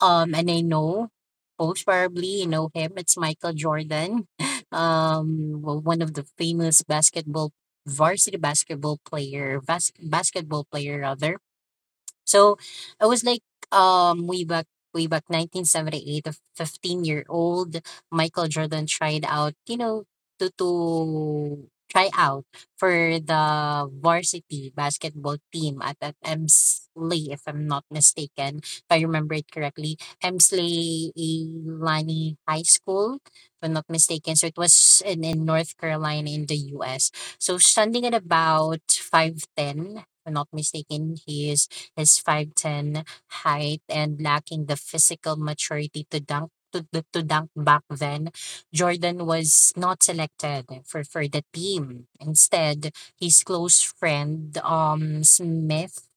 S3: And I know folks probably you know him. It's Michael Jordan, one of the famous basketball varsity basketball player, basketball player rather. So I was like um way back way back 1978, a 15-year-old Michael Jordan tried out, to try out for the varsity basketball team at Emsley, if I'm not mistaken, if I remember it correctly, Emsley Ilani High School, if I'm not mistaken. So it was in North Carolina in the US. So standing at about 5'10, if I'm not mistaken, he is 5'10" height, and lacking the physical maturity to dunk back then, Jordan was not selected for the team. Instead, his close friend Smith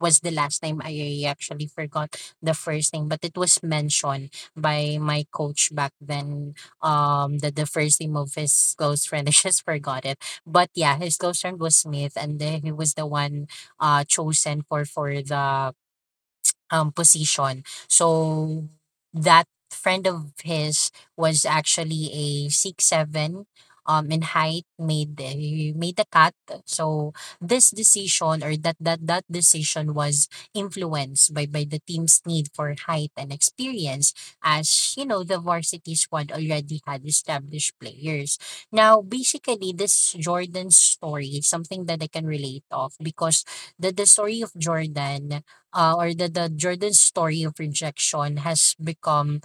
S3: was the last time, I actually forgot the first name, but it was mentioned by my coach back then. That the first name of his close friend, I just forgot it. But yeah, his close friend was Smith, and then he was the one chosen for the position. So that friend of his was actually a 6'7" in height, made the cut. So this decision, or that decision was influenced by the team's need for height and experience. As you know, the varsity squad already had established players. Now, basically this Jordan story is something that I can relate of, because the story of Jordan, or the Jordan story of rejection has become,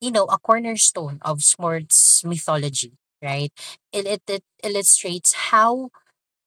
S3: you know, a cornerstone of sports mythology, right? It illustrates how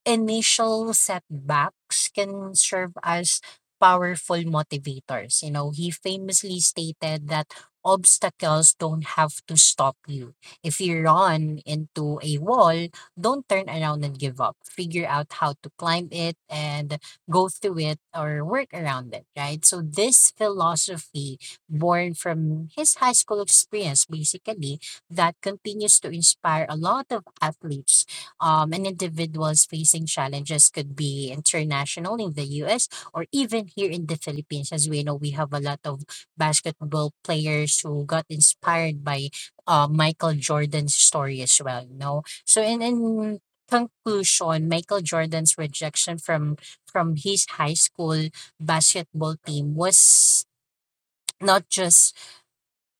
S3: initial setbacks can serve as powerful motivators. He famously stated that obstacles don't have to stop you. If you run into a wall, don't turn around and give up. Figure out how to climb it and go through it or work around it, right? So, this philosophy, born from his high school experience, basically, that continues to inspire a lot of athletes, and individuals facing challenges, could be international in the US or even here in the Philippines. As we know, we have a lot of basketball players who got inspired by Michael Jordan's story as well. So in conclusion, Michael Jordan's rejection from his high school basketball team was not just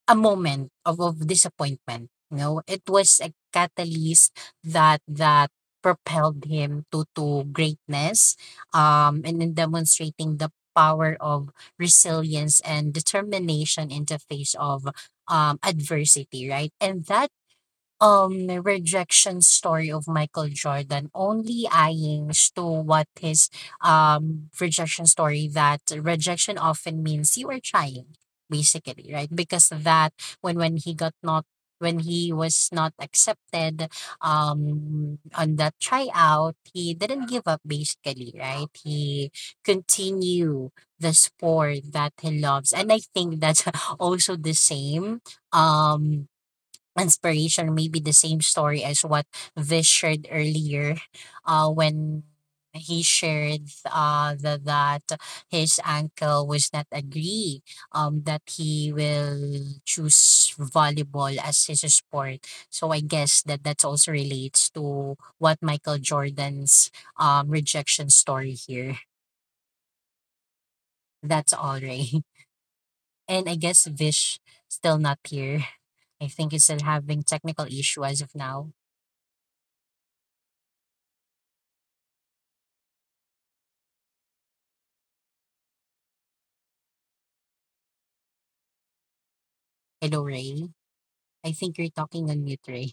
S3: a moment of disappointment, you know? It was a catalyst that propelled him to greatness, and in demonstrating the power of resilience and determination in the face of adversity, right? And that rejection story of Michael Jordan only aims to what his rejection story, that rejection often means you are trying, basically, right? Because that when he got not when he was not accepted on that tryout, he didn't give up, basically, right? He continue the sport that he loves, and I think that's also the same um inspiration, maybe the same story as what Vish shared earlier, when he shared that his uncle was not agree that he will choose volleyball as his sport. So I guess that also relates to what Michael Jordan's rejection story here. That's all, Ray. And I guess Vish still not here. I think he's still having technical issue as of now. Hello, Ray. I think you're talking on mute, Ray.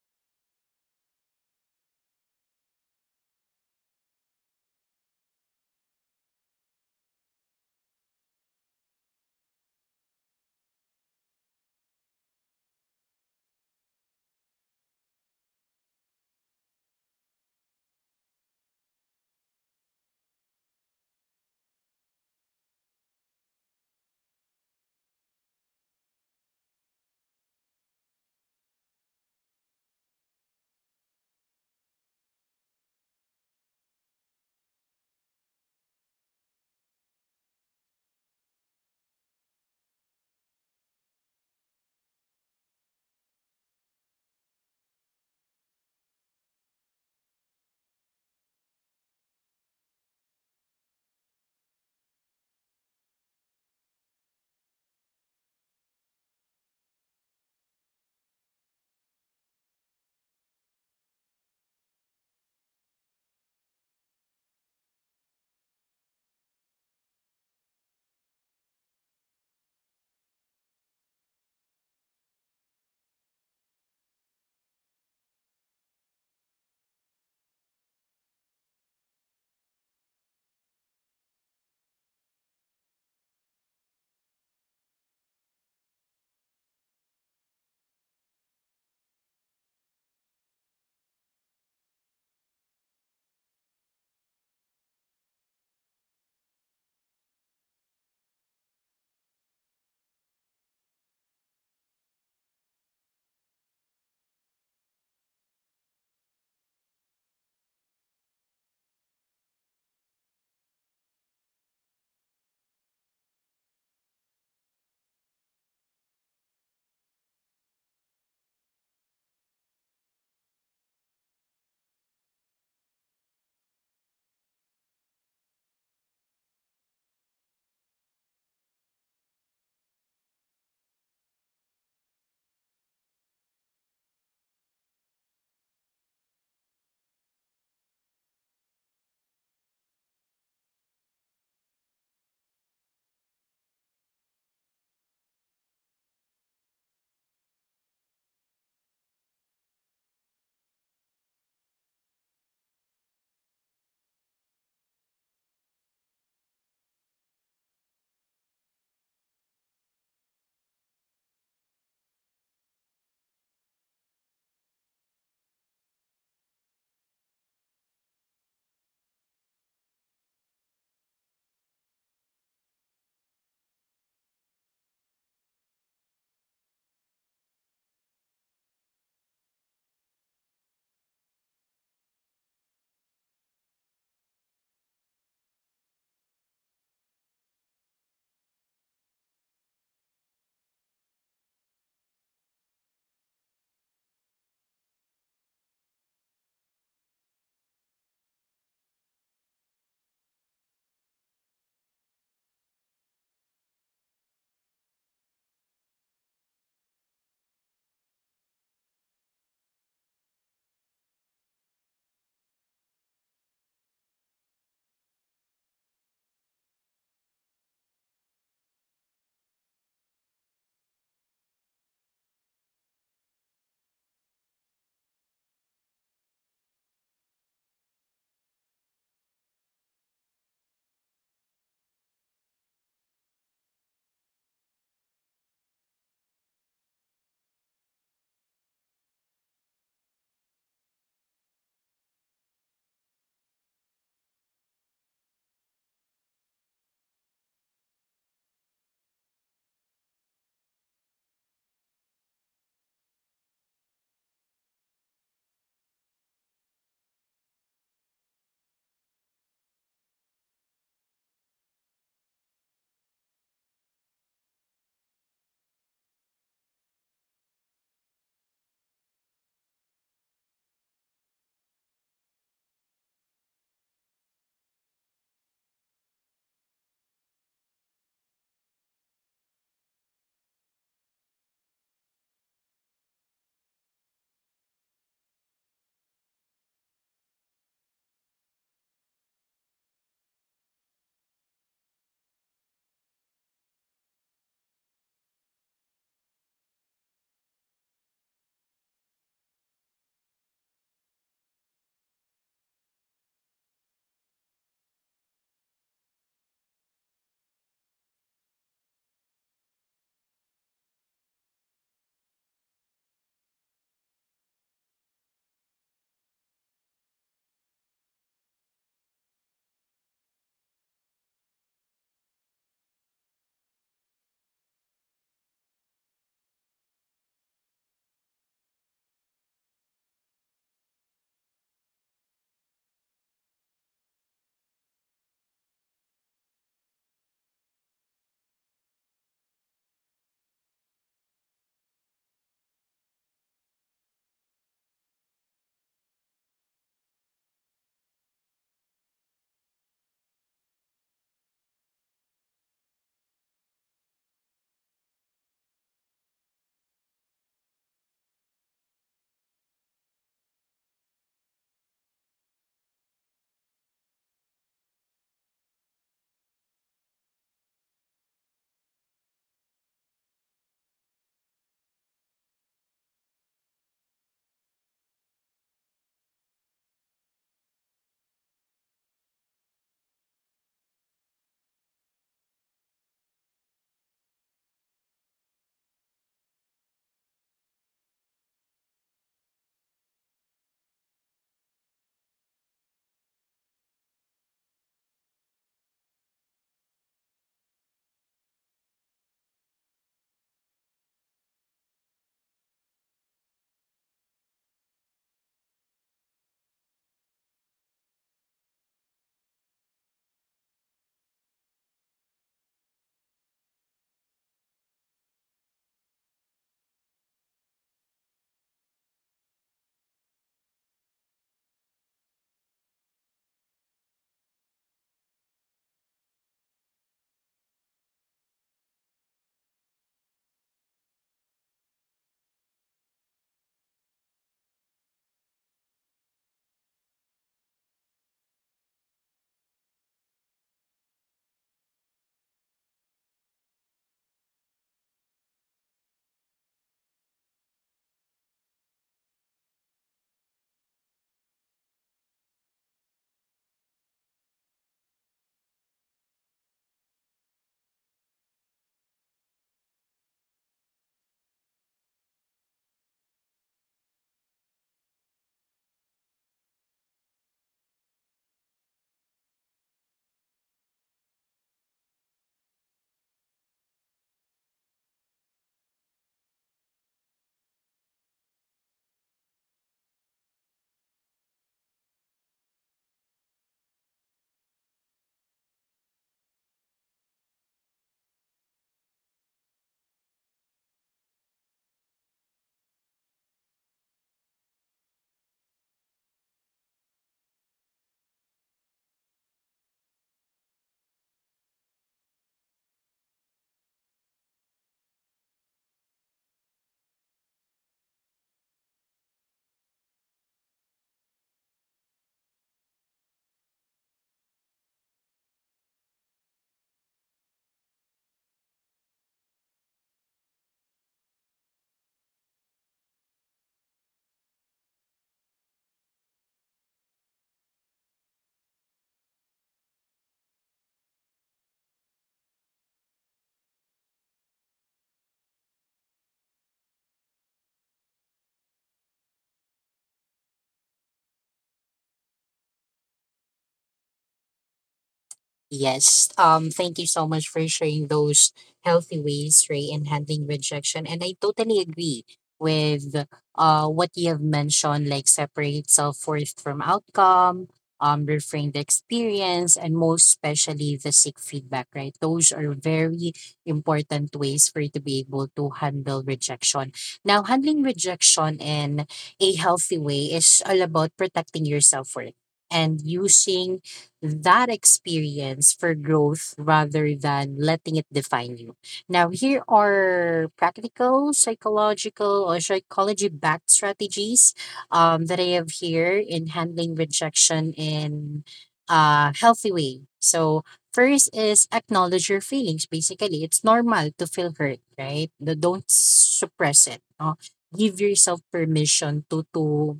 S3: Yes. Thank you so much for sharing those healthy ways, Ray, in handling rejection. And I totally agree with what you have mentioned, like separate self-worth from outcome, reframe the experience, and most especially the seek feedback, right? Those are very important ways for you to be able to handle rejection. Now, handling rejection in a healthy way is all about protecting your self-worth and using that experience for growth rather than letting it define you. Now, here are practical, psychological, or psychology backed strategies that I have here in handling rejection in a healthy way. So, first is acknowledge your feelings. Basically, it's normal to feel hurt, right? Don't suppress it, no? Give yourself permission to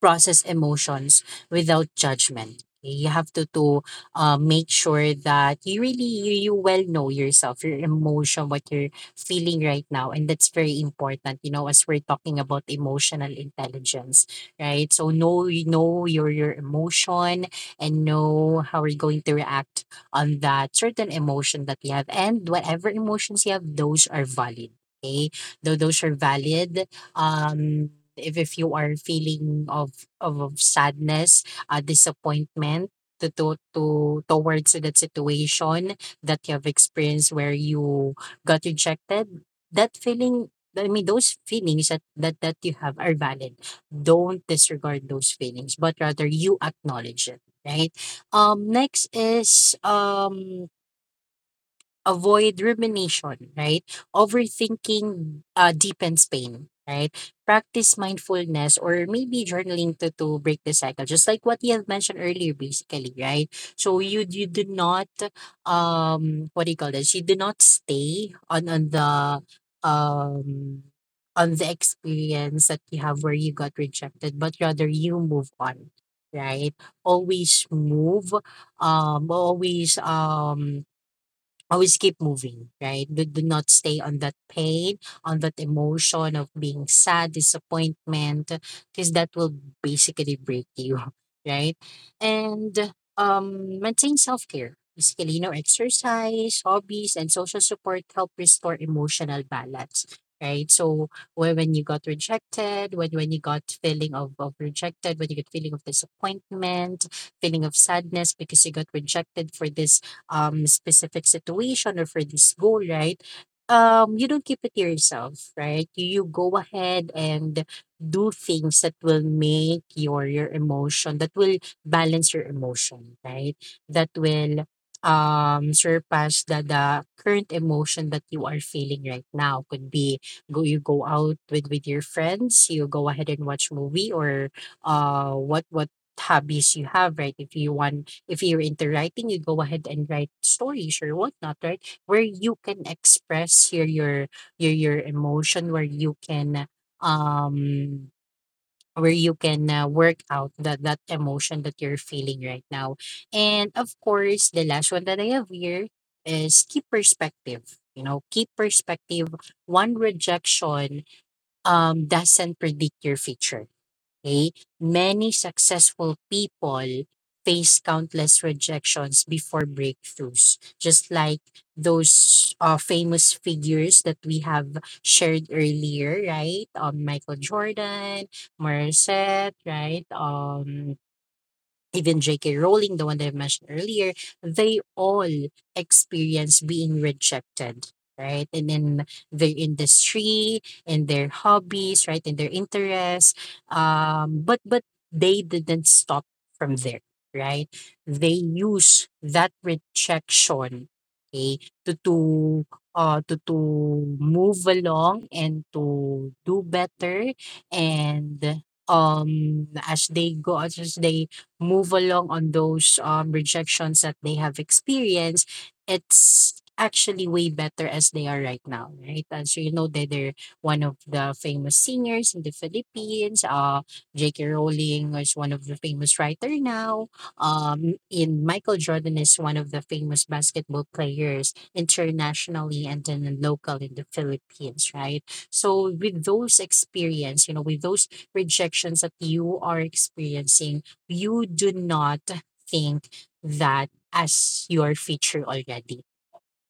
S3: process emotions without judgment. You have to to make sure that you really you well know yourself, your emotion, what you're feeling right now, and that's very important. You know, as we're talking about emotional intelligence, right? So know you know your emotion and know how we're going to react on that certain emotion that we have, and whatever emotions you have, those are valid. Okay, though those are valid. Um, if you are feeling of of sadness, disappointment to, to towards that situation that you have experienced where you got rejected, that feeling, I mean those feelings that you have are valid. Don't disregard those feelings, but rather you acknowledge it, right? Next is Avoid rumination, right? Overthinking deepens pain, right? Practice mindfulness or maybe journaling to break the cycle, just like what you have mentioned earlier, basically, right? So you do not what do you call this? You do not stay on um on the experience that you have where you got rejected, but rather you move on, right? Always move, always always keep moving, right? Do, do not stay on that pain, on that emotion of being sad, disappointment, because that will basically break you, right? And maintain self care. Basically, you know, exercise, hobbies, and social support help restore emotional balance, right? So when you got rejected, when you got feeling of rejected, when you get feeling of disappointment, feeling of sadness because you got rejected for this specific situation or for this goal, right? You don't keep it to yourself, right? You go ahead and do things that will make your emotion, that will balance your emotion, right? That will surpass the current emotion that you are feeling right now. Could be go you go out with your friends, you go ahead and watch movie, or what hobbies you have, right? If you want, if you're into writing, you go ahead and write stories or whatnot, right? Where you can express your your emotion, um where you can work out that emotion that you're feeling right now. And of course, the last one that I have here is keep perspective. You know, keep perspective. One rejection doesn't predict your future. Okay? Many successful people face countless rejections before breakthroughs, just like those famous figures that we have shared earlier, right? Michael Jordan, Morissette, right? Even J.K. Rowling, the one that I mentioned earlier, they all experience being rejected, right? And in their industry, in their hobbies, right, in their interests. But they didn't stop from there, right? They use that rejection, okay, to to move along and to do better, and as they go, as they move along on those rejections that they have experienced, it's actually way better as they are right now, right? As you know, that they're one of the famous singers in the Philippines. J.K. Rowling is one of the famous writer now. In Michael Jordan is one of the famous basketball players internationally, and then local in the Philippines, right? So with those experience, you know, with those rejections that you are experiencing, you do not think that as your feature already.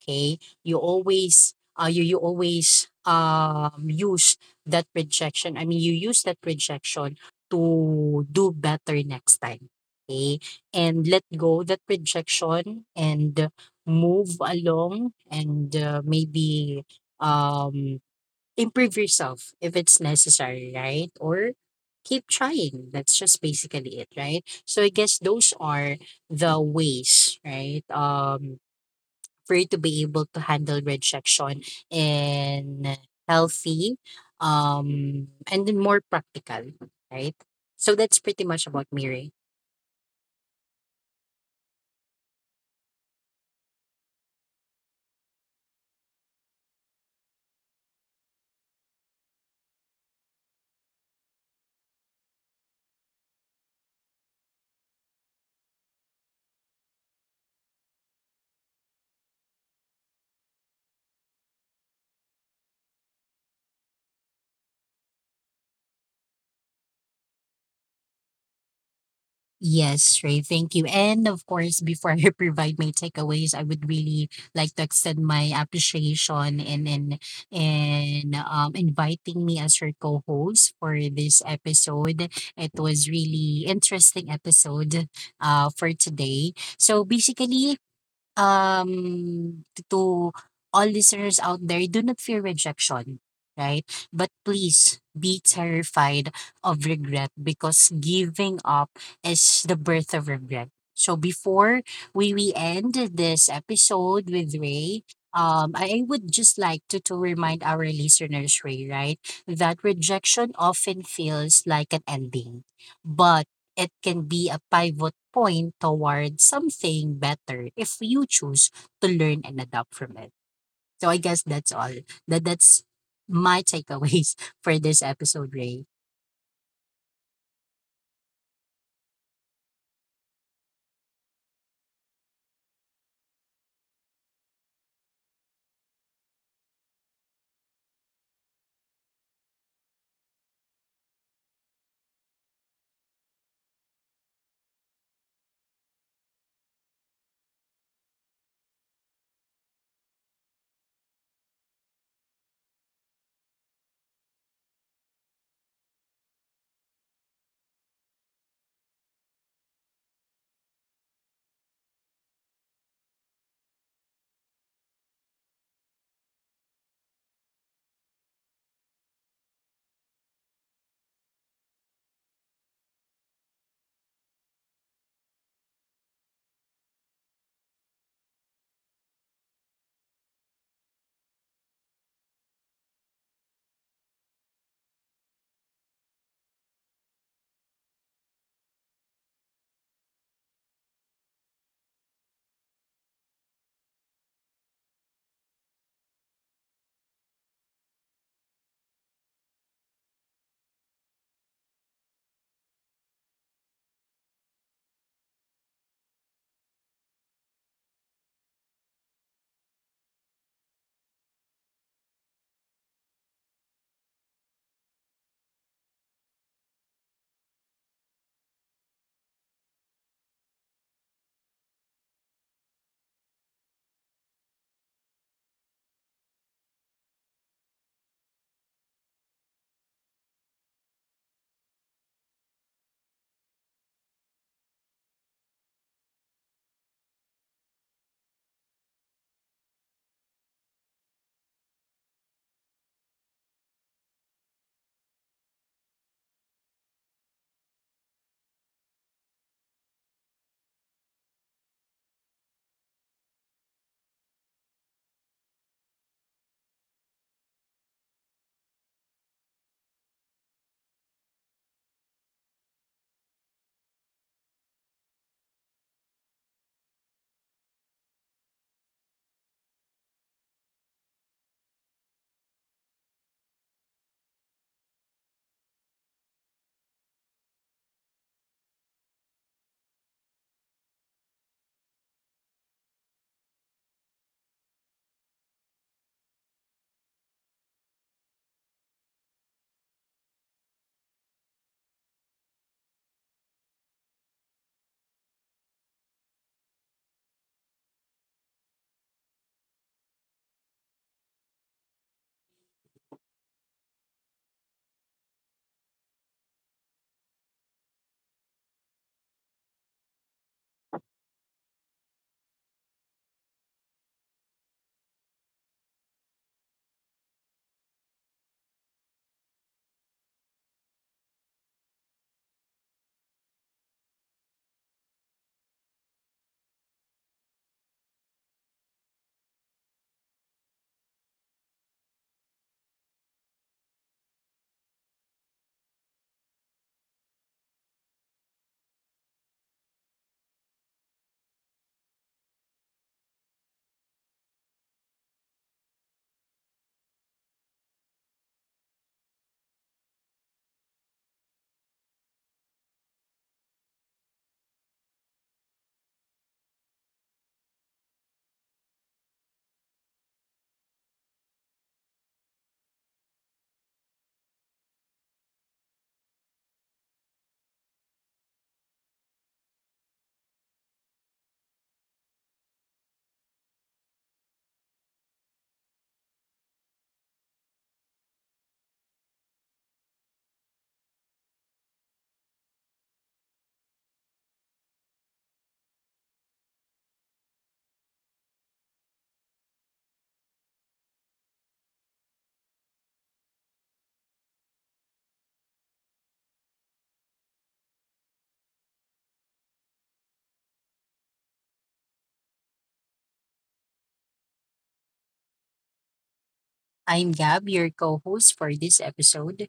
S3: Okay? You always, you you always use that projection, I mean you use that projection to do better next time. Okay? And let go that projection and move along, and maybe um improve yourself if it's necessary, right? Or keep trying. That's just basically it, right? So I guess those are the ways, right? For you to be able to handle rejection in healthy, and in more practical, right? So that's pretty much about me, Ray. Yes, Ray, thank you. And of course, before I provide my takeaways, I would really like to extend my appreciation and and, inviting me as her co-host for this episode. It was really interesting episode, for today. So basically, to all listeners out there, do not fear rejection, right? But please be terrified of regret, because giving up is the birth of regret. So before we end this episode with Ray, I would just like to remind our listeners, Ray, right? That rejection often feels like an ending, but it can be a pivot point toward something better if you choose to learn and adapt from it. So I guess that's all. That's my takeaways for this episode, Ray. I'm Gab, your co-host for this episode.